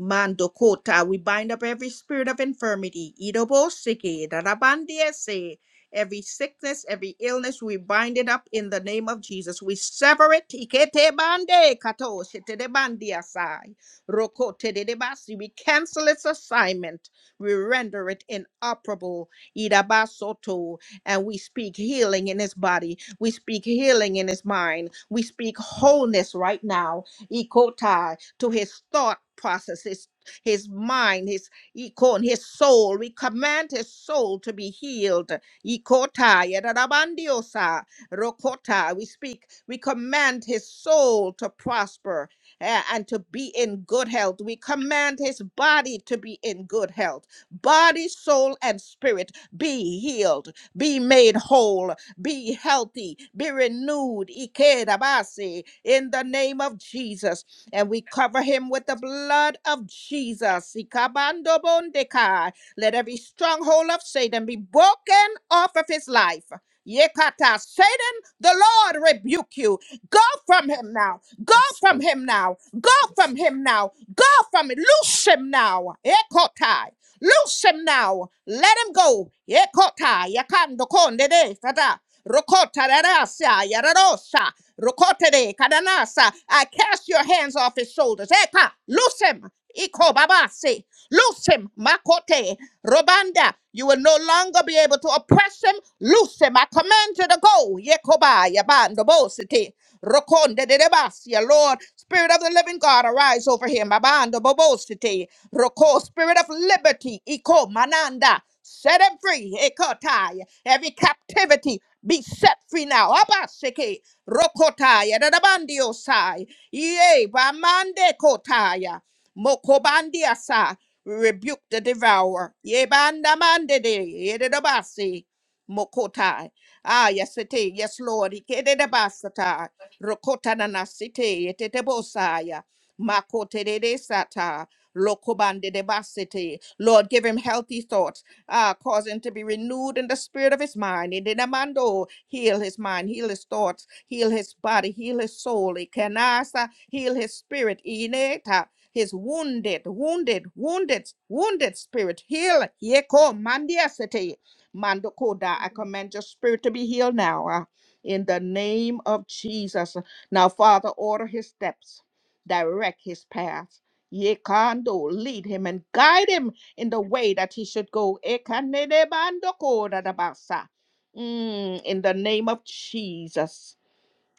[SPEAKER 1] Mandokota, we bind up every spirit of infirmity, idobosike, darabandiese, every sickness, every illness, we bind it up in the name of Jesus. We sever it. Ikete bande kato shetede bandiasai, rokote dedebasi. We cancel its assignment. We render it inoperable. Idabasoto. And we speak healing in his body. We speak healing in his mind. We speak wholeness right now. Ikota to his thought processes, his mind, his ikon, his soul. We command his soul to be healed. Ikota, yadadabandiosa, rokota. We speak, we command his soul to prosper eh, and to be in good health. We command his body to be in good health. Body, soul, and spirit be healed, be made whole, be healthy, be renewed. Ikedabasi, In the name of Jesus, and we cover him with the blood of Jesus. Ikabandobondekai. Let every stronghold of Satan be broken off of his life. Yekata, Satan, the Lord rebuke you. Go from him now. Go
[SPEAKER 5] Yes.
[SPEAKER 1] from
[SPEAKER 5] oh,
[SPEAKER 1] him now. Go
[SPEAKER 5] Yes,
[SPEAKER 1] from him now. Go from him. Loose him now. Ekotai. Loose him now. Let him go. Ekotai. Yakando konde de. Fata. Rokota rarasa. yararosa. Rokotere kadanasa. I cast your hands off his shoulders. Eka, loose him. Iko babase. Loose him. Makote. Robanda. You will no longer be able to oppress him. Loose him. I command you to go. Yekoba yabando bosete. Rokonde de debasia. Lord, Spirit of the living God, arise over him. Abando bobosete. Roko, Spirit of liberty. Iko mananda. Set him free. Ekotai. Every captivity be set free now. Abaseke. Rokotaya, Dadabandiosa, Yea, Bamande Kotaya, Mokobandia sa. rebuke the devourer. Ye banda mande de, Yedabasi, Mokotai. Ah, yes, it is. Yes, Lord. Ikedabasata, Rokotananasite, Yetetebosaya, Makote de de Sata, Lokobande de Basite. Lord, give him healthy thoughts uh, cause him to be renewed in the spirit of his mind. In the mando, heal his mind, heal his thoughts, heal his body, heal his soul. Ikenasa, heal his spirit. Ineta, his wounded, wounded, wounded, wounded spirit. Heal. Yeko mandiasete. Mandokoda, I command your spirit to be healed now. uh, in the name of Jesus. Now, Father, order his steps, direct his path. Yekando, lead him and guide him in the way that he should go. Ekanedebandokodadabasa. Mm, in the name of Jesus.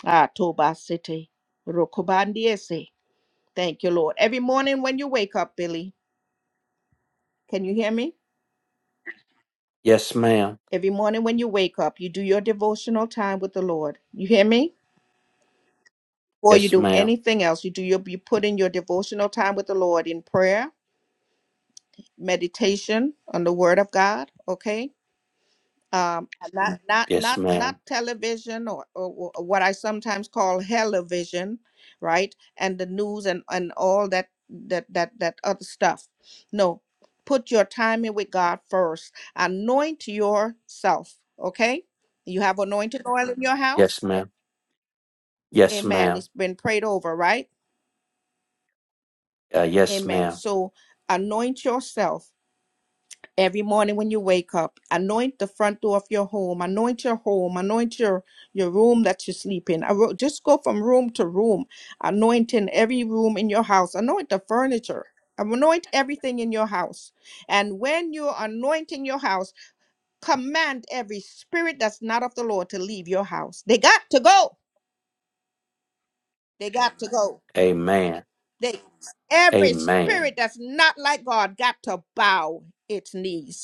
[SPEAKER 1] Ah, Toba City. Rokobandiese. Thank you, Lord. Every morning when you wake up, Billy, can you hear me?
[SPEAKER 5] Yes, ma'am.
[SPEAKER 1] Every morning when you wake up, you do your devotional time with the Lord. You hear me? Or you
[SPEAKER 5] Yes,
[SPEAKER 1] do
[SPEAKER 5] ma'am.
[SPEAKER 1] anything else. You do your you put in your devotional time with the Lord in prayer, meditation on the word of God. Okay um, and not Mm. not
[SPEAKER 5] Yes,
[SPEAKER 1] not
[SPEAKER 5] ma'am.
[SPEAKER 1] not television or, or, or what I sometimes call television, right? And the news and and all that that that that other stuff. No, put your time in with God first. Anoint yourself. Okay, you have anointed oil in your
[SPEAKER 5] Yes,
[SPEAKER 1] house.
[SPEAKER 5] ma'am. Yes,
[SPEAKER 1] Amen.
[SPEAKER 5] ma'am.
[SPEAKER 1] It's been prayed over, right?
[SPEAKER 5] Uh, yes,
[SPEAKER 1] Amen.
[SPEAKER 5] ma'am.
[SPEAKER 1] So anoint yourself every morning when you wake up anoint the front door of your home anoint your home anoint your your room that you sleep in Aro- just go from room to room anointing every room in your house anoint the furniture anoint everything in your house and when you're anointing your house command every spirit that's not of the lord to leave your house they got to go they got to go
[SPEAKER 5] Amen.
[SPEAKER 1] they every
[SPEAKER 5] Amen.
[SPEAKER 1] spirit that's not like god got to bow its knees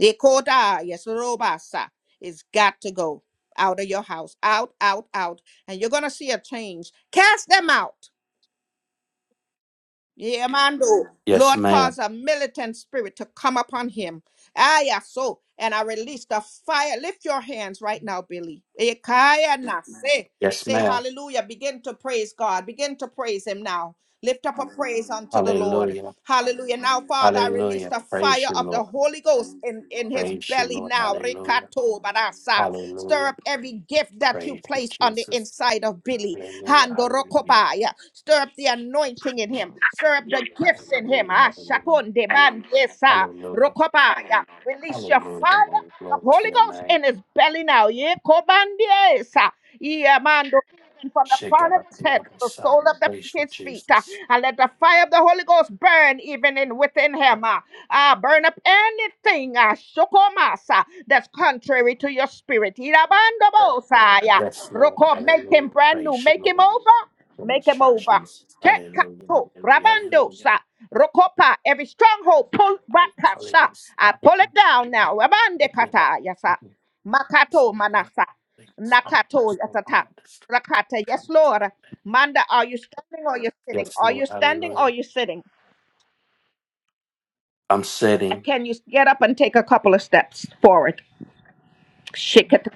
[SPEAKER 1] Yekoda, yes, Robasa. It's got to go out of your house. Out, out, out. And you're going to see a change. Cast them out. Yeah, man, though.
[SPEAKER 5] Yes,
[SPEAKER 1] Lord,
[SPEAKER 5] ma'am.
[SPEAKER 1] cause a militant spirit to come upon him. Ah, yeah, so. And I release the fire. Lift your hands right now, Billy. Ekaya na Say,
[SPEAKER 5] Yes,
[SPEAKER 1] say
[SPEAKER 5] ma'am.
[SPEAKER 1] hallelujah. Begin to praise God. Begin to praise him now. Lift up a praise unto the Lord.
[SPEAKER 5] Hallelujah.
[SPEAKER 1] Hallelujah. Now, Father, I release
[SPEAKER 5] Hallelujah.
[SPEAKER 1] the
[SPEAKER 5] Praise
[SPEAKER 1] fire
[SPEAKER 5] you,
[SPEAKER 1] of the
[SPEAKER 5] Lord.
[SPEAKER 1] Holy Ghost in, in his
[SPEAKER 5] Praise you,
[SPEAKER 1] belly
[SPEAKER 5] Lord.
[SPEAKER 1] now.
[SPEAKER 5] Hallelujah.
[SPEAKER 1] Rekato barasa. Stir
[SPEAKER 5] Hallelujah.
[SPEAKER 1] up every gift that you
[SPEAKER 5] Praise you,
[SPEAKER 1] place on the
[SPEAKER 5] Jesus.
[SPEAKER 1] inside of Billy.
[SPEAKER 5] Hallelujah. Hallelujah.
[SPEAKER 1] Handorokopaya. Stir up the anointing in him. Stir up the gifts in him.
[SPEAKER 5] Hallelujah,
[SPEAKER 1] Ah,
[SPEAKER 5] hallelujah,
[SPEAKER 1] shakonde bandesa
[SPEAKER 5] hallelujah,
[SPEAKER 1] rokopaya. Release your
[SPEAKER 5] hallelujah,
[SPEAKER 1] fire
[SPEAKER 5] Lord.
[SPEAKER 1] of
[SPEAKER 5] Glory
[SPEAKER 1] the
[SPEAKER 5] to
[SPEAKER 1] Holy
[SPEAKER 5] your
[SPEAKER 1] Ghost
[SPEAKER 5] name.
[SPEAKER 1] in his belly now. Ye kobandiesa even from the
[SPEAKER 5] Shake
[SPEAKER 1] crown
[SPEAKER 5] it
[SPEAKER 1] of
[SPEAKER 5] up,
[SPEAKER 1] his head
[SPEAKER 5] little
[SPEAKER 1] to the
[SPEAKER 5] son.
[SPEAKER 1] sole of the,
[SPEAKER 5] Praise you,
[SPEAKER 1] his feet. uh,
[SPEAKER 5] Jesus.
[SPEAKER 1] and let the fire of the Holy Ghost burn even in within him. Uh, uh, burn up anything uh, shokomasa, that's contrary to your spirit. Irabandobosai, uh,
[SPEAKER 5] Yes, Lord,
[SPEAKER 1] Roko, Make
[SPEAKER 5] hallelujah.
[SPEAKER 1] him brand new.
[SPEAKER 5] Praise you,
[SPEAKER 1] Make him
[SPEAKER 5] Lord.
[SPEAKER 1] over. Make
[SPEAKER 5] Praise
[SPEAKER 1] him
[SPEAKER 5] you,
[SPEAKER 1] over.
[SPEAKER 5] Jesus. Hallelujah,
[SPEAKER 1] Tekato,
[SPEAKER 5] hallelujah, hallelujah.
[SPEAKER 1] Rabandosa, Rokopa, every stronghold, pull back, uh,
[SPEAKER 5] Hallelujah,
[SPEAKER 1] sa.
[SPEAKER 5] son.
[SPEAKER 1] I pull it down now. Rabande
[SPEAKER 5] The King of
[SPEAKER 1] kata, yasa.
[SPEAKER 5] Kings, the
[SPEAKER 1] Makato
[SPEAKER 5] King
[SPEAKER 1] manasa.
[SPEAKER 5] Son
[SPEAKER 1] Nakato
[SPEAKER 5] of
[SPEAKER 1] yasata.
[SPEAKER 5] God, the Son
[SPEAKER 1] Rakata. Yes, Lord. Manda, are you standing or you're sitting?
[SPEAKER 5] Yes,
[SPEAKER 1] Are
[SPEAKER 5] Lord,
[SPEAKER 1] you standing
[SPEAKER 5] hallelujah.
[SPEAKER 1] or you're sitting?
[SPEAKER 5] I'm
[SPEAKER 1] Uh,
[SPEAKER 5] sitting.
[SPEAKER 1] Can you get up and take a couple of steps forward? Shake it.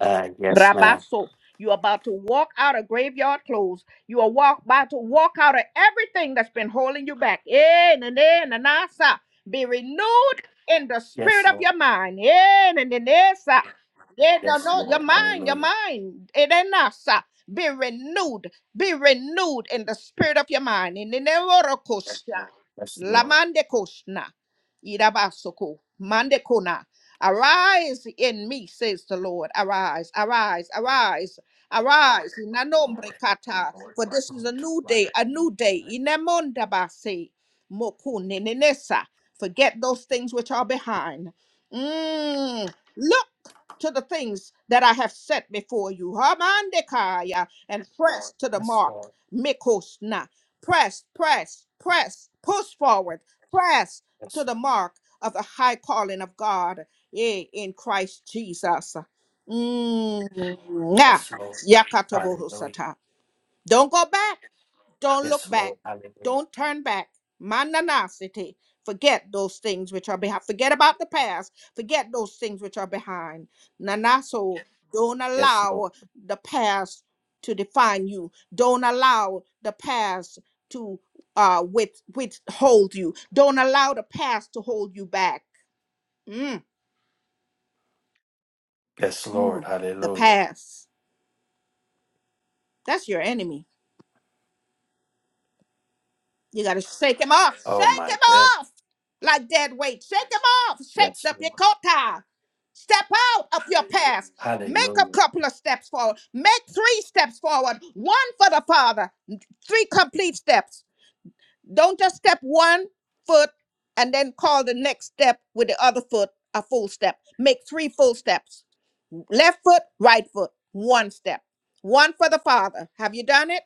[SPEAKER 5] Uh, yes, ma'am.
[SPEAKER 1] Rabaso. You're about to walk out of graveyard clothes. You are walk, about to walk out of everything that's been holding you back. Eh, na, na, na, na, sa. Be renewed in the spirit
[SPEAKER 5] Yes,
[SPEAKER 1] of
[SPEAKER 5] Lord.
[SPEAKER 1] your mind. Eh, na, na, na, sa. Yeah, no,
[SPEAKER 5] Yes,
[SPEAKER 1] no, your
[SPEAKER 5] Lord.
[SPEAKER 1] mind, your
[SPEAKER 5] Hallelujah.
[SPEAKER 1] mind. It ain't na, sa. Be renewed. Be renewed in the spirit of your mind. In the
[SPEAKER 5] Yes, Lord.
[SPEAKER 1] Lamande koshna. Irabasoko. Mandekona. Arise in me, says the Lord. Arise, arise, arise. Arise, in the nombre
[SPEAKER 5] Lord, help me,
[SPEAKER 1] kata,
[SPEAKER 5] Lord.
[SPEAKER 1] for this is
[SPEAKER 5] Only
[SPEAKER 1] a
[SPEAKER 5] to
[SPEAKER 1] new
[SPEAKER 5] like
[SPEAKER 1] day, a
[SPEAKER 5] you.
[SPEAKER 1] new day. in the Inemondabase, mokuninenesa. Forget those things which are behind. Mm, look to the things that I have set before you. Hamandekaya, and press to the
[SPEAKER 5] Yes,
[SPEAKER 1] mark.
[SPEAKER 5] Lord.
[SPEAKER 1] Mikosna. Press, press, press, push forward, press to
[SPEAKER 5] Yes,
[SPEAKER 1] the mark of the high calling of God yeah, in Christ Jesus. Mwah.
[SPEAKER 5] yes, Lord. Hallelujah.
[SPEAKER 1] Yakatobohosata. Don't go back. Don't look
[SPEAKER 5] Yes,
[SPEAKER 1] back.
[SPEAKER 5] Lord. Hallelujah.
[SPEAKER 1] Don't turn back. Mananasity. Forget those things which are behind. Forget about the past. Forget those things which are behind. Nanaso, don't
[SPEAKER 5] Yes, Lord.
[SPEAKER 1] allow the past to define you. Don't allow the past to uh, with, withhold you. Don't allow the past to hold you back. Mm.
[SPEAKER 5] Yes, Lord.
[SPEAKER 1] Mm, the
[SPEAKER 5] Hallelujah.
[SPEAKER 1] past. That's your enemy. You got to shake him off.
[SPEAKER 5] Oh
[SPEAKER 1] Shake
[SPEAKER 5] my
[SPEAKER 1] him
[SPEAKER 5] God.
[SPEAKER 1] off like dead weight. Shake him off. Shake
[SPEAKER 5] Yes,
[SPEAKER 1] the
[SPEAKER 5] Lord.
[SPEAKER 1] picota. Step out of your past. Make a
[SPEAKER 5] Hallelujah.
[SPEAKER 1] couple of steps forward. Make three steps forward. One for the Father. Three complete steps. Don't just step one foot and then call the next step with the other foot a full step. Make three full steps. Left foot, right foot. One step. One for the Father. Have you done it?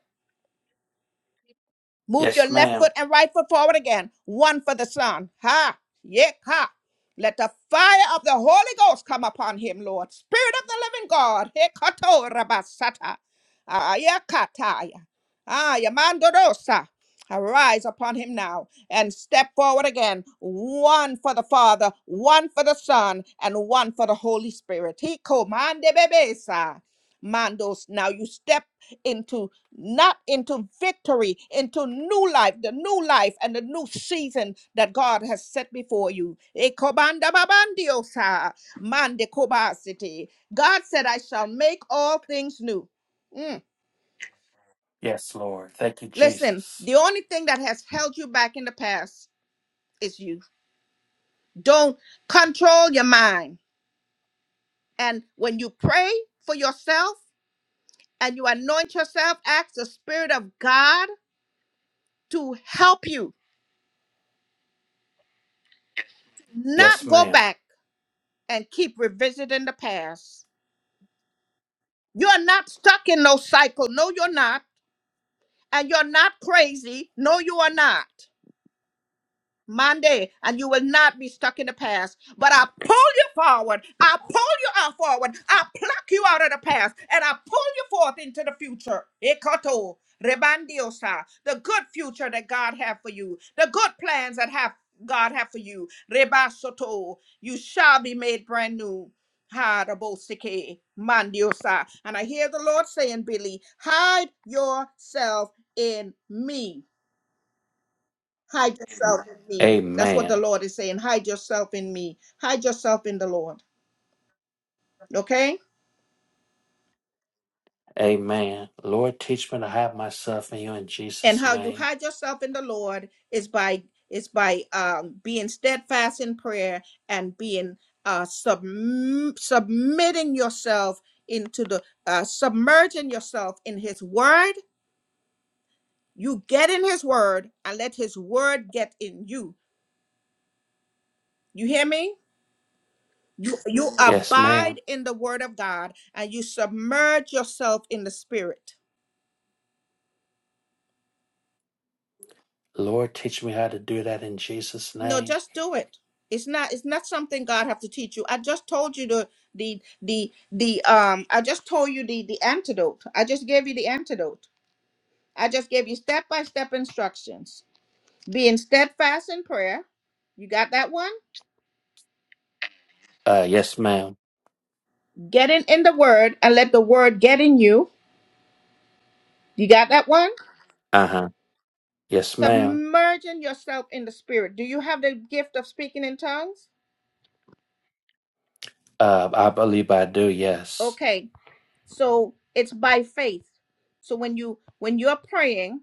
[SPEAKER 1] Move your
[SPEAKER 5] Yes,
[SPEAKER 1] left
[SPEAKER 5] ma'am.
[SPEAKER 1] foot and right foot forward again. One for the Son. Ha! Yek ha. Let the fire of the Holy Ghost come upon him, Lord. Spirit of the living God. Hekato rabasata. Ayakataya. Ayamandodosa. Arise upon him now and step forward again. One for the Father, one for the Son, and one for the Holy Spirit. He commanded bebesa. Mandos. Now you step into not into victory, into new life, the new life and the new season that God has set before you. Ekobanda babandiosa, mande kobasiti. God said, I shall make all things new. Mm.
[SPEAKER 5] Yes, Lord. Thank you,
[SPEAKER 1] Listen,
[SPEAKER 5] Jesus.
[SPEAKER 1] the only thing that has held you back in the past is you. Don't control your mind. And when you pray for yourself and you anoint yourself, ask the Spirit of God to help you not
[SPEAKER 5] Yes,
[SPEAKER 1] go
[SPEAKER 5] ma'am.
[SPEAKER 1] back and keep revisiting the past. You're not stuck in no cycle. No, you're not. And you're not crazy. No, you are not. Monday, and you will not be stuck in the past. But I pull you forward. I pull you out forward. I pluck you out of the past, and I pull you forth into the future. Ekoto, rebandiosa, the good future that God have for you, the good plans that have God have for you. Rebasoto, you shall be made brand new. Harabosike, mandiosa. And I hear the Lord saying, Billy, hide yourself in me. Hide yourself in me. That's what the
[SPEAKER 5] Amen.
[SPEAKER 1] Lord is saying. Hide yourself in me. Hide yourself in the Lord. Okay?
[SPEAKER 5] Amen. Lord, teach me to hide myself in you in
[SPEAKER 1] And
[SPEAKER 5] Jesus'
[SPEAKER 1] how you
[SPEAKER 5] name.
[SPEAKER 1] hide yourself in the Lord is by is by um, being steadfast in prayer and being uh, subm- submitting yourself into the uh, submerging yourself in His Word. You get in His Word and let His Word get in you. You hear me? You you
[SPEAKER 5] Yes,
[SPEAKER 1] abide
[SPEAKER 5] ma'am.
[SPEAKER 1] in the Word of God and you submerge yourself in the Spirit.
[SPEAKER 5] Lord, teach me how to do that in Jesus'
[SPEAKER 1] No,
[SPEAKER 5] name.
[SPEAKER 1] just do it. It's not it's not something God have to teach you. I just told you the the the the um I just told you the the antidote. I just gave you the antidote. I just gave you step by step instructions. Being steadfast in prayer. You got that one?
[SPEAKER 5] Uh, yes, ma'am.
[SPEAKER 1] Getting in the word and let the word get in you. You got that one?
[SPEAKER 5] Uh huh. Yes, ma'am.
[SPEAKER 1] Submerging yourself in the spirit. Do you have the gift of speaking in tongues?
[SPEAKER 5] Uh, I believe I do. Yes.
[SPEAKER 1] Okay. So it's by faith. So when you when you're praying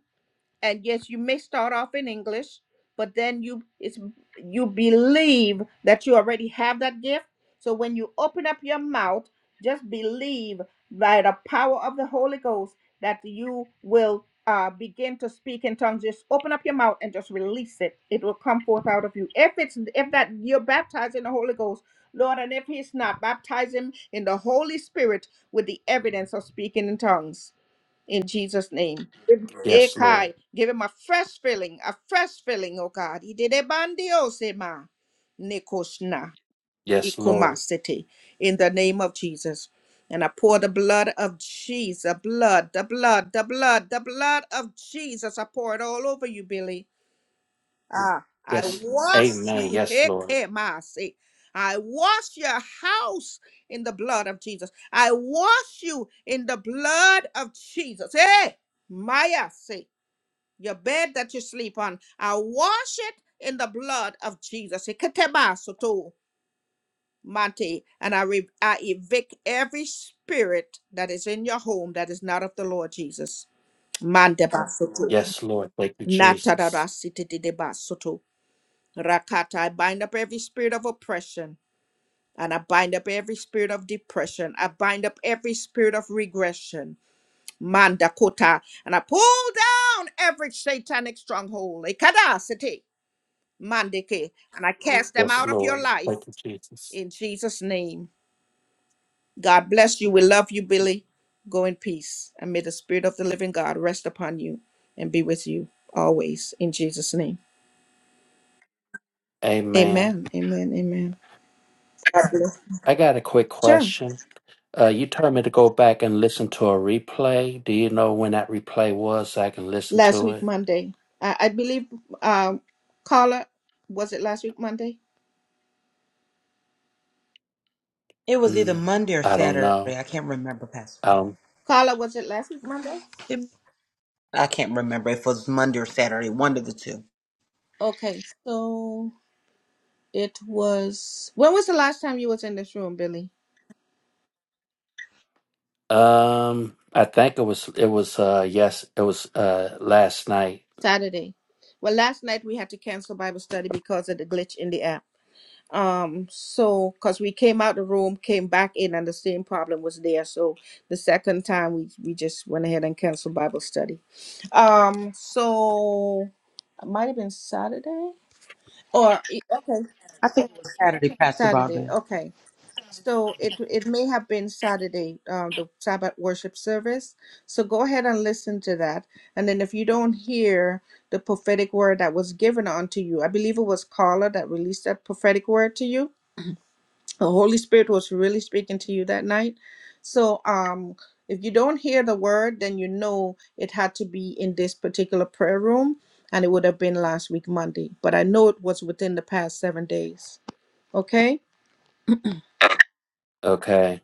[SPEAKER 1] and yes you may start off in english but then you it's you believe that you already have that gift so when you open up your mouth just believe by the power of the holy ghost that you will uh, begin to speak in tongues just open up your mouth and just release it it will come forth out of you if it's if that you're baptized in the holy ghost lord and if he's not baptize him in the holy spirit with the evidence of speaking in tongues in Jesus' name. Give
[SPEAKER 5] Yes, Lord.
[SPEAKER 1] Ekai, give him a fresh filling, a fresh filling, oh God. Ididebandiosema, nekoshna,
[SPEAKER 5] Yes, Lord.
[SPEAKER 1] ikumasete, In the name of Jesus. And I pour the blood of Jesus, blood, the blood, the blood, the blood of Jesus. I pour it all over you, Billy. Ah, I
[SPEAKER 5] Yes.
[SPEAKER 1] wash
[SPEAKER 5] Amen.
[SPEAKER 1] you.
[SPEAKER 5] Yes, Lord.
[SPEAKER 1] Hekemase. I wash your house in the blood of Jesus. I wash you in the blood of Jesus. Hey, Maya, say your bed that you sleep on. I wash it in the blood of Jesus. Heketemasoto, Mate, and I, re- I evict every spirit that is in your home that is not of the Lord Jesus. Mandebasoto,
[SPEAKER 5] Yes, Lord. Thank you, Jesus.
[SPEAKER 1] natadadasititidebasoto. Rakata, I bind up every spirit of oppression and I bind up every spirit of depression. I bind up every spirit of regression. Mandakota. And I pull down every satanic stronghold. Ekadasete. Mandeke. And I cast them
[SPEAKER 5] Yes,
[SPEAKER 1] out of your
[SPEAKER 5] Lord.
[SPEAKER 1] life
[SPEAKER 5] Thank you, Jesus.
[SPEAKER 1] in Jesus' name. God bless you. We love you, Billy. Go in peace. And may the spirit of the living God rest upon you and be with you always in Jesus' name.
[SPEAKER 5] Amen.
[SPEAKER 1] Amen. Amen. Amen. God bless.
[SPEAKER 5] I got a quick
[SPEAKER 1] Sure.
[SPEAKER 5] question. Uh, you told me to go back and listen to a replay. Do you know when that replay was so I can listen
[SPEAKER 1] last
[SPEAKER 5] to
[SPEAKER 1] week
[SPEAKER 5] it?
[SPEAKER 1] Monday. I, I believe um, Carla was it last week Monday?
[SPEAKER 2] It was either
[SPEAKER 5] Mm,
[SPEAKER 2] Monday or
[SPEAKER 5] I don't
[SPEAKER 2] Saturday.
[SPEAKER 5] know.
[SPEAKER 2] I can't remember, Pastor.
[SPEAKER 5] I
[SPEAKER 1] Carla was it last week Monday?
[SPEAKER 2] It- I can't remember if it was Monday or Saturday, one of the two.
[SPEAKER 1] Okay, so it was. When was the last time you was in this room, Billy?
[SPEAKER 5] Um, I think it was it was uh yes, it was uh last night.
[SPEAKER 1] Saturday. Well, last night we had to cancel Bible study because of the glitch in the app. Um, so because we came out the room, came back in, and the same problem was there. So the second time we we just went ahead and canceled Bible study. Um, so it might have been Saturday. Or e- okay,
[SPEAKER 2] I think it was Saturday, Pastor
[SPEAKER 1] Saturday.
[SPEAKER 2] Broadbent.
[SPEAKER 1] Okay, so it it may have been Saturday, um, the Sabbath worship service. So go ahead and listen to that, and then if you don't hear the prophetic word that was given unto you, I believe it was Carla that released that prophetic word to you. The Holy Spirit was really speaking to you that night. So um. If you don't hear the word, then you know it had to be in this particular prayer room, and it would have been last week Monday. But I know it was within the past seven days. Okay?
[SPEAKER 5] Okay.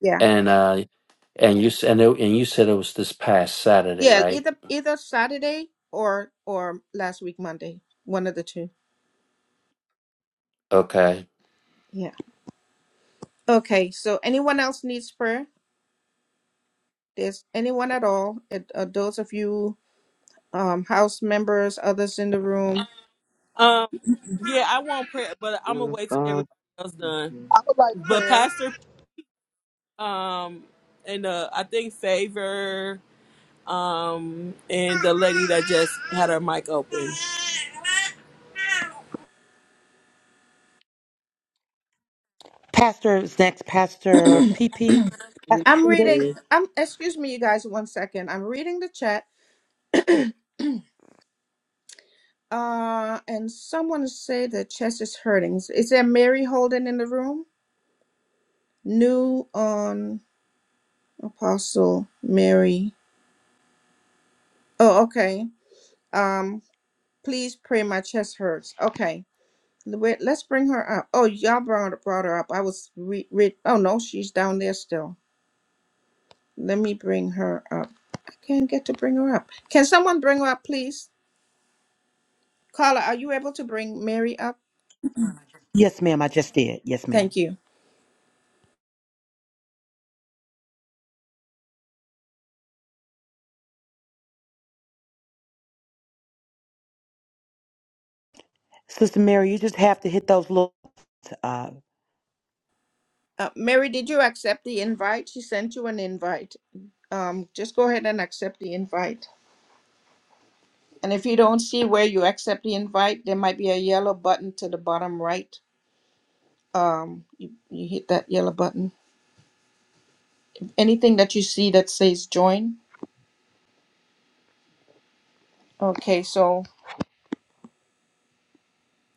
[SPEAKER 1] Yeah.
[SPEAKER 5] And uh And you s- and it, and you said it was this past Saturday,
[SPEAKER 1] Yeah.
[SPEAKER 5] right?
[SPEAKER 1] Either either Saturday or or last week Monday. One of the two.
[SPEAKER 5] Okay.
[SPEAKER 1] Yeah. Okay. So anyone else needs prayer? There's anyone at all? It, uh, those of you um house members, others in the room.
[SPEAKER 3] Um, yeah, I won't pray, but I'm gonna
[SPEAKER 7] Man of
[SPEAKER 3] wait till
[SPEAKER 7] God.
[SPEAKER 3] everybody else done.
[SPEAKER 8] I would like
[SPEAKER 3] But
[SPEAKER 8] prayer.
[SPEAKER 3] Pastor, um, and uh, I think Favor, um, and the lady that just had her mic open.
[SPEAKER 2] Pastor is next, Pastor PP,
[SPEAKER 7] Yes,
[SPEAKER 2] Pastor
[SPEAKER 1] I'm
[SPEAKER 2] Peters.
[SPEAKER 1] reading
[SPEAKER 7] eh,
[SPEAKER 1] I'm excuse me you guys one second. I'm reading the chat. Uh and someone said the chest is hurting. Is there Mary Holden in the room? New on Apostle Mary. Oh, okay. Um Please pray. My chest hurts. Okay. Wait, Let's bring her up. Oh, y'all brought, brought her up. I was re, re, oh no, she's down there still. Let me bring her up. I can't get to bring her up. Can someone bring her up, please? Carla, are you able to bring Mary up?
[SPEAKER 2] Yes, ma'am. I just did. Yes, ma'am.
[SPEAKER 1] Thank you.
[SPEAKER 2] Sister Mary, you just have to hit those little.
[SPEAKER 1] Uh, Mary, did you accept the invite? She sent you an invite. Um, just go ahead and accept the invite. And if you don't see where you accept the invite, there might be a yellow button to the bottom right. Um, you, you hit that yellow button Anything that you see that says join. Okay, so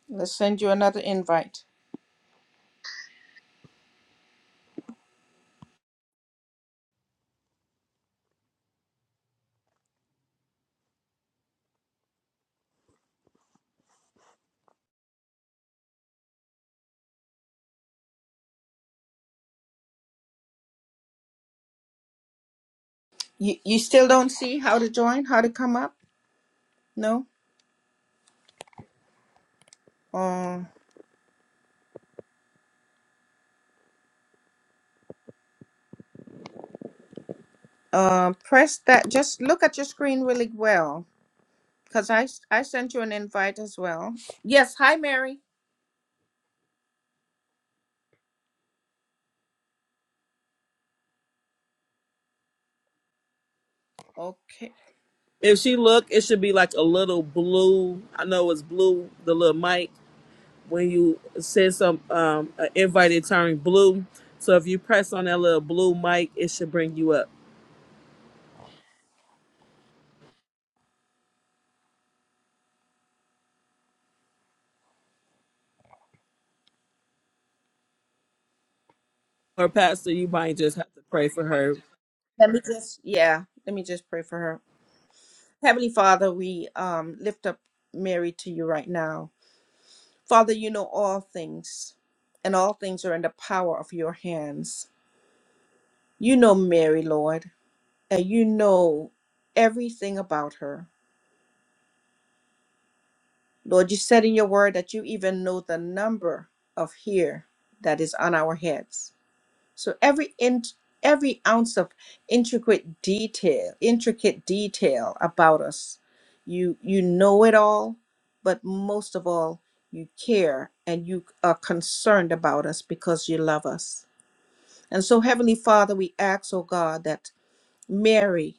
[SPEAKER 1] let's send you another invite. You, you still don't see how to join, how to come up? No? Uh, uh, press that. Just look at your screen really well because I, s- I sent you an invite as well. Yes. Hi, Mary. Okay.
[SPEAKER 3] If she look, it should be like a little blue. I know it's blue, the little mic. When you send some um an invite, it turn blue. So if you press on that little blue mic, it should bring you up. Her pastor, you might just have to pray for her
[SPEAKER 1] Let me just, yeah, let me just pray for her. Heavenly Father, we um, lift up Mary to you right now. Father, you know all things, and all things are in the power of your hands. You know Mary, Lord, and you know everything about her. Lord, you said in your word that you even know the number of hair that is on our heads. So every in, every ounce of intricate detail, intricate detail about us, you you know it all, but most of all, you care and you are concerned about us because you love us. And so, Heavenly Father, we ask, oh God, that Mary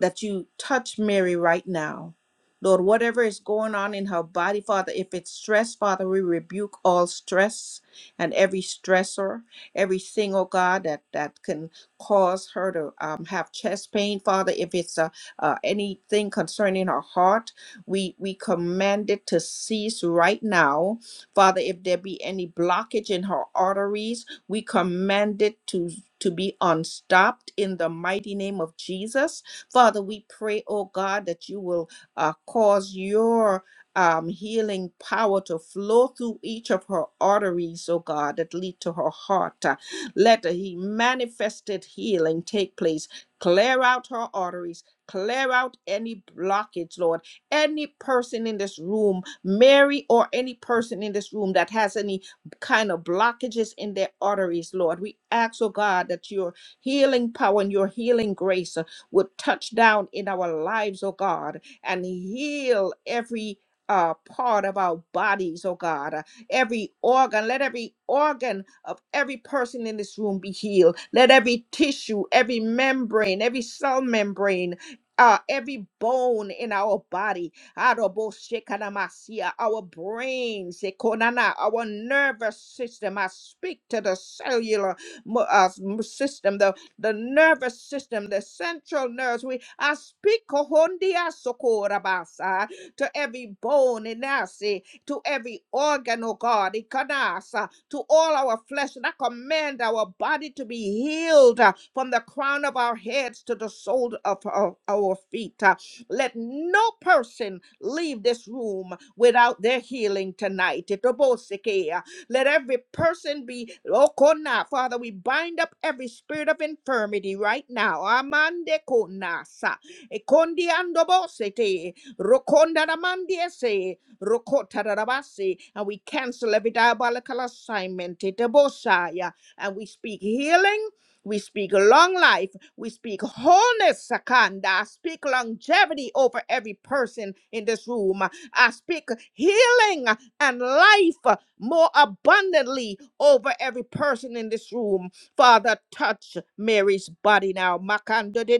[SPEAKER 1] that you touch Mary right now. Lord, whatever is going on in her body, Father, if it's stress, Father, we rebuke all stress and every stressor, everything, oh God, that, that can cause her to um, have chest pain, Father. If it's uh, uh, anything concerning her heart, we, we command it to cease right now. Father, if there be any blockage in her arteries, we command it to, to be unstopped in the mighty name of Jesus. Father, we pray, oh God, that you will uh, cause your um, healing power to flow through each of her arteries, oh God, that lead to her heart. Uh, let the manifested healing take place. Clear out her arteries. Clear out any blockage, Lord. Any person in this room, Mary or any person in this room that has any kind of blockages in their arteries, Lord, we ask, oh God, that your healing power and your healing grace uh, would touch down in our lives, oh God, and heal every uh, part of our bodies, oh God, Uh, every organ, let every organ of every person in this room be healed. Let every tissue, every membrane, every cell membrane, uh, every bone in our body, Aroboshekanamasia, our brains, Ekonana, our nervous system. I speak to the cellular mo- uh, m- system, the the nervous system, the central nerves. We I speak kohondia sokorabasa to every bone inasi, to every organ, oh God, ikanasa, to all our flesh. And I command our body to be healed uh, from the crown of our heads to the sole of our, our feet. uh. Let no person leave this room without their healing tonight. Itobosike, let every person be okona. Father, we bind up every spirit of infirmity right now. Amande konasa. Ekondi andobosete. Rokonda ramandiese. Rokota rabasi. And we cancel every diabolical assignment. Etebosaya. And we speak healing. We speak long life. We speak wholeness, Sakanda. I speak longevity over every person in this room. I speak healing and life uh, more abundantly over every person in this room. Father, touch Mary's body now. Makanda de de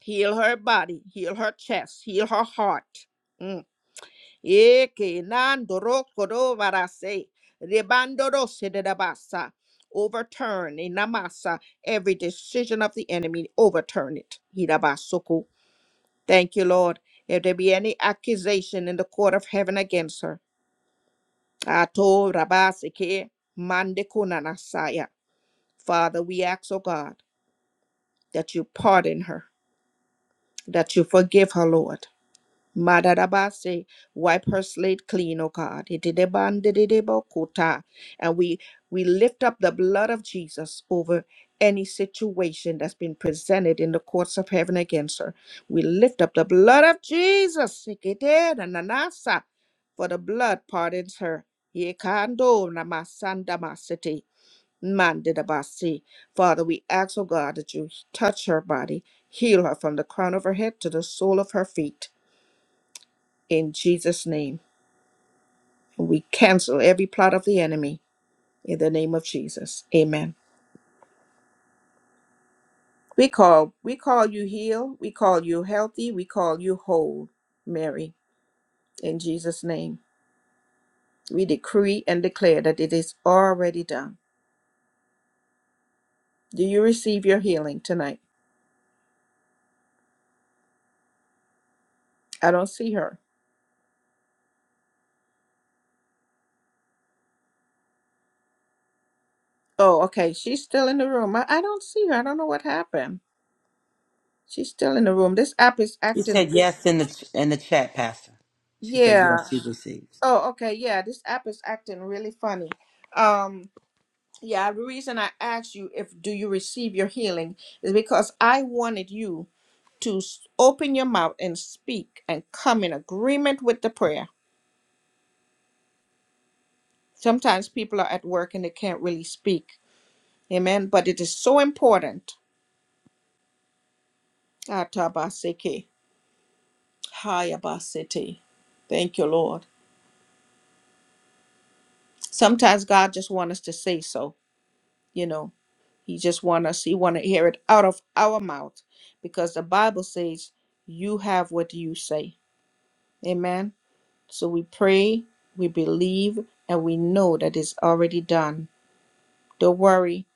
[SPEAKER 1] Heal her body, heal her chest, heal her heart. Mm. Eke nandoro kodo varase. Rebandoro sededabasa. Overturn in namasa every decision of the enemy. Overturn it. Hidabasoko. Thank you, Lord. If there be any accusation in the court of heaven against her, Ato Rabasike Mandekuna Nasaya. Father, we ask, oh God, that you pardon her, that you forgive her, Lord. Madarabase, wipe her slate clean, O God. Itidebandididebokota. And we we lift up the blood of Jesus over any situation that's been presented in the courts of heaven against her. We lift up the blood of Jesus. Ikidedananasa, For the blood pardons her. Yekando namasandamasete, mandidabasi. Father, we ask, O God, that you touch her body, heal her from the crown of her head to the sole of her feet in Jesus' name. We cancel every plot of the enemy in the name of Jesus. Amen. We call we call you healed, we call you healthy, we call you whole, Mary, in Jesus' name. We decree and declare that it is already done. Do you receive your healing tonight? I don't see her. Oh, okay. She's still in the room. I, I don't see her. I don't know what happened. She's still in the room. This app is
[SPEAKER 2] She
[SPEAKER 1] acting.
[SPEAKER 2] said yes in the ch- in the chat, Pastor. She said
[SPEAKER 1] Yeah.
[SPEAKER 2] yes, she receives.
[SPEAKER 1] Oh, okay. Yeah. This app is acting really funny. Um, Yeah, the reason I asked you if do you receive your healing is because I wanted you to s- open your mouth and speak and come in agreement with the prayer. Sometimes people are at work and they can't really speak. Amen. But it is so important. Atabaseke, hayabasete. Thank you, Lord. Sometimes God just wants us to say so, you know. He just wants us, he want to hear it out of our mouth because the Bible says you have what you say. Amen. So we pray, we believe, and we know that it's already done. Don't worry,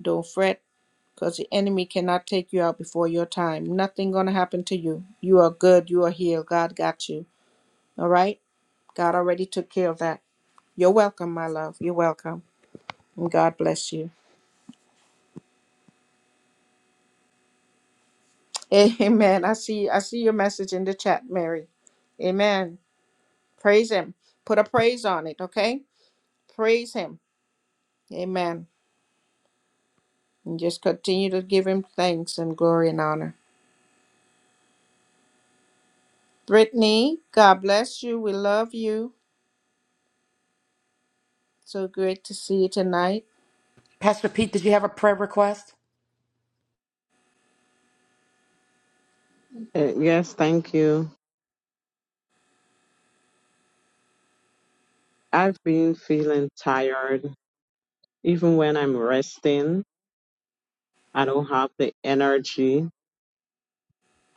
[SPEAKER 1] don't fret, because the enemy cannot take you out before your time. Nothing gonna happen to you. You are good, you are healed. God got you. All right? God already took care of that. You're welcome, my love. You're welcome. And God bless you. Amen. I see I see your message in the chat, Mary. Amen. Praise him. Put a praise on it, okay? Praise him. Amen. And just continue to give him thanks and glory and honor. Brittany, God bless you. We love you. So great to see you tonight.
[SPEAKER 2] Pastor Pete, did you have a prayer request?
[SPEAKER 7] eh, yes, thank you. I've been feeling tired. Even when I'm resting, I don't have the energy.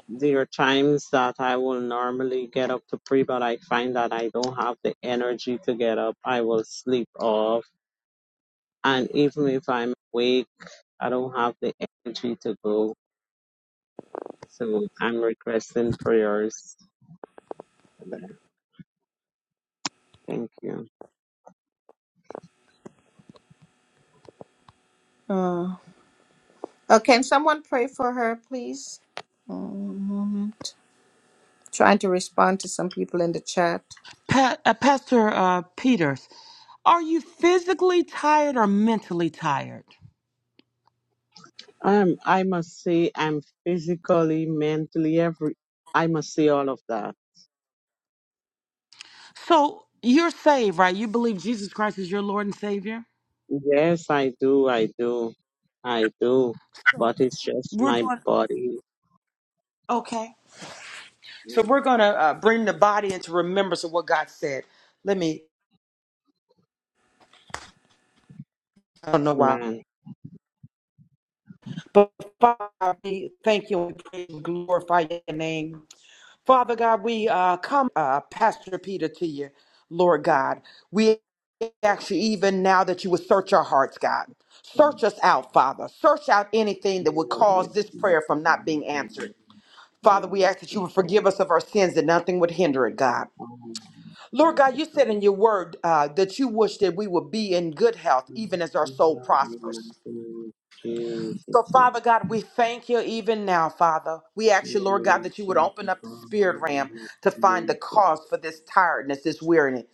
[SPEAKER 7] There are times that I will normally get up to pray, but I find that I don't have the energy to get up. I will sleep off. And even if I'm awake, I don't have the energy to go. So I'm requesting prayers. for that. Thank you.
[SPEAKER 1] Uh, oh, can someone pray for her, please? One moment. Trying to respond to some people in the chat.
[SPEAKER 2] Pa- uh, Pastor uh, Peters, are you physically tired or mentally tired?
[SPEAKER 7] Um, I must say I'm physically, mentally, every I must say all of that.
[SPEAKER 2] So you're saved, right? You believe Jesus Christ is your Lord and Savior?
[SPEAKER 7] Yes, I do, I do, I do.
[SPEAKER 2] Sure.
[SPEAKER 7] But it's just
[SPEAKER 2] We're
[SPEAKER 7] my
[SPEAKER 2] going,
[SPEAKER 7] body,
[SPEAKER 2] okay. So we're going to uh, bring the body into remembrance of what God said. Let me, I don't know why.
[SPEAKER 7] man.
[SPEAKER 2] But Father, we thank you and we praise and glorify your name. Father God, we uh, come, uh, Pastor Peter, to you, Lord God. We ask you even now that you would search our hearts, God. Search us out, Father. Search out anything that would cause this prayer from not being answered. Father, we ask that you would forgive us of our sins that nothing would hinder it, God. Lord God, you said in your word uh, that you wish that we would be in good health, even as our soul prospers. So,
[SPEAKER 7] Jesus.
[SPEAKER 2] Father God, we thank you even now, Father. We ask you, Lord God, that you would open up the spirit ram to find the cause for this tiredness, this weariness.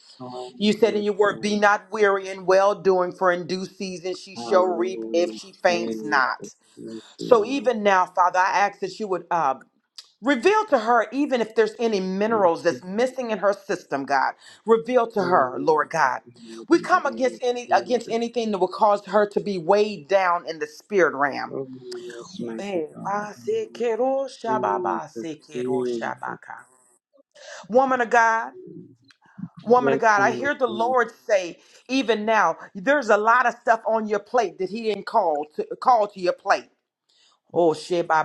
[SPEAKER 2] You said in your word, Be not weary in well doing, for in due season she shall reap if
[SPEAKER 7] Hallelujah.
[SPEAKER 2] she
[SPEAKER 7] Praise
[SPEAKER 2] faints
[SPEAKER 7] the
[SPEAKER 2] not. So,
[SPEAKER 7] Lord.
[SPEAKER 2] even now, Father, I ask that you would uh, Reveal to her, even if there's any minerals that's missing in her system, God. Reveal to
[SPEAKER 7] Lord,
[SPEAKER 2] her, Lord
[SPEAKER 7] we
[SPEAKER 2] God.
[SPEAKER 7] give you
[SPEAKER 2] We
[SPEAKER 7] glory, we give you the
[SPEAKER 2] come
[SPEAKER 7] glory,
[SPEAKER 2] against any against
[SPEAKER 7] Jesus.
[SPEAKER 2] anything that will cause her to be weighed down in the spirit realm.
[SPEAKER 7] Oh, yes, mighty
[SPEAKER 2] Eh,
[SPEAKER 7] God.
[SPEAKER 2] ba
[SPEAKER 7] in
[SPEAKER 2] se
[SPEAKER 7] the
[SPEAKER 2] kero shaba
[SPEAKER 7] name of Jesus, Jesus.
[SPEAKER 2] Woman of God, woman of
[SPEAKER 7] Yes,
[SPEAKER 2] God, I
[SPEAKER 7] woman
[SPEAKER 2] hear the
[SPEAKER 7] of
[SPEAKER 2] Lord say, even now, there's a lot of stuff on your plate that He didn't call to call to your plate. Oh shit, bye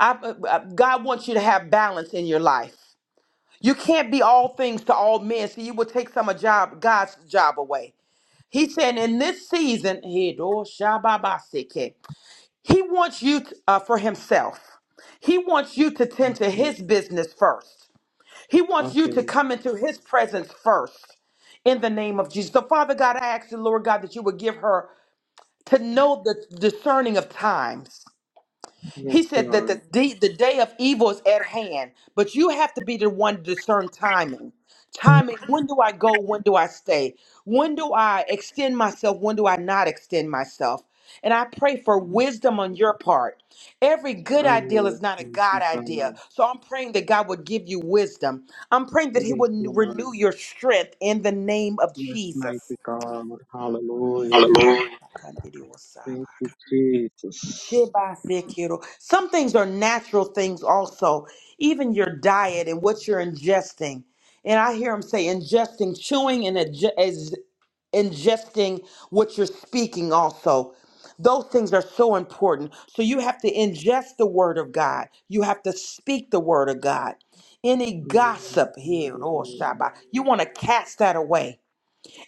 [SPEAKER 2] I, uh, uh, God wants you to have balance in your life. You can't be all things to all men, so you will take some of job God's job away. He said, in this season, he do He wants you t- uh, for himself. He wants you to tend to
[SPEAKER 7] God.
[SPEAKER 2] his business first. He wants you to
[SPEAKER 7] Okay.
[SPEAKER 2] come into his presence first in the name of Jesus. So, Father God, I ask you, Lord God, that you would give her to know the discerning of times.
[SPEAKER 7] Yes,
[SPEAKER 2] He said that the
[SPEAKER 7] Lord.
[SPEAKER 2] day, the day of evil is at hand, but you have to be the one to discern timing. Timing, when do I go? When do I stay? When do I extend myself? When do I not extend myself? And I pray for wisdom on your part. Every good
[SPEAKER 7] Oh,
[SPEAKER 2] idea
[SPEAKER 7] yes,
[SPEAKER 2] is not a God
[SPEAKER 7] mighty
[SPEAKER 2] idea.
[SPEAKER 7] God.
[SPEAKER 2] So I'm praying that God would give you wisdom. I'm praying that He
[SPEAKER 7] Yes,
[SPEAKER 2] would n-
[SPEAKER 7] Lord.
[SPEAKER 2] renew your strength in the name of
[SPEAKER 7] Yes, mighty
[SPEAKER 2] Jesus.
[SPEAKER 7] God. Hallelujah.
[SPEAKER 1] Hallelujah.
[SPEAKER 7] Thank you, Jesus.
[SPEAKER 2] Shibasekiro. Some things are natural things also, even your diet and what you're ingesting. And I hear him say ingesting, chewing, and adge- is ingesting what you're speaking also. Those things are so important. So you have to ingest the word of God. You have to speak the word of God. Any gossip here, oh Shabbat, you want to cast that away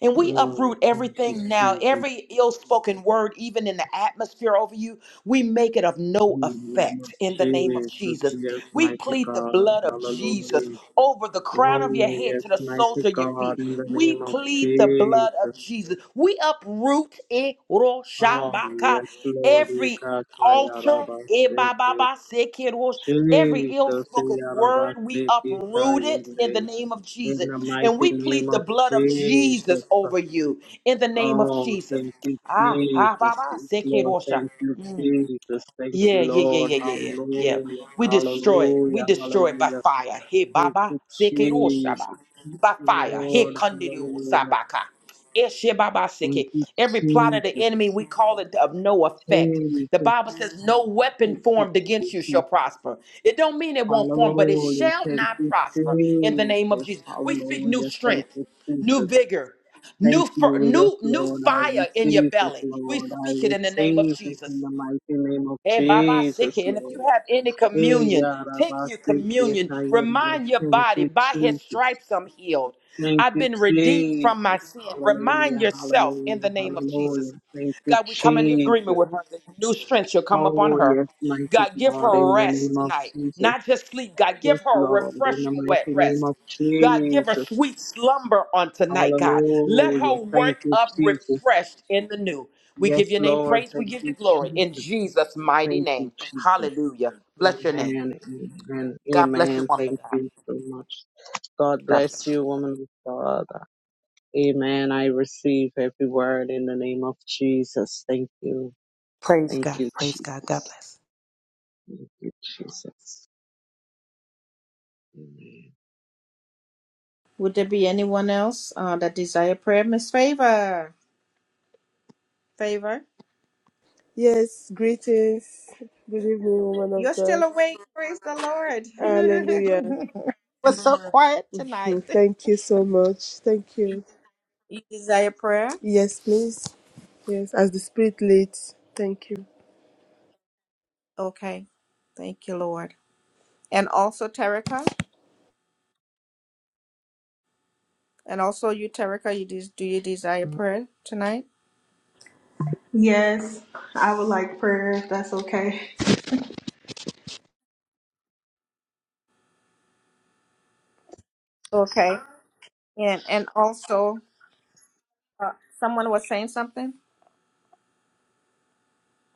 [SPEAKER 2] and we
[SPEAKER 7] Oh,
[SPEAKER 2] uproot
[SPEAKER 7] thank you,
[SPEAKER 2] everything now,
[SPEAKER 7] Jesus. In
[SPEAKER 2] every ill spoken word, even in the atmosphere over you, we make it of no
[SPEAKER 7] the name of
[SPEAKER 2] effect in the name of
[SPEAKER 7] Jesus,
[SPEAKER 2] Jesus.
[SPEAKER 7] yes,
[SPEAKER 2] We
[SPEAKER 7] mighty
[SPEAKER 2] plead the
[SPEAKER 7] God.
[SPEAKER 2] blood of Jesus
[SPEAKER 7] Hallelujah.
[SPEAKER 2] over the
[SPEAKER 7] Oh,
[SPEAKER 2] crown of your head
[SPEAKER 7] yes,
[SPEAKER 2] to the soles
[SPEAKER 7] mighty
[SPEAKER 2] of your
[SPEAKER 7] God.
[SPEAKER 2] feet.
[SPEAKER 7] In the
[SPEAKER 2] We
[SPEAKER 7] name of
[SPEAKER 2] plead the blood
[SPEAKER 7] Jesus.
[SPEAKER 2] of Jesus. We uproot eh, ro, sha,
[SPEAKER 7] Oh,
[SPEAKER 2] ba, ka,
[SPEAKER 7] yes, Lord.
[SPEAKER 2] every
[SPEAKER 7] Ikataya
[SPEAKER 2] altar, eh, ba, ba,
[SPEAKER 7] rabaseke.
[SPEAKER 2] ba, se, kid, ro, every ill
[SPEAKER 7] Jesus,
[SPEAKER 2] spoken word, we
[SPEAKER 7] yarabaseke
[SPEAKER 2] uproot
[SPEAKER 7] tayo.
[SPEAKER 2] it in the name of
[SPEAKER 7] In
[SPEAKER 2] Jesus.
[SPEAKER 7] the
[SPEAKER 2] And
[SPEAKER 7] mighty
[SPEAKER 2] we plead
[SPEAKER 7] name
[SPEAKER 2] the
[SPEAKER 7] of
[SPEAKER 2] blood of Jesus
[SPEAKER 7] Jesus.
[SPEAKER 2] over you in the name of
[SPEAKER 7] Oh,
[SPEAKER 2] Jesus.
[SPEAKER 7] thank you,
[SPEAKER 2] Ah, ah, bah,
[SPEAKER 7] Jesus.
[SPEAKER 2] bah,
[SPEAKER 7] Yes, Lord,
[SPEAKER 2] sekerosha.
[SPEAKER 7] thank you, Jesus. Thank you,
[SPEAKER 2] Yeah, yeah, yeah,
[SPEAKER 7] Lord.
[SPEAKER 2] yeah, yeah, yeah. yeah.
[SPEAKER 7] Hallelujah.
[SPEAKER 2] We destroy it. We
[SPEAKER 7] Hallelujah.
[SPEAKER 2] destroy it by
[SPEAKER 7] Hallelujah.
[SPEAKER 2] fire. Hey,
[SPEAKER 7] Thank
[SPEAKER 2] Baba,
[SPEAKER 7] you,
[SPEAKER 2] Sekiro Shaba.
[SPEAKER 7] Jesus. Thank
[SPEAKER 2] By
[SPEAKER 7] you,
[SPEAKER 2] fire. Hey,
[SPEAKER 7] Lord.
[SPEAKER 2] Kandiru
[SPEAKER 7] Hallelujah.
[SPEAKER 2] Sabaka. Eshe Baba
[SPEAKER 7] Thank
[SPEAKER 2] Seke.
[SPEAKER 7] you,
[SPEAKER 2] Every plot of the enemy,
[SPEAKER 7] Jesus.
[SPEAKER 2] we call it of no effect. The
[SPEAKER 7] Jesus.
[SPEAKER 2] Bible says, No weapon
[SPEAKER 7] Thank you,
[SPEAKER 2] formed against you
[SPEAKER 7] Jesus.
[SPEAKER 2] shall prosper. It don't mean it won't form, but it
[SPEAKER 7] Hallelujah.
[SPEAKER 2] shall
[SPEAKER 7] Thank
[SPEAKER 2] not
[SPEAKER 7] you,
[SPEAKER 2] prosper in the name of
[SPEAKER 7] Jesus.
[SPEAKER 2] Jesus. We speak new
[SPEAKER 7] Hallelujah. Thank
[SPEAKER 2] strength
[SPEAKER 7] you,
[SPEAKER 2] new
[SPEAKER 7] Jesus.
[SPEAKER 2] vigor,
[SPEAKER 7] Thank
[SPEAKER 2] new fir-
[SPEAKER 7] you, yes,
[SPEAKER 2] new new
[SPEAKER 7] Lord. I
[SPEAKER 2] fire in your
[SPEAKER 7] receive it,
[SPEAKER 2] belly. We
[SPEAKER 7] Lord. I
[SPEAKER 2] speak it in the name of
[SPEAKER 7] receive it in
[SPEAKER 2] Jesus.
[SPEAKER 7] the mighty name of
[SPEAKER 2] Eh, Baba
[SPEAKER 7] Jesus,
[SPEAKER 2] Seke. And if you
[SPEAKER 7] Lord.
[SPEAKER 2] have any
[SPEAKER 7] Hey,
[SPEAKER 2] communion, take your
[SPEAKER 7] Yarabasi,
[SPEAKER 2] communion.
[SPEAKER 7] Ketayende.
[SPEAKER 2] Remind your
[SPEAKER 7] Thank
[SPEAKER 2] body,
[SPEAKER 7] you,
[SPEAKER 2] by his
[SPEAKER 7] Jesus.
[SPEAKER 2] stripes I'm healed.
[SPEAKER 7] Thank
[SPEAKER 2] I've
[SPEAKER 7] you,
[SPEAKER 2] been redeemed from my
[SPEAKER 7] Jesus.
[SPEAKER 2] sin. Remind
[SPEAKER 7] Hallelujah,
[SPEAKER 2] yourself in
[SPEAKER 7] hallelujah,
[SPEAKER 2] the name of
[SPEAKER 7] hallelujah.
[SPEAKER 2] Jesus.
[SPEAKER 7] Thank you,
[SPEAKER 2] God, we come into agreement
[SPEAKER 7] Jesus.
[SPEAKER 2] with her that new strength shall come upon
[SPEAKER 7] Oh,
[SPEAKER 2] her.
[SPEAKER 7] yes, mighty
[SPEAKER 2] God, give
[SPEAKER 7] God,
[SPEAKER 2] her
[SPEAKER 7] in the
[SPEAKER 2] rest
[SPEAKER 7] name of
[SPEAKER 2] tonight.
[SPEAKER 7] Jesus.
[SPEAKER 2] Not just sleep, God,
[SPEAKER 7] Yes,
[SPEAKER 2] give her a
[SPEAKER 7] Lord, in the
[SPEAKER 2] refreshing wet
[SPEAKER 7] mighty name
[SPEAKER 2] rest.
[SPEAKER 7] of
[SPEAKER 2] God, give her
[SPEAKER 7] Jesus.
[SPEAKER 2] sweet slumber on tonight, God. Let her
[SPEAKER 7] Hallelujah. Thank
[SPEAKER 2] wake
[SPEAKER 7] you,
[SPEAKER 2] up
[SPEAKER 7] Jesus.
[SPEAKER 2] refreshed in the new. We give
[SPEAKER 7] Yes,
[SPEAKER 2] your name
[SPEAKER 7] Lord.
[SPEAKER 2] praise. We
[SPEAKER 7] Thank
[SPEAKER 2] give you
[SPEAKER 7] you,
[SPEAKER 2] glory in
[SPEAKER 7] Jesus.
[SPEAKER 2] Jesus' mighty
[SPEAKER 7] Thank you,
[SPEAKER 2] name.
[SPEAKER 7] Jesus.
[SPEAKER 2] Hallelujah. Bless your name.
[SPEAKER 7] Amen. Amen.
[SPEAKER 2] God bless you,
[SPEAKER 7] Amen.
[SPEAKER 2] woman of
[SPEAKER 7] Thank
[SPEAKER 2] God.
[SPEAKER 7] you so much. God
[SPEAKER 2] God
[SPEAKER 7] bless
[SPEAKER 2] bless you.
[SPEAKER 7] you, woman of God. Amen. I receive every word in the name of Jesus. Thank you.
[SPEAKER 2] Praise
[SPEAKER 7] Thank
[SPEAKER 2] God.
[SPEAKER 7] you,
[SPEAKER 2] Praise God. God
[SPEAKER 7] Jesus.
[SPEAKER 2] bless.
[SPEAKER 7] Thank you, Jesus. Amen.
[SPEAKER 1] Would there be anyone else uh, that desire prayer? Miss Favor, Favor,
[SPEAKER 9] Yes, greetings. Good evening, woman
[SPEAKER 1] you're
[SPEAKER 9] of
[SPEAKER 1] still
[SPEAKER 9] God.
[SPEAKER 1] awake. Praise the
[SPEAKER 9] Hallelujah.
[SPEAKER 1] Lord. We're so quiet tonight.
[SPEAKER 9] Mhm. Thank you so much. Thank you.
[SPEAKER 1] You desire prayer?
[SPEAKER 9] Yes, please. Yes, as the Spirit leads. Thank you.
[SPEAKER 1] Okay. Thank you, Lord. And also, Terica? And also you, Terica, you des- do you desire prayer tonight?
[SPEAKER 8] Yes, I would like prayer if that's okay.
[SPEAKER 1] Okay. And and also uh, someone was saying something.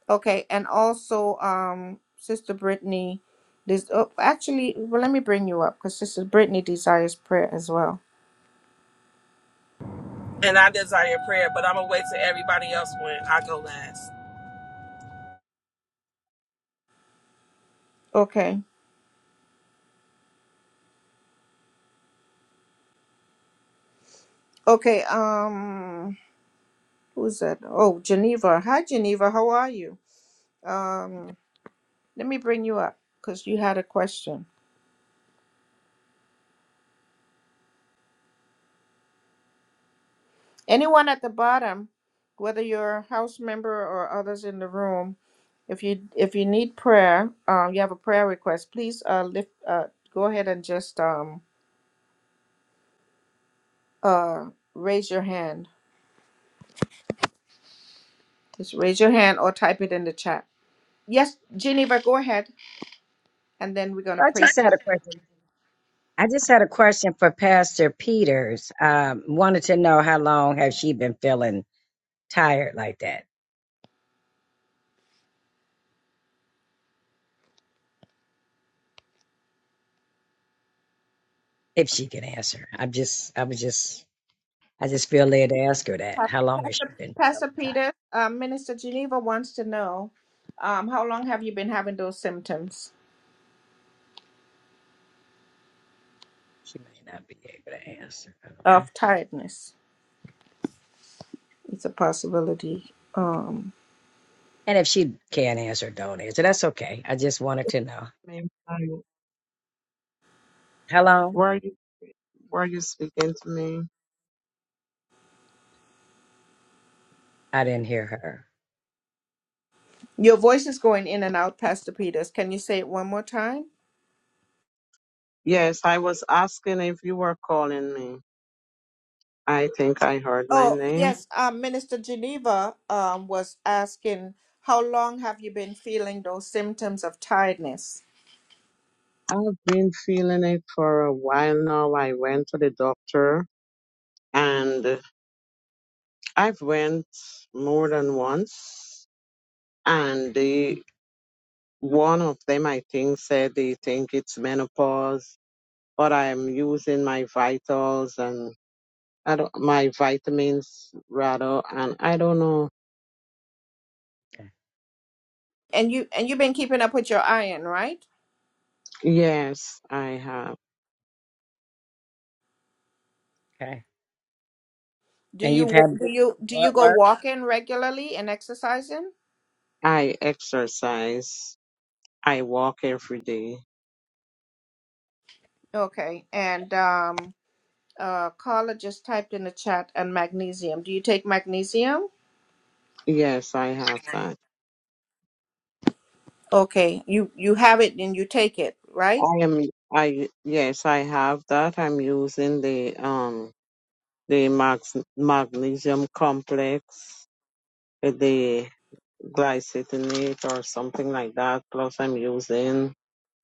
[SPEAKER 1] Okay. And also um Sister Brittany this oh, actually well let me bring you up because Sister Brittany desires prayer as well.
[SPEAKER 3] and I desire prayer, but I'm gonna wait till everybody else when I go last.
[SPEAKER 1] Okay. Okay, um who's that? Oh, Geneva. Hi Geneva, how are you? Um let me bring you up because you had a question. Anyone at the bottom, whether you're a house member or others in the room, If you if you need prayer, um, you have a prayer request, please uh, lift. Uh, go ahead and just um, uh, raise your hand. Just raise your hand or type it in the chat. Yes, Geneva, go ahead, and then we're gonna
[SPEAKER 10] I
[SPEAKER 1] pray. For
[SPEAKER 10] just had a question. I just had a question for Pastor Peters. Um, wanted to know how long have she been feeling tired like that? If she could answer, I'm just, I was just, I just feel led to ask her that. How long has she
[SPEAKER 1] Pastor,
[SPEAKER 10] been feeling
[SPEAKER 1] Pastor
[SPEAKER 10] tired?
[SPEAKER 1] Peter, uh, Minister Geneva wants to know, um, how long have you been having those symptoms
[SPEAKER 10] She may not be able to answer. I don't know.
[SPEAKER 1] of tiredness? It's a possibility. Um,
[SPEAKER 10] And if she can't answer, don't answer. That's okay. I just wanted to know
[SPEAKER 7] Ma'am, I-
[SPEAKER 10] how long.
[SPEAKER 7] Were you, were you speaking to me?
[SPEAKER 10] I didn't hear her.
[SPEAKER 1] your voice is going in and out, Pastor Peters. Can you say it one more time?
[SPEAKER 7] Yes, I was asking if you were calling me. I think I heard my
[SPEAKER 1] Oh,
[SPEAKER 7] name.
[SPEAKER 1] yes, um, Minister Geneva um, was asking how long have you been feeling those symptoms of tiredness?
[SPEAKER 7] I've been feeling it for a while now. I went to the doctor and I've went more than once and they one of them I think said they think it's menopause, but I'm using my vitals and I don't, my vitamins rather and I don't know.
[SPEAKER 1] And you and you've been keeping up with your iron, right?
[SPEAKER 7] Yes, I have.
[SPEAKER 10] Okay.
[SPEAKER 1] Do
[SPEAKER 10] And you've
[SPEAKER 1] you
[SPEAKER 10] had
[SPEAKER 1] do you do
[SPEAKER 10] blood
[SPEAKER 1] you go
[SPEAKER 10] work.
[SPEAKER 1] walking regularly and exercising?
[SPEAKER 7] I exercise. I walk every day.
[SPEAKER 1] Okay. And um uh Carla just typed in the chat and magnesium. Do you take magnesium?
[SPEAKER 7] Yes, I have that.
[SPEAKER 1] Okay. You you have it and you take it, right?
[SPEAKER 7] I am I yes, I have that. I'm using the um the max, magnesium complex with the glycitinate or something like that. Plus I'm using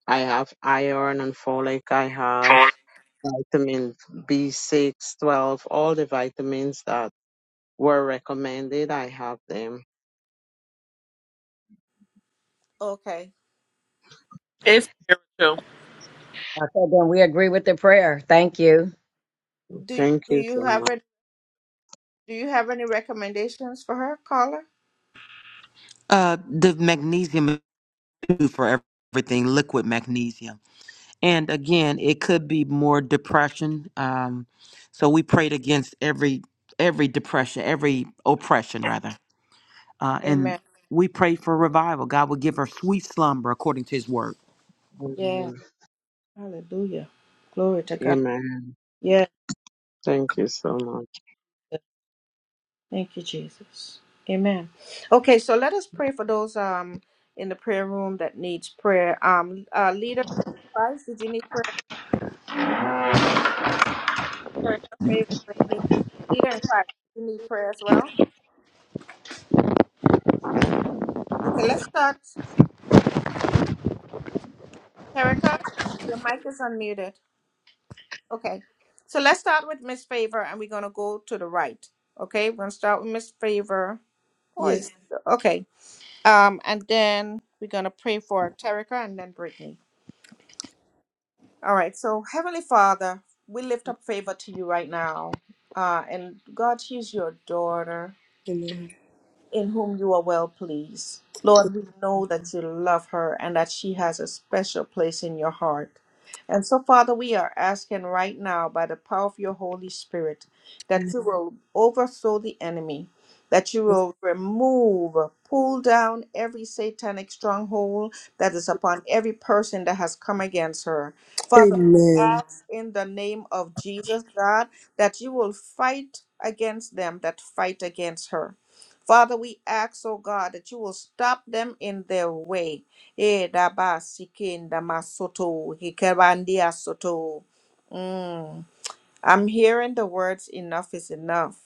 [SPEAKER 7] I have iron and folic, I have
[SPEAKER 1] Four.
[SPEAKER 7] vitamin B six, twelve, all the vitamins that were recommended, I have them.
[SPEAKER 1] Okay.
[SPEAKER 3] It's true.
[SPEAKER 10] Okay, then we agree with the prayer. Thank you.
[SPEAKER 1] Do
[SPEAKER 7] Thank
[SPEAKER 1] do
[SPEAKER 7] you
[SPEAKER 1] you
[SPEAKER 7] so
[SPEAKER 1] have
[SPEAKER 7] much.
[SPEAKER 1] it do you have any recommendations for her, Carla?
[SPEAKER 2] Uh, the magnesium is good for everything, liquid magnesium. And again, it could be more depression. Um, so we prayed against every every depression, every oppression rather. Uh,
[SPEAKER 1] Amen.
[SPEAKER 2] and we pray for revival. God will give her sweet slumber according to his word.
[SPEAKER 1] Yeah.
[SPEAKER 7] Amen.
[SPEAKER 1] Hallelujah. Glory to God.
[SPEAKER 7] Amen.
[SPEAKER 1] Yeah.
[SPEAKER 7] Thank you so much.
[SPEAKER 1] Thank you, Jesus. Amen. Okay, so let us pray for those um in the prayer room that needs prayer. Um uh leader in Christ, did you need prayer? Prayer, prayer, prayer. Leader in Christ, you need prayer as well. Okay, let's start. Erica, your mic is unmuted. Okay. So let's start with Miss Favor and we're gonna go to the right. Okay, we're gonna start with Miss Favor. Oh, is-
[SPEAKER 9] Yes.
[SPEAKER 1] okay. Um, and then we're going to pray for Terica and then Brittany. All right. So, Heavenly Father, we lift up favor to you right now. Uh, and God, she's your daughter
[SPEAKER 9] Amen.
[SPEAKER 1] in whom you are well pleased. Lord, we know that you love her and that she has a special place in your heart. And so, Father, we are asking right now by the power of your Holy Spirit that
[SPEAKER 9] Amen.
[SPEAKER 1] you will overthrow the enemy, that you
[SPEAKER 9] Yes.
[SPEAKER 1] will remove, pull down every satanic stronghold that is upon every person that has come against her. Father, we
[SPEAKER 9] Amen.
[SPEAKER 1] ask in the name of Jesus, God, that you will fight against them that fight against her Father, we ask, oh God, that you will stop them in their way. Eh, da ba si kin da ma soto, he ke ban dia soto. Mm. I'm hearing the words enough is enough.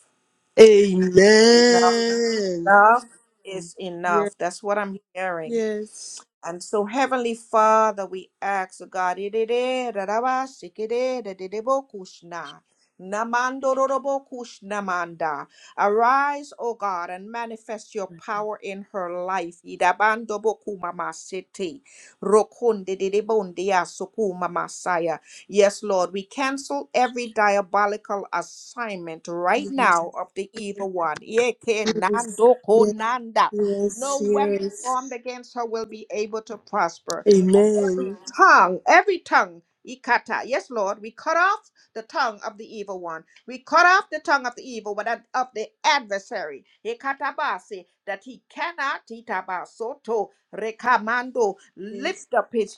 [SPEAKER 1] Enough,
[SPEAKER 9] Amen.
[SPEAKER 1] enough is
[SPEAKER 9] Yes.
[SPEAKER 1] enough. That's what I'm hearing.
[SPEAKER 9] Yes.
[SPEAKER 1] And so, Heavenly Father, we ask, oh God, idide, raraba, shikide, dedidebo kushna, namando rorobo kushnamanda. arise, O God, and manifest your power in her life. Idabando boku mama sete, rokunde dedebondia suku mama saya. Yes, Lord, we cancel every diabolical assignment right now of the evil one. Yeke
[SPEAKER 9] Yes.
[SPEAKER 1] nando
[SPEAKER 9] Yes.
[SPEAKER 1] konanda.
[SPEAKER 9] Yes.
[SPEAKER 1] No weapon
[SPEAKER 9] Yes.
[SPEAKER 1] formed against her will be able to prosper. Every
[SPEAKER 9] Amen.
[SPEAKER 1] tongue, every tongue, ikata. Yes, Lord, we cut off the tongue of the evil one. We cut off the tongue of the evil one, and of the adversary, ikatabasi, that he cannot, itabasoto, rekamando,
[SPEAKER 9] Yes.
[SPEAKER 1] lift up his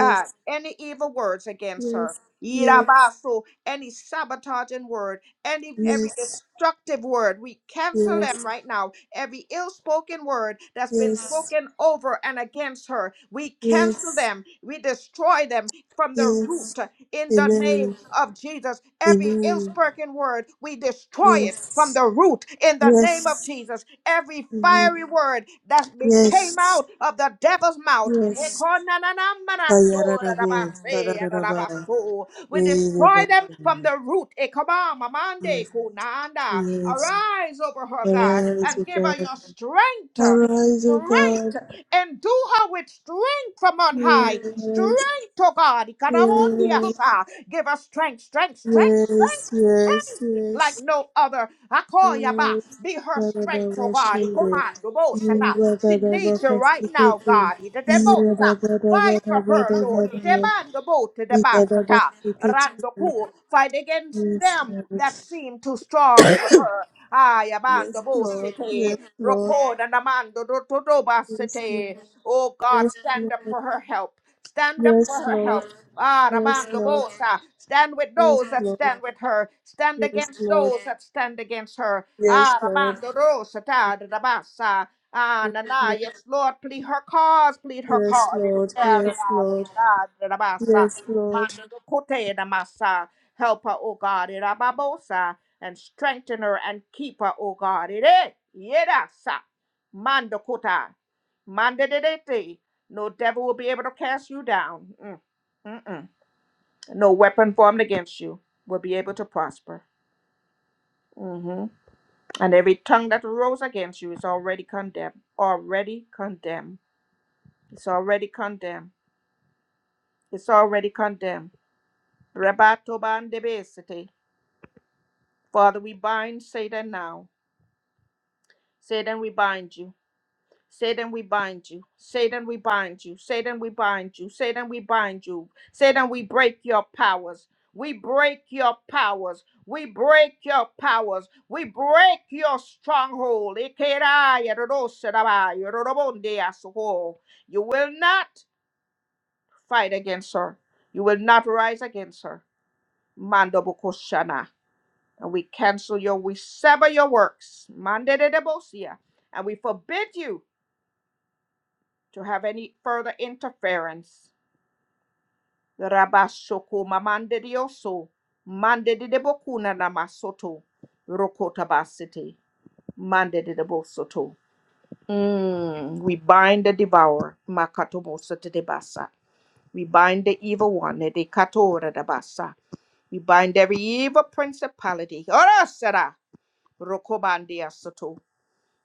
[SPEAKER 1] uh, any evil words against her.
[SPEAKER 9] Yes. Yes.
[SPEAKER 1] Yirabasu, any sabotaging word, any every
[SPEAKER 9] Yes.
[SPEAKER 1] destructive word, we cancel them
[SPEAKER 9] Yes.
[SPEAKER 1] right now. Every ill-spoken word that's been
[SPEAKER 9] Yes.
[SPEAKER 1] spoken over and against her, we cancel
[SPEAKER 9] Yes.
[SPEAKER 1] them. We destroy them from the
[SPEAKER 9] Yes.
[SPEAKER 1] root in the name
[SPEAKER 9] Amen.
[SPEAKER 1] of Jesus. Every
[SPEAKER 9] Amen.
[SPEAKER 1] ill-spoken word, we destroy it from
[SPEAKER 9] Yes.
[SPEAKER 1] the root in the name of
[SPEAKER 9] Yes.
[SPEAKER 1] Jesus every
[SPEAKER 9] Amen.
[SPEAKER 1] fiery word that be-
[SPEAKER 9] Yes.
[SPEAKER 1] came out of the devil's mouth.
[SPEAKER 9] Yes. Kayararabo. Sarararaba.
[SPEAKER 1] We
[SPEAKER 9] Ereba.
[SPEAKER 1] destroy them from the
[SPEAKER 9] Yes.
[SPEAKER 1] root.
[SPEAKER 9] Yes.
[SPEAKER 1] Arise over her, God,
[SPEAKER 9] Arise, O
[SPEAKER 1] and give her
[SPEAKER 9] God.
[SPEAKER 1] your strength.
[SPEAKER 9] Arise, O God.
[SPEAKER 1] Strength and do her with strength from on high.
[SPEAKER 9] Yes.
[SPEAKER 1] Strength, oh God.
[SPEAKER 9] Yes.
[SPEAKER 1] Give her strength, strength, strength,
[SPEAKER 9] Yes.
[SPEAKER 1] strength
[SPEAKER 9] Yes. Yes.
[SPEAKER 1] like no other. Be her strength, oh God.
[SPEAKER 9] Sarabashinde,
[SPEAKER 1] Commando boshata. She needs you right now,
[SPEAKER 9] Ingradabakasikiti,
[SPEAKER 1] God. Idedebosa. Fight for her, Lord.
[SPEAKER 9] Ingradabadabadabadabada,
[SPEAKER 1] Idebando bote debasata.
[SPEAKER 9] Ingadabasikiti.
[SPEAKER 1] Randoku. Fight against
[SPEAKER 9] Yes,
[SPEAKER 1] them that seem too strong for her. Ay, abando
[SPEAKER 9] Lord.
[SPEAKER 1] bosite.
[SPEAKER 9] Yes, Lord.
[SPEAKER 1] Rokoda namando
[SPEAKER 9] Yes,
[SPEAKER 1] dotodobasite.
[SPEAKER 9] Lord.
[SPEAKER 1] Oh God,
[SPEAKER 9] Yes,
[SPEAKER 1] stand up
[SPEAKER 9] Lord.
[SPEAKER 1] for her help. Stand up for
[SPEAKER 9] Yes,
[SPEAKER 1] her help.
[SPEAKER 9] Lord.
[SPEAKER 1] Ah,
[SPEAKER 9] Yes,
[SPEAKER 1] Rabando
[SPEAKER 9] Lord.
[SPEAKER 1] Bosa. Stand with
[SPEAKER 9] Yes,
[SPEAKER 1] those that
[SPEAKER 9] Lord.
[SPEAKER 1] stand with her. Stand
[SPEAKER 9] Yes,
[SPEAKER 1] against
[SPEAKER 9] Lord.
[SPEAKER 1] those that stand against her.
[SPEAKER 9] Yes,
[SPEAKER 1] Ah,
[SPEAKER 9] Lord. Yes, Lord.
[SPEAKER 1] Rabando Rosa, da da da basa. Ah, na na, yes, Lord, plead her cause, plead her
[SPEAKER 9] Yes,
[SPEAKER 1] cause.
[SPEAKER 9] Lord. Yes, Lord.
[SPEAKER 1] Da da da
[SPEAKER 9] Yes, Lord.
[SPEAKER 1] da da da basa.
[SPEAKER 9] Yes, Lord.
[SPEAKER 1] Mando do kote da masa. Help her, O God, da babosa, and strengthen her and keep her, O God. Ide, yeda sa. Mando kota. Mande de de te. No devil will be able to cast you down. Mm. Mm-mm. No weapon formed against you will be able to prosper. Mm-hmm. And every tongue that rose against you is already condemned. Already condemned. It's already condemned. It's already condemned. Rabatobandebesete. Father, we bind Satan now. Satan, we bind you. Satan, we bind you. Satan, we bind you. Satan, we bind you. Satan, we bind you. Satan, we break your powers. We break your powers. We break your powers. We break your stronghold. Ikeraya rodoserabaya rodobondeasoho. You will not fight against her. You will not rise against her. Mando bukoshana. And we cancel your, we sever your works. Mande de debosia. And we forbid you. to have any further interference. Rabashoko mamande dioso, mande de debokuna namasoto, rokotabasite, mande de debosoto. Mm, we bind the devourer, makatobosa de debasa. We bind the evil one, de katora debasa. We bind every evil principality. Ora sera, rokobandia soto.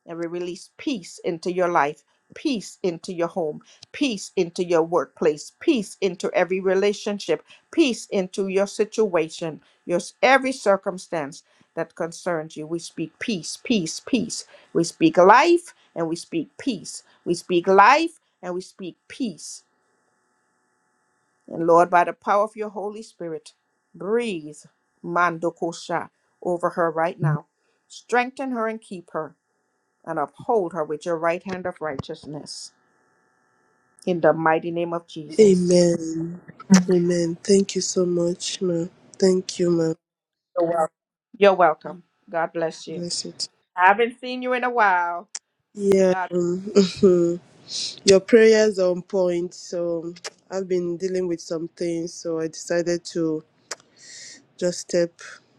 [SPEAKER 1] And we release peace into your life, peace into your home, peace into your workplace, peace into every relationship, peace into your situation, your every circumstance that concerns you. We speak peace, peace, peace. We speak life and we speak peace. We speak life and we speak peace. And Lord, by the power of your Holy Spirit, breathe Mandokosha over her right now. Strengthen her and keep her and uphold her with your right hand of righteousness. In the mighty name of Jesus.
[SPEAKER 9] Amen. Amen. Thank you so much, ma. Thank you, ma.
[SPEAKER 1] You're welcome. You're welcome. God bless you.
[SPEAKER 9] Bless it.
[SPEAKER 1] I haven't seen you in a while.
[SPEAKER 9] Yeah,
[SPEAKER 1] God,
[SPEAKER 9] um, your prayers are on point. So I've been dealing with some things, so I decided to just step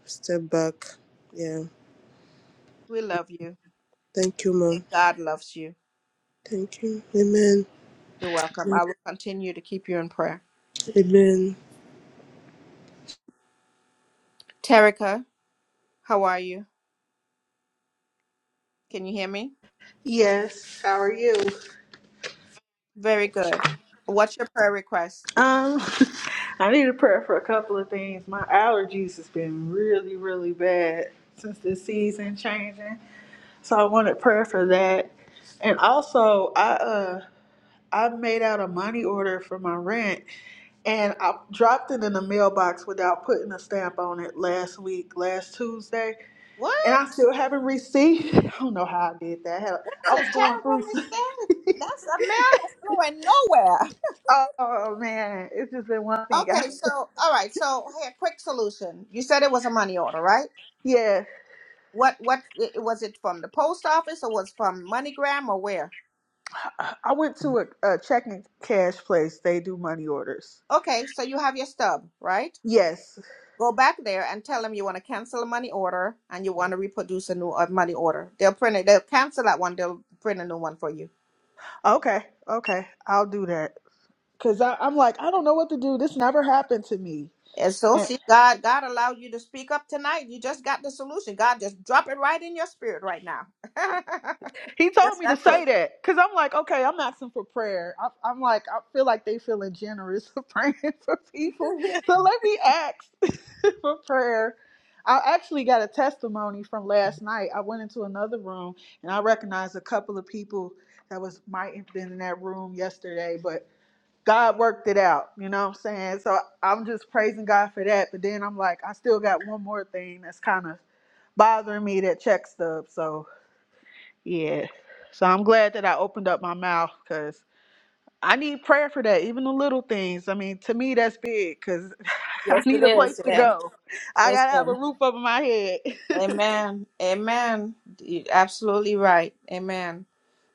[SPEAKER 9] step back. Yeah.
[SPEAKER 1] we love you.
[SPEAKER 9] Thank you, ma.
[SPEAKER 1] God loves you.
[SPEAKER 9] Thank you. Amen.
[SPEAKER 1] You're welcome. I will continue to keep you in prayer.
[SPEAKER 9] Amen.
[SPEAKER 1] Terica, how are you? Can you hear me?
[SPEAKER 8] Yes. How are you?
[SPEAKER 1] Very good. What's your prayer request?
[SPEAKER 8] Um, I need a prayer for a couple of things. My allergies has been really, really bad since the season changing, so I wanted prayer for that. And also, I uh, I made out a money order for my rent, and I dropped it in the mailbox without putting a stamp on it last week, last Tuesday.
[SPEAKER 1] What?
[SPEAKER 8] And I still haven't received. I don't know how I did that. Hell,
[SPEAKER 1] It's
[SPEAKER 8] I
[SPEAKER 1] a
[SPEAKER 8] was going through.
[SPEAKER 1] terrible mistake. That's a man that's going nowhere.
[SPEAKER 8] oh man, it's just been one thing. I,
[SPEAKER 1] Okay, so all right, so here, quick solution. You said it was a money order, right?
[SPEAKER 8] yeah,
[SPEAKER 1] What what i- was it from the post office or was from MoneyGram or where?
[SPEAKER 8] I went to a, a checking cash place. They do money orders.
[SPEAKER 1] Okay, so you have your stub, right?
[SPEAKER 8] Yes.
[SPEAKER 1] Go back there and tell them you want to cancel a money order and you want to reproduce a new uh, money order. They'll print it. They'll cancel that one. They'll print a new one for you.
[SPEAKER 8] Okay. Okay. I'll do that. Cause I, I'm like I don't know what to do. This never happened to me.
[SPEAKER 1] And so, see, God, God allowed you to speak up tonight. You just got the solution. God just drop it right in your spirit right now.
[SPEAKER 8] He told
[SPEAKER 1] just
[SPEAKER 8] me to
[SPEAKER 1] that quick.
[SPEAKER 8] say that because I'm like, okay, I'm asking for prayer. I, I'm like, I feel like they feeling generous for praying for people. So let me ask for prayer. I actually got a testimony from last night. I went into another room and I recognized a couple of people that was might have been in that room yesterday, but God worked it out. You know what I'm saying? So I'm just praising God for that. But then I'm like, I still got one more thing that's kind of bothering me that check stub. So yeah. So I'm glad that I opened up my mouth because I need prayer for that, even the little things. I mean, to me, that's big because I
[SPEAKER 1] Yes,
[SPEAKER 8] need
[SPEAKER 1] it
[SPEAKER 8] a place
[SPEAKER 1] is.
[SPEAKER 8] to
[SPEAKER 1] Yeah.
[SPEAKER 8] go. I got to have a
[SPEAKER 1] Listen.
[SPEAKER 8] roof over my head.
[SPEAKER 1] Amen. Amen. You're absolutely right. Amen.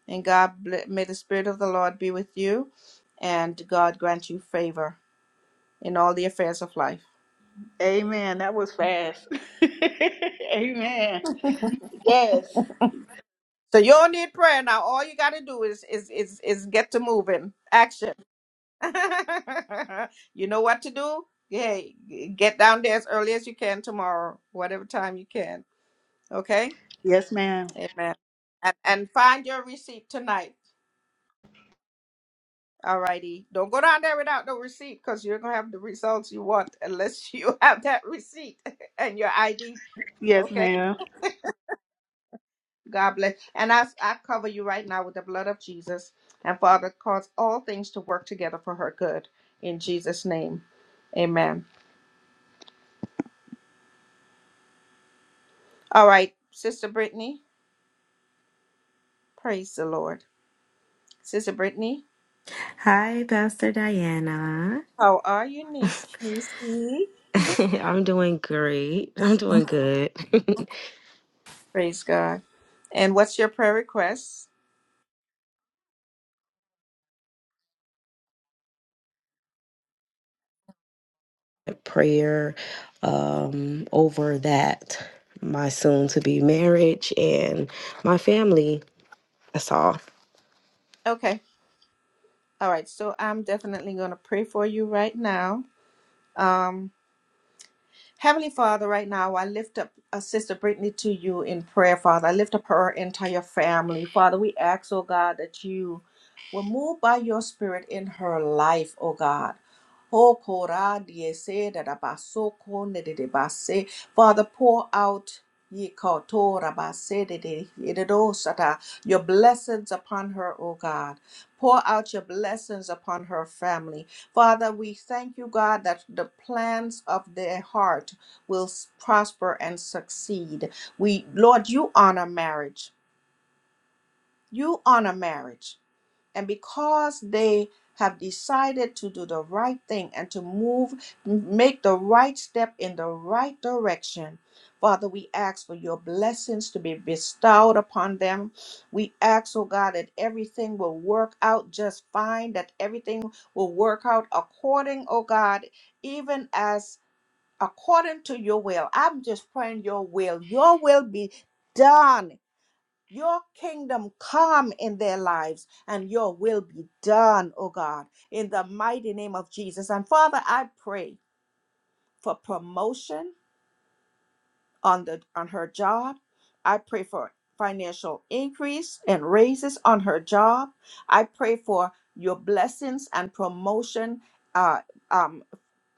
[SPEAKER 1] And God ble- may the Spirit of the Lord be with you, and God grant you favor in all the affairs of life.
[SPEAKER 8] Amen. That was fast. Amen. Yes.
[SPEAKER 1] So you don't need prayer now. All you got to do is is is is get to moving. Action. you know what to do. Hey, get down there as early as you can tomorrow, whatever time you can. Okay.
[SPEAKER 8] Yes, ma'am.
[SPEAKER 1] Amen. And and find your receipt tonight. All righty. Don't go down there without no receipt because you're gonna have the results you want unless you have that receipt and your ID
[SPEAKER 8] Yes,
[SPEAKER 1] Okay.
[SPEAKER 8] ma'am.
[SPEAKER 1] God bless. And I, I cover you right now with the blood of Jesus. And Father, cause all things to work together for her good. In Jesus' name. Amen. All right, Sister Brittany. Praise the Lord. Sister Brittany,
[SPEAKER 11] Hi, Pastor Diana.
[SPEAKER 1] how are you, niece? Niece?
[SPEAKER 11] I'm doing great. I'm doing good.
[SPEAKER 1] Praise God. And what's your prayer request?
[SPEAKER 11] Prayer um, over that, my soon to be marriage and my family. That's all.
[SPEAKER 1] Okay. All right. So I'm definitely going to pray for you right now. Um. Heavenly Father, right now, I lift up uh, Sister Brittany to you in prayer, Father. I lift up her entire family. Father, we ask, oh God, that you will move by your spirit in her life, oh God. Oh, Korah, die se da da ba so ko ne de de ba se. Father, pour out ye ko to ra ba se de de ye de do sa da. your blessings upon her, oh God. Pour out your blessings upon her family. Father, we thank you, God, that the plans of their heart will s- prosper and succeed. We, Lord, you honor marriage. You honor marriage. And because they have decided to do the right thing and to move, m- make the right step in the right direction, Father, we ask for your blessings to be bestowed upon them. We ask, oh God, that everything will work out just fine, that everything will work out according, oh God, even as according to your will. I'm just praying your will, your will be done your kingdom come in their lives and your will be done, oh God, in the mighty name of Jesus. And Father, I pray for promotion on the on her job. I pray for financial increase and raises on her job. I pray for your blessings and promotion. Uh, um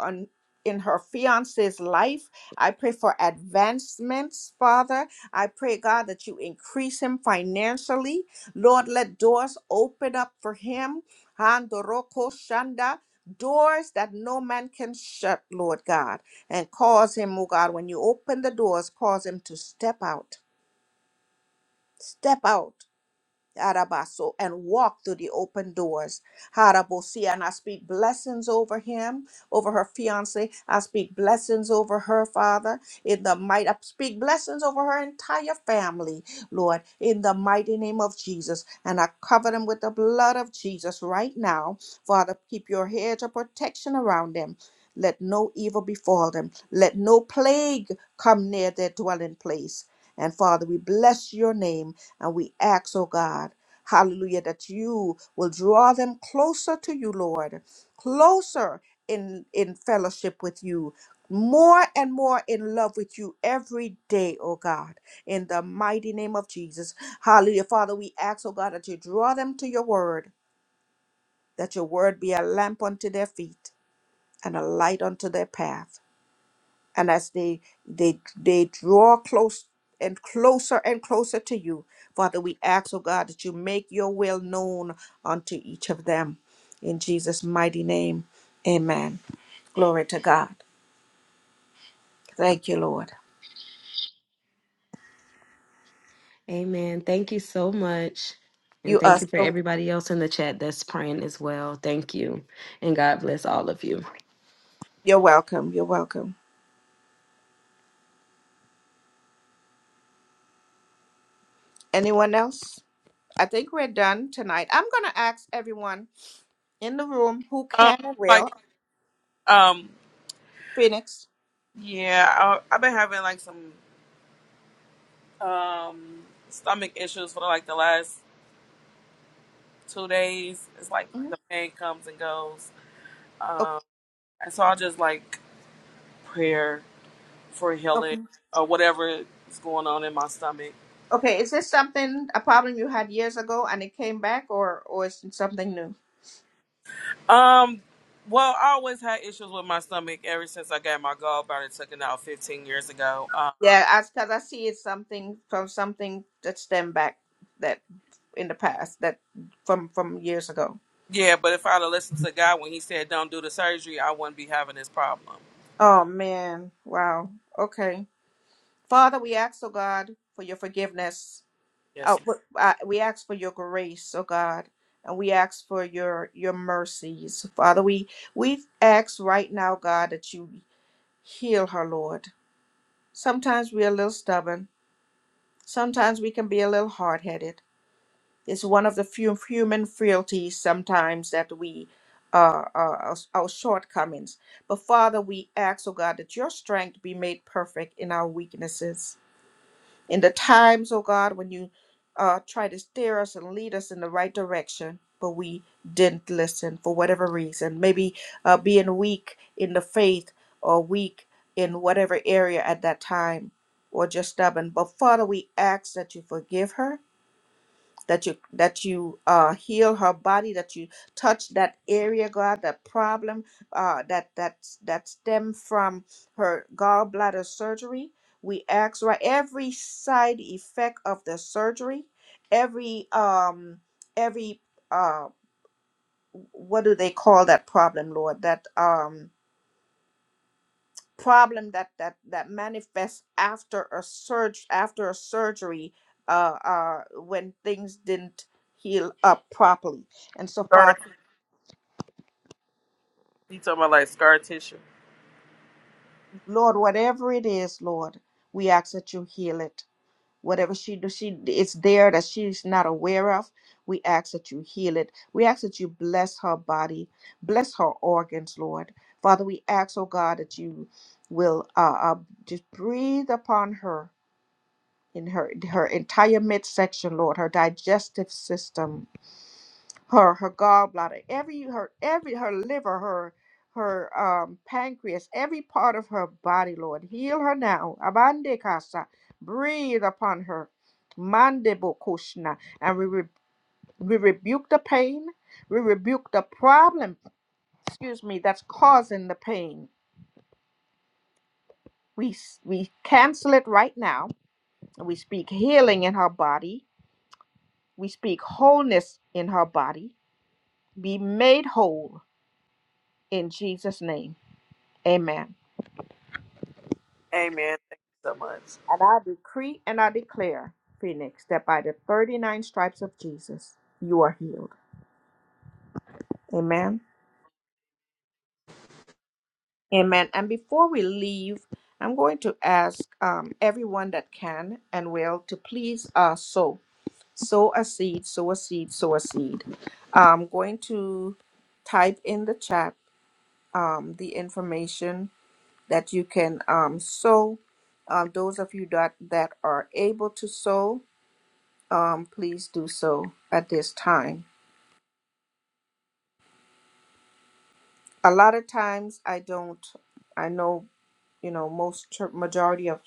[SPEAKER 1] on in her fiance's life. I pray for advancements, Father. I pray, God, that you increase him financially. Lord, let doors open up for him. Handoroko shanda. Doors that no man can shut, Lord God, and cause him, oh God, when you open the doors, cause him to step out. Step out. Arabaso, and walk through the open doors. Harabosi, and I speak blessings over him, over her fiance. I speak blessings over her, Father, in the might. I speak blessings over her entire family, Lord, in the mighty name of Jesus. And I cover them with the blood of Jesus right now. Father, keep your hedge of protection around them. Let no evil befall them. Let no plague come near their dwelling place. And Father, we bless your name and we ask, oh God, hallelujah, that you will draw them closer to you, Lord, closer in, in fellowship with you, more and more in love with you every day, oh God, in the mighty name of Jesus. Hallelujah. Father, we ask, oh God, that you draw them to your word, that your word be a lamp unto their feet and a light unto their path and as they they they draw close and closer and closer to you father we ask oh god that you make your will known unto each of them in jesus mighty name amen glory to god thank you lord
[SPEAKER 11] Amen. Thank you so much. And
[SPEAKER 1] you are
[SPEAKER 11] thank you for
[SPEAKER 1] so
[SPEAKER 11] everybody else in the chat that's praying as well. Thank you. And God bless all of you.
[SPEAKER 1] you're welcome you're welcome anyone else i think we're done tonight i'm gonna ask everyone in the room who
[SPEAKER 3] Um,
[SPEAKER 1] can or will
[SPEAKER 3] like, um,
[SPEAKER 1] phoenix
[SPEAKER 3] yeah, I, I've been having like some um stomach issues for like the last two days. It's like
[SPEAKER 1] Mhm.
[SPEAKER 3] the pain comes and goes, um, and so I just like prayer for
[SPEAKER 1] Okay.
[SPEAKER 3] healing or whatever is going on in my stomach.
[SPEAKER 1] Okay, is this something a problem you had years ago and it came back, or or is it something new?
[SPEAKER 3] Um. Well, I always had issues with my stomach ever since I got my gallbladder taken out 15 years ago. Um,
[SPEAKER 1] Yeah, as because I see it's something from something that stemmed back that in the past that from from years ago.
[SPEAKER 3] Yeah, but if I'd have listened to God when He said don't do the surgery, I wouldn't be having this problem.
[SPEAKER 1] Oh man, wow. Okay, Father, we ask, oh God, for your forgiveness. Oh, w- uh, we ask for your grace, oh God, and we ask for your your mercies, Father. We we ask right now, God, that you heal her, Lord. Sometimes we are a little stubborn Sometimes we can be a little hard headed. It's one of the few human frailties sometimes that we, uh, uh, our, our shortcomings. But Father, we ask, oh God, that your strength be made perfect in our weaknesses in the times, oh God, when you uh, try to steer us and lead us in the right direction, but we didn't listen for whatever reason. Maybe uh, being weak in the faith or weak in whatever area at that time or just stubborn. But Father, we ask that you forgive her that you that you uh heal her body that you touch that area god that problem uh that that that stem from her gallbladder surgery we ask right every side effect of the surgery every um every uh what do they call that problem lord that um problem that that that manifests after a surge after a surgery uh uh when things didn't heal up properly and so
[SPEAKER 3] Scar,
[SPEAKER 1] father
[SPEAKER 3] t- he talking about like scar tissue.
[SPEAKER 1] lord whatever it is lord we ask that you heal it whatever she do she it's there that she's not aware of we ask that you heal it we ask that you bless her body bless her organs lord father we ask oh god that you will uh, uh just breathe upon her in her her entire midsection, Lord, her digestive system, her her gallbladder, every her every her liver, her her um, pancreas, every part of her body, Lord, heal her now. Abande casa, breathe upon her. Mande bokushna, and we re- we rebuke the pain, we rebuke the problem. Excuse me, that's causing the pain. We s- we cancel it right now. and We speak healing in her body We speak wholeness in her body. Be made whole in Jesus' name. Amen. And I decree and I declare, Phoenix, that by the 39 stripes of Jesus, you are healed. Amen. Amen. And before we leave, I'm going to ask um, everyone that can and will to please uh, sow. Sow a seed, sow a seed, sow a seed. I'm going to type in the chat um, the information that you can um, sow. Um, those of you that, that are able to sow, um, please do so at this time. A lot of times, I don't. I know you know most chur majority of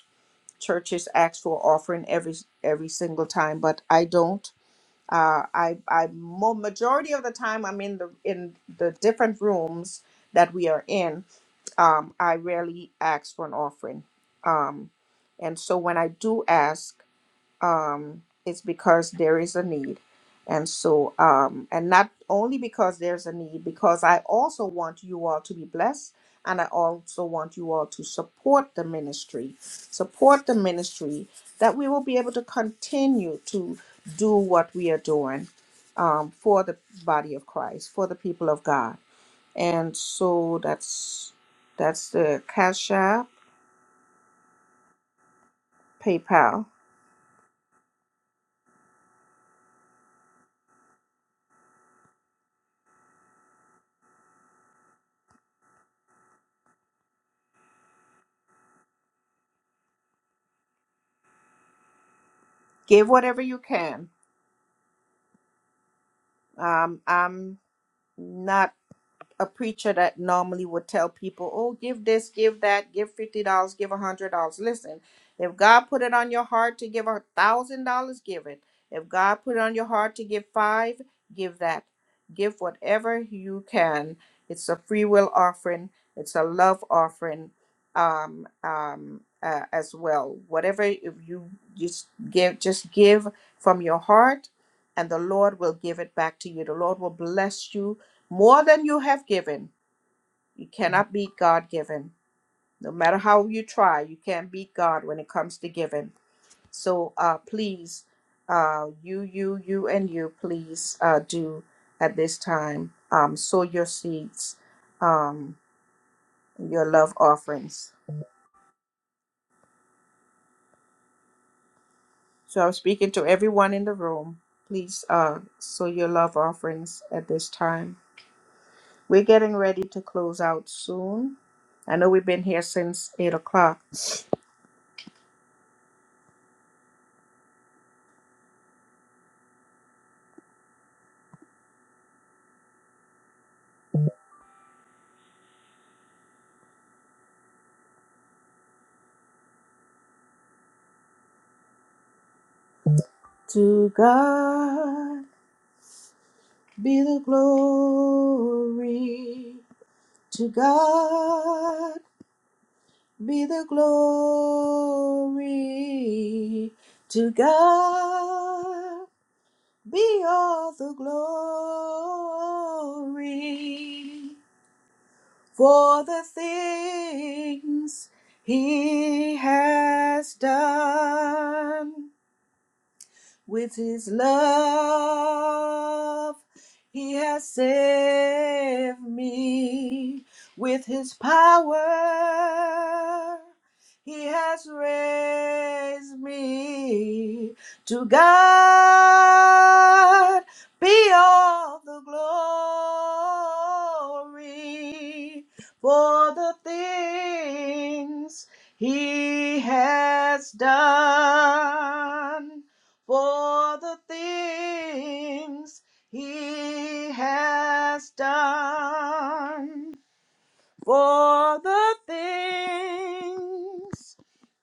[SPEAKER 1] churches ask for offering every every single time, but I don't. Uh, I I mo- majority of the time I'm in the in the different rooms that we are in. Um, I rarely ask for an offering. Um, and so when I do ask. um, it's because there is a need. And so, um, and not only because there's a need, because I also want you all to be blessed. And I also want you all to support the ministry, support the ministry that we will be able to continue to do what we are doing um, for the body of Christ, for the people of God. And so that's that's the Cash App, PayPal. Give whatever you can. Um, I'm not. a preacher that normally would tell people, oh, give this, give that, give $50, give $100. Listen, if God put it on your heart to give a $1,000, give it. If God put it on your heart to give five, give that. Give whatever you can. It's a free will offering, it's a love offering um, um, uh, as well. Whatever if you just give, just give from your heart, and the Lord will give it back to you. The Lord will bless you more than you have given. You cannot beat God given. No matter how you try, you can't beat God when it comes to giving. So uh, please, uh, you, you, you, and you, please uh, do at this time um, sow your seeds, um, your love offerings. So I'm speaking to everyone in the room. Please uh, sow your love offerings at this time. We're getting ready to close out soon. I know we've been here since 8 o'clock To God be the glory. To God be the glory. To God be all the glory for the things he has done. with his love. He has saved me with his power. He has raised me to God be all the glory for the things he has done for the things he has done, for the things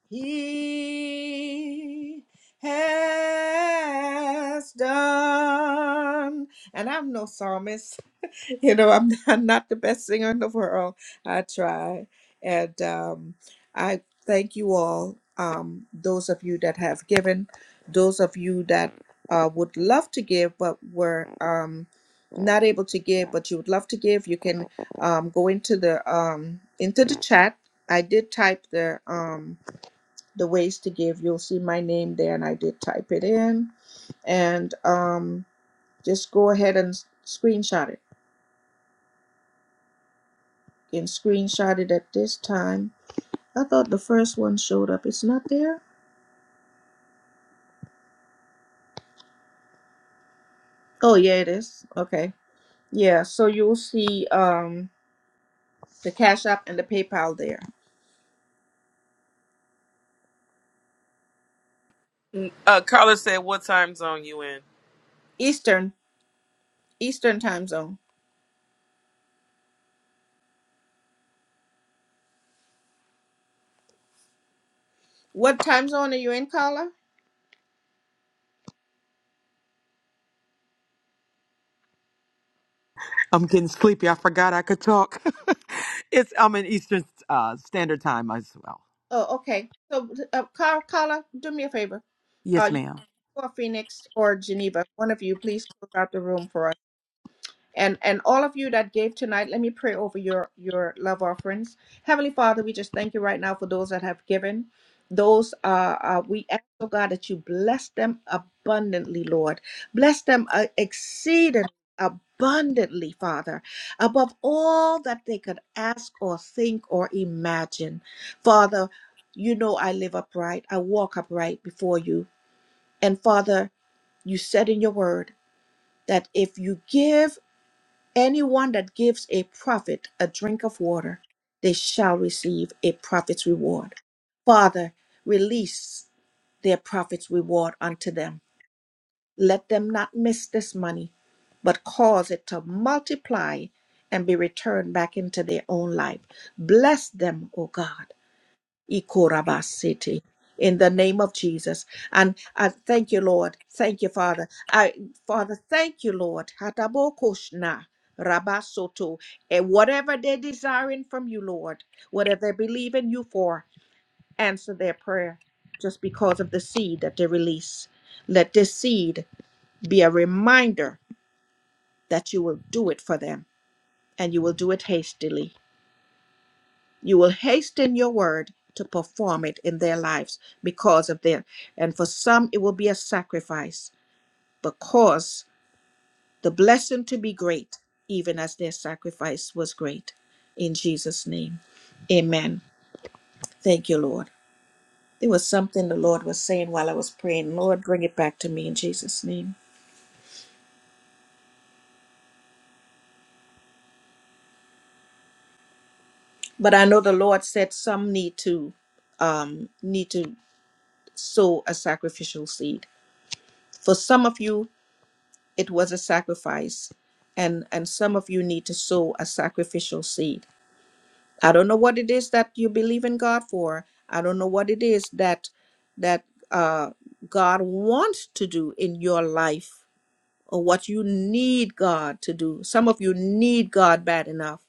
[SPEAKER 1] he has done. And I'm no psalmist. you know i'm not, not the best singer in the world i try and um, i thank you all um, those of you that have given those of you that uh, would love to give but were um, not able to give but you would love to give you can um, go into the um, into the chat i did type the um, the ways to give you'll see my name there and i did type it in and um, just go ahead and s- screenshot it and screenshot it at this time. I thought the first one showed up. It's not there? Oh, yeah, it is. Okay. Yeah, so you'll see um, the Cash App and the PayPal there.
[SPEAKER 3] Mm, Uh, Carla said, "What time zone you in?"
[SPEAKER 1] Eastern, Eastern time zone. What time zone are you in, Carla?
[SPEAKER 2] I'm getting sleepy. I forgot I could talk. it's I'm in Eastern uh, Standard Time as well.
[SPEAKER 1] Oh, okay. So, uh, Car- Carla, do me a favor.
[SPEAKER 2] Yes,
[SPEAKER 1] Uh, you
[SPEAKER 2] ma'am.
[SPEAKER 1] or Phoenix or Geneva, one of you, please close out the room for us. And and all of you that gave tonight, let me pray over your your love offerings. Heavenly Father, we just thank you right now for those that have given. Those uh, uh we ask, oh God, that you bless them abundantly, Lord. Bless them uh, exceedingly abundantly, Father, above all that they could ask or think or imagine. Father, you know I live upright. I walk upright before you. And Father, you said in your word that if you give Anyone that gives a prophet a drink of water, they shall receive a prophet's reward. Father, release their prophet's reward unto them. Let them not miss this money, but cause it to multiply and be returned back into their own life. Bless them, O God. Ikorabasete. In the name of Jesus. And I thank you, Lord. Thank you, Father. I Father, thank you, Lord. Hatabokoshna Rabasoto. And whatever they're desiring from you, Lord, whatever they believe in you for, answer their prayer just because of the seed that they release. Let this seed be a reminder that you will do it for them and you will do it hastily. You will hasten your word to perform it in their lives because of them. And for some, it will be a sacrifice because the blessing to be great, even as their sacrifice was great. In Jesus' name, amen. Thank you, Lord. There was something the Lord was saying while I was praying. Lord, bring it back to me in Jesus' name. But I know the Lord said some need to um, need to sow a sacrificial seed. For some of you, it was a sacrifice and and some of you need to sow a sacrificial seed i don't know what it is that you believe in god for i don't know what it is that that uh god wants to do in your life or what you need god to do some of you need god bad enough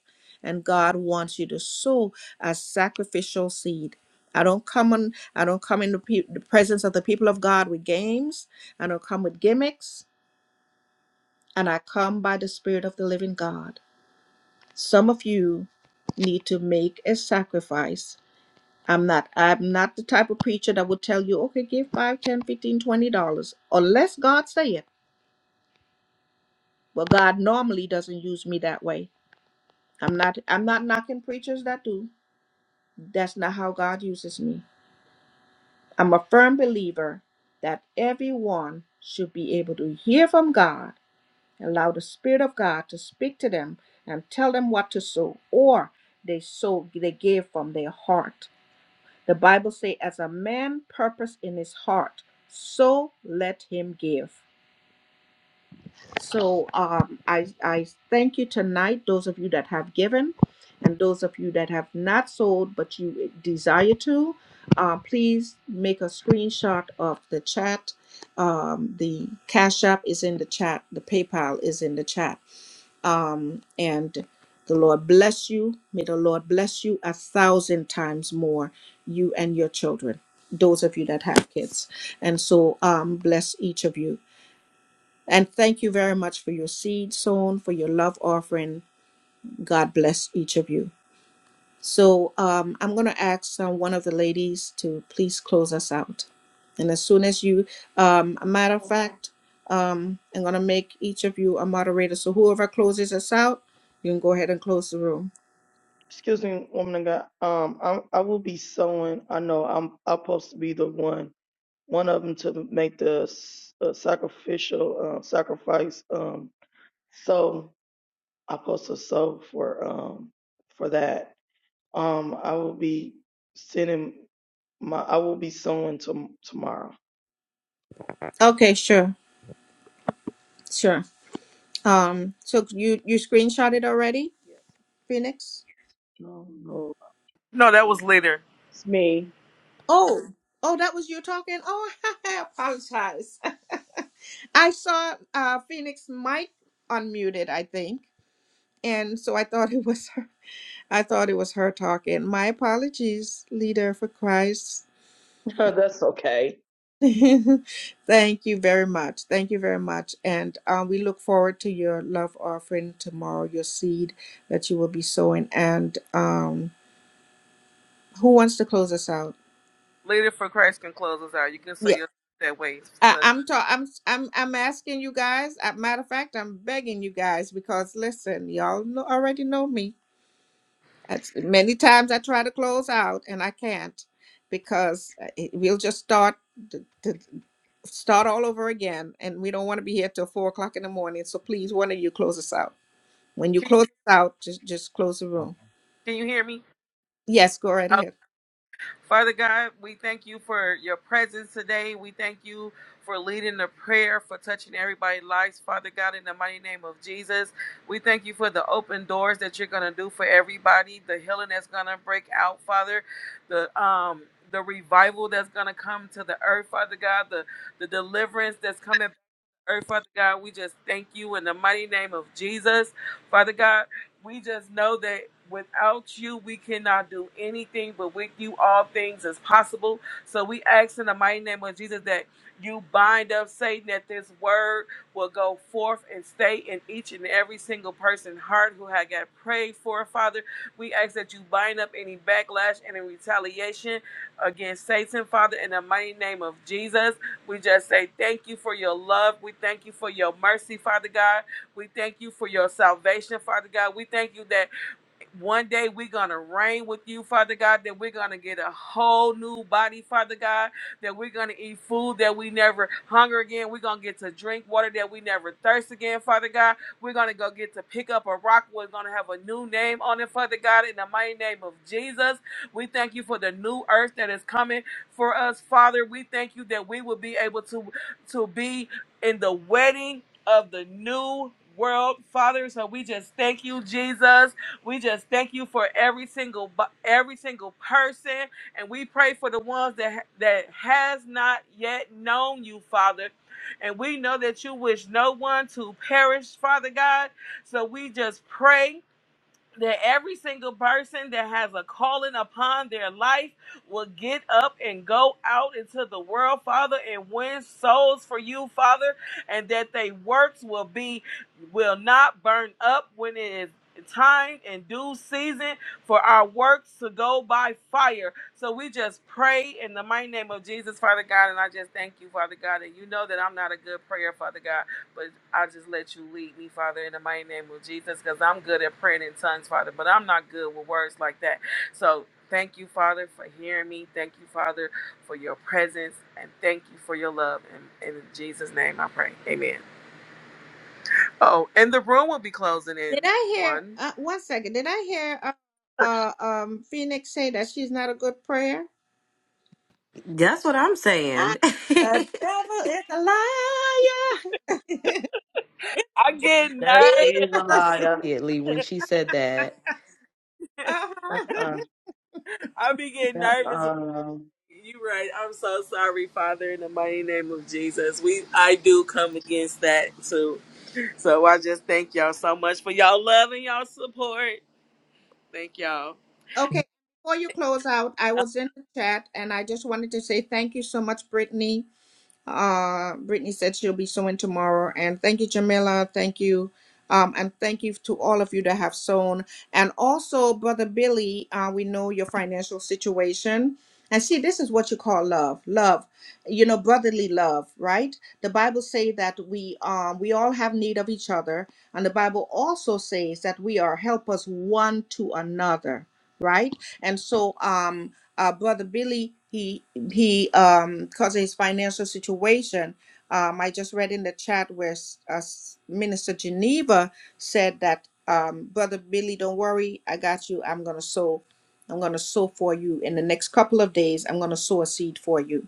[SPEAKER 1] and god wants you to sow a sacrificial seed i don't come on i don't come in the, pe- the presence of the people of god with games i don't come with gimmicks and I come by the Spirit of the living God. Some of you need to make a sacrifice. I'm not I'm not the type of preacher that would tell you, okay, give five, ten, fifteen, twenty dollars. Unless God say it. Well God normally doesn't use me that way. I'm not I'm not knocking preachers that do. That's not how God uses me. I'm a firm believer that everyone should be able to hear from God Allow the Spirit of God to speak to them and tell them what to sow, or they sow, they gave from their heart. The Bible says, as a man purpose in his heart, so let him give. So um, I, I thank you tonight, those of you that have given, and those of you that have not sold but you desire to. Uh, please make a screenshot of the chat. Um, the Cash App is in the chat, the PayPal is in the chat um, and the Lord bless you. May the Lord bless you a thousand times more, you and your children, those of you that have kids. And so, um, bless each of you. And thank you very much for your seed sown, for your love offering. God bless each of you. So um, I'm going to ask um, one of the ladies to please close us out. And as soon as you, um, a matter of fact, um, I'm going to make each of you a moderator. So whoever closes us out, you can go ahead and close the room.
[SPEAKER 4] Excuse me, woman of God. Um, I I will be sewing. I know I'm I'm supposed to be the one, one of them to make the s- uh, sacrificial uh, sacrifice. Um, so I'm supposed to sew for um for that. Um, I will be sending my. I will be sewing to, tomorrow.
[SPEAKER 1] Okay, sure, sure. Um, so you you screenshotted already,
[SPEAKER 4] Yes.
[SPEAKER 1] Phoenix?
[SPEAKER 4] No, no.
[SPEAKER 3] Later,
[SPEAKER 4] It's me.
[SPEAKER 1] Oh, oh, that was you talking. Oh, I apologize. I saw uh, Phoenix mic unmuted, I think, and so I thought it was her. I thought it was her talking. My apologies, leader for Christ.
[SPEAKER 4] That's okay.
[SPEAKER 1] Thank you very much. Thank you very much. And um, we look forward to your love offering tomorrow, your seed that you will be sowing. And um, who wants to close us out?
[SPEAKER 3] later for Christ can close us out. You can so
[SPEAKER 1] Yeah,
[SPEAKER 3] your that way.
[SPEAKER 1] I,
[SPEAKER 3] But
[SPEAKER 1] I'm, ta- I'm I'm I'm asking you guys. uh matter of fact, I'm begging you guys because listen, y'all know, already know me. That's, many times I try to close out and I can't because uh, it, we'll just start. start all over again, and we don't want to be here till four o'clock in the morning. So please, one of you close us out. When you
[SPEAKER 3] Can you
[SPEAKER 1] close us out, just just close the room.
[SPEAKER 3] can you hear me?
[SPEAKER 1] Yes, go right ahead.
[SPEAKER 3] Father God, we thank you for your presence today. We thank you for leading the prayer, for touching everybody's lives, Father God, in the mighty name of Jesus. We thank you for the open doors that you're going to do for everybody, the healing that's going to break out, Father, the, um, the revival that's going to come to the earth, Father God, the, the deliverance that's coming earth, Father God. We just thank you in the mighty name of Jesus. Father God, we just know that without you, we cannot do anything, but with you, all things is possible. So we ask in the mighty name of Jesus that you bind up Satan, that this word will go forth and stay in each and every single person's heart who had got prayed for, Father. We ask that you bind up any backlash and any retaliation against Satan, Father, in the mighty name of Jesus. We just say thank you for your love. We thank you for your mercy, Father God. We thank you for your salvation, Father God. We thank you that one day we're going to reign with you, Father God, that we're going to get a whole new body, Father God, that we're going to eat food that we never hunger again. We're going to get to drink water that we never thirst again, Father God. We're going to go get to pick up a rock. We're going to have a new name on it, Father God, in the mighty name of Jesus. We thank you for the new earth that is coming for us, Father. We thank you that we will be able to, to be in the wedding of the new world, Father. So we just thank you, Jesus. We just thank you for every single bo- every single person, and we pray for the ones that that has not yet known you, Father. And we know that you wish no one to perish, Father God. So we just pray that every single person that has a calling upon their life will get up and go out into the world, Father, and win souls for you, Father, and that they works will be will not burn up when it is time and due season for our works to go by fire. So we just pray in the mighty name of Jesus, Father God, and I just thank you, Father God, and you know that I'm not a good prayer, Father God. But I just let you lead me, Father, in the mighty name of Jesus, because I'm good at praying in tongues, Father, but I'm not good with words like that. So thank you, Father, for hearing me. Thank you, Father, for your presence, and thank you for your love. And in Jesus' name I pray. Amen. Oh, and the room will be closing in
[SPEAKER 1] Did I hear?
[SPEAKER 3] one.
[SPEAKER 1] Uh, one second. Did I hear uh, uh, um, Phoenix say that she's not a good prayer?
[SPEAKER 11] That's what I'm
[SPEAKER 1] I,
[SPEAKER 11] saying.
[SPEAKER 1] the devil is a liar. It's
[SPEAKER 3] I get
[SPEAKER 4] That
[SPEAKER 3] nervous.
[SPEAKER 4] is a
[SPEAKER 1] Jesus.
[SPEAKER 4] liar.
[SPEAKER 11] Immediately when she said that.
[SPEAKER 1] Uh-huh.
[SPEAKER 4] Uh-uh.
[SPEAKER 3] I be getting nervous.
[SPEAKER 4] Uh-uh.
[SPEAKER 3] You right. I'm so sorry, Father, in the mighty name of Jesus. We I do come against that too. So I just thank y'all so much for y'all love and y'all support. Thank y'all.
[SPEAKER 1] Okay. Before you close out, I was in the chat and I just wanted to say thank you so much, Brittany. Uh, Brittany said she'll be sewing tomorrow. And thank you, Jamila. Thank you. Um, and thank you to all of you that have sewn. And also, Brother Billy, uh, we know your financial situation. And see, this is what you call love. Love, you know, brotherly love, right? The Bible say that we um we all have need of each other, and the Bible also says that we are helpers one to another, right? And so um uh brother Billy, he he um because of his financial situation um i just read in the chat where S- uh, S- minister geneva said that um brother billy don't worry i got you i'm gonna sow i'm gonna sow for you in the next couple of days i'm gonna sow a seed for you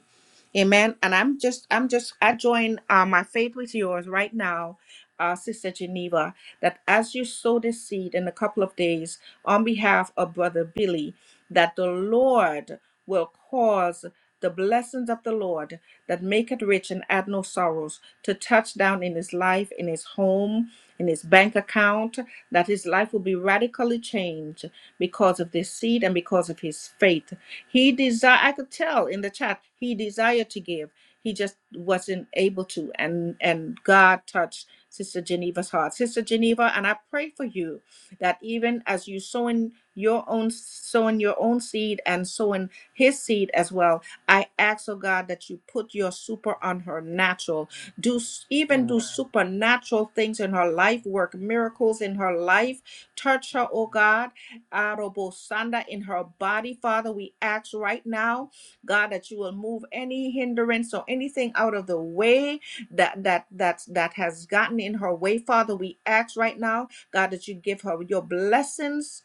[SPEAKER 1] Amen. And I'm just, I'm just, I join uh, my faith with yours right now, uh, Sister Geneva, that as you sow this seed in a couple of days on behalf of Brother Billy, that the Lord will cause the blessings of the Lord that make it rich and add no sorrows to touch down in his life, in his home in his bank account, that his life will be radically changed because of this seed and because of his faith. He desire I could tell in the chat, he desired to give. He just wasn't able to. And and God touched Sister Geneva's heart. Sister Geneva, and I pray for you that even as you sowing your own sowing your own seed and sowing his seed as well, I ask, oh God, that you put your super on her natural do even
[SPEAKER 10] Mhm.
[SPEAKER 1] do
[SPEAKER 10] Mhm.
[SPEAKER 1] supernatural things in
[SPEAKER 10] Mhm,
[SPEAKER 1] her life, work
[SPEAKER 10] mhm,
[SPEAKER 1] miracles in her life, touch her,
[SPEAKER 10] mhm,
[SPEAKER 1] oh God, Arobosanda in her
[SPEAKER 10] mhm,
[SPEAKER 1] body, Father. We ask right now, God, that you will move any hindrance or anything out of the way that that that that has gotten in her way, Father. We ask right now, God, that you give her your blessings.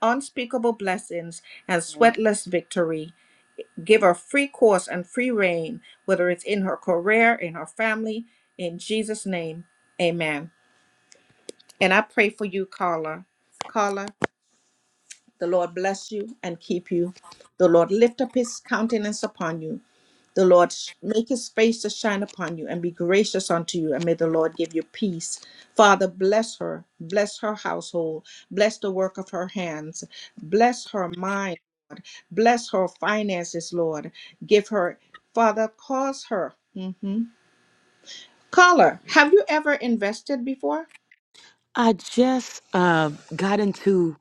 [SPEAKER 1] Unspeakable blessings and
[SPEAKER 10] mhm.
[SPEAKER 1] sweatless victory. Give her free course and free reign, whether it's in her career, in her family, in Jesus' name. Amen. And I pray for you, Carla. Carla, the Lord bless you and keep you. The Lord lift up his countenance upon you the Lord make his face to shine upon you and be gracious unto you, and may the Lord give you peace. Father, bless her, bless her household, bless the work of her hands, bless her mind, Lord, bless her finances, Lord. Give her, Father, cause her. Mm-hmm. Call her. Have you ever invested before?
[SPEAKER 2] I just uh, got into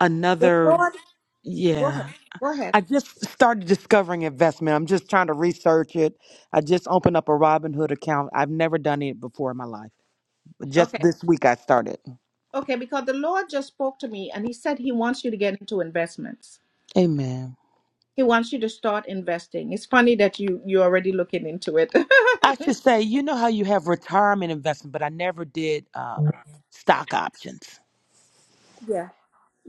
[SPEAKER 2] another. Yeah,
[SPEAKER 1] Go ahead.
[SPEAKER 2] I just started discovering investment. I'm just trying to research it. I just opened up a Robinhood account. I've never done it before in my life, but just
[SPEAKER 1] Okay.
[SPEAKER 2] this week I started.
[SPEAKER 1] Okay, because the Lord just spoke to me and he said he wants you to get into investments.
[SPEAKER 2] Amen.
[SPEAKER 1] He wants you to start investing. It's funny that you you're already looking into it.
[SPEAKER 2] I should say, you know how you have retirement investment, but I never did uh, stock options.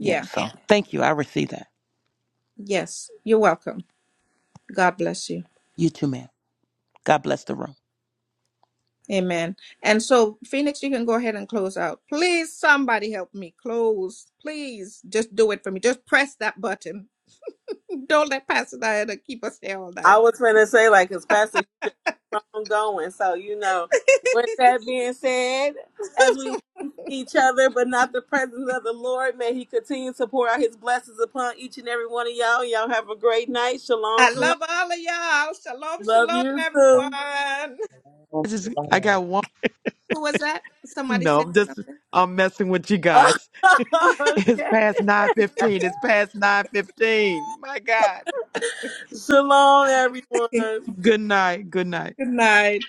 [SPEAKER 2] Yeah, so thank you. I received that.
[SPEAKER 1] Yes. You're welcome. God bless you.
[SPEAKER 2] You too, ma'am. God bless the room.
[SPEAKER 1] Amen. And so, Phoenix, you can go ahead and close out. Please, somebody help me close. Please, just do it for me. Just press that button. Don't let Pastor Diana keep us here all
[SPEAKER 3] I
[SPEAKER 1] night.
[SPEAKER 3] was gonna say like, cause Pastor, you just keep on going. So you know, with that being said, as we leave each other, but not the presence of the Lord, may He continue to pour out His blessings upon each and every one of y'all. Y'all have a great night. Shalom,
[SPEAKER 1] I
[SPEAKER 3] shalom.
[SPEAKER 1] love all of y'all. Shalom,
[SPEAKER 3] Love
[SPEAKER 1] shalom,
[SPEAKER 3] you too.
[SPEAKER 1] everyone.
[SPEAKER 10] Oh,
[SPEAKER 2] I just I
[SPEAKER 10] shalom.
[SPEAKER 2] got one.
[SPEAKER 1] Who was that? Somebody
[SPEAKER 2] No,
[SPEAKER 1] said
[SPEAKER 2] I'm just
[SPEAKER 1] something.
[SPEAKER 2] I'm messing with you guys. It's past nine fifteen. It's past nine fifteen. My God.
[SPEAKER 3] shalom, everyone.
[SPEAKER 2] Good night. Good night.
[SPEAKER 1] Good night.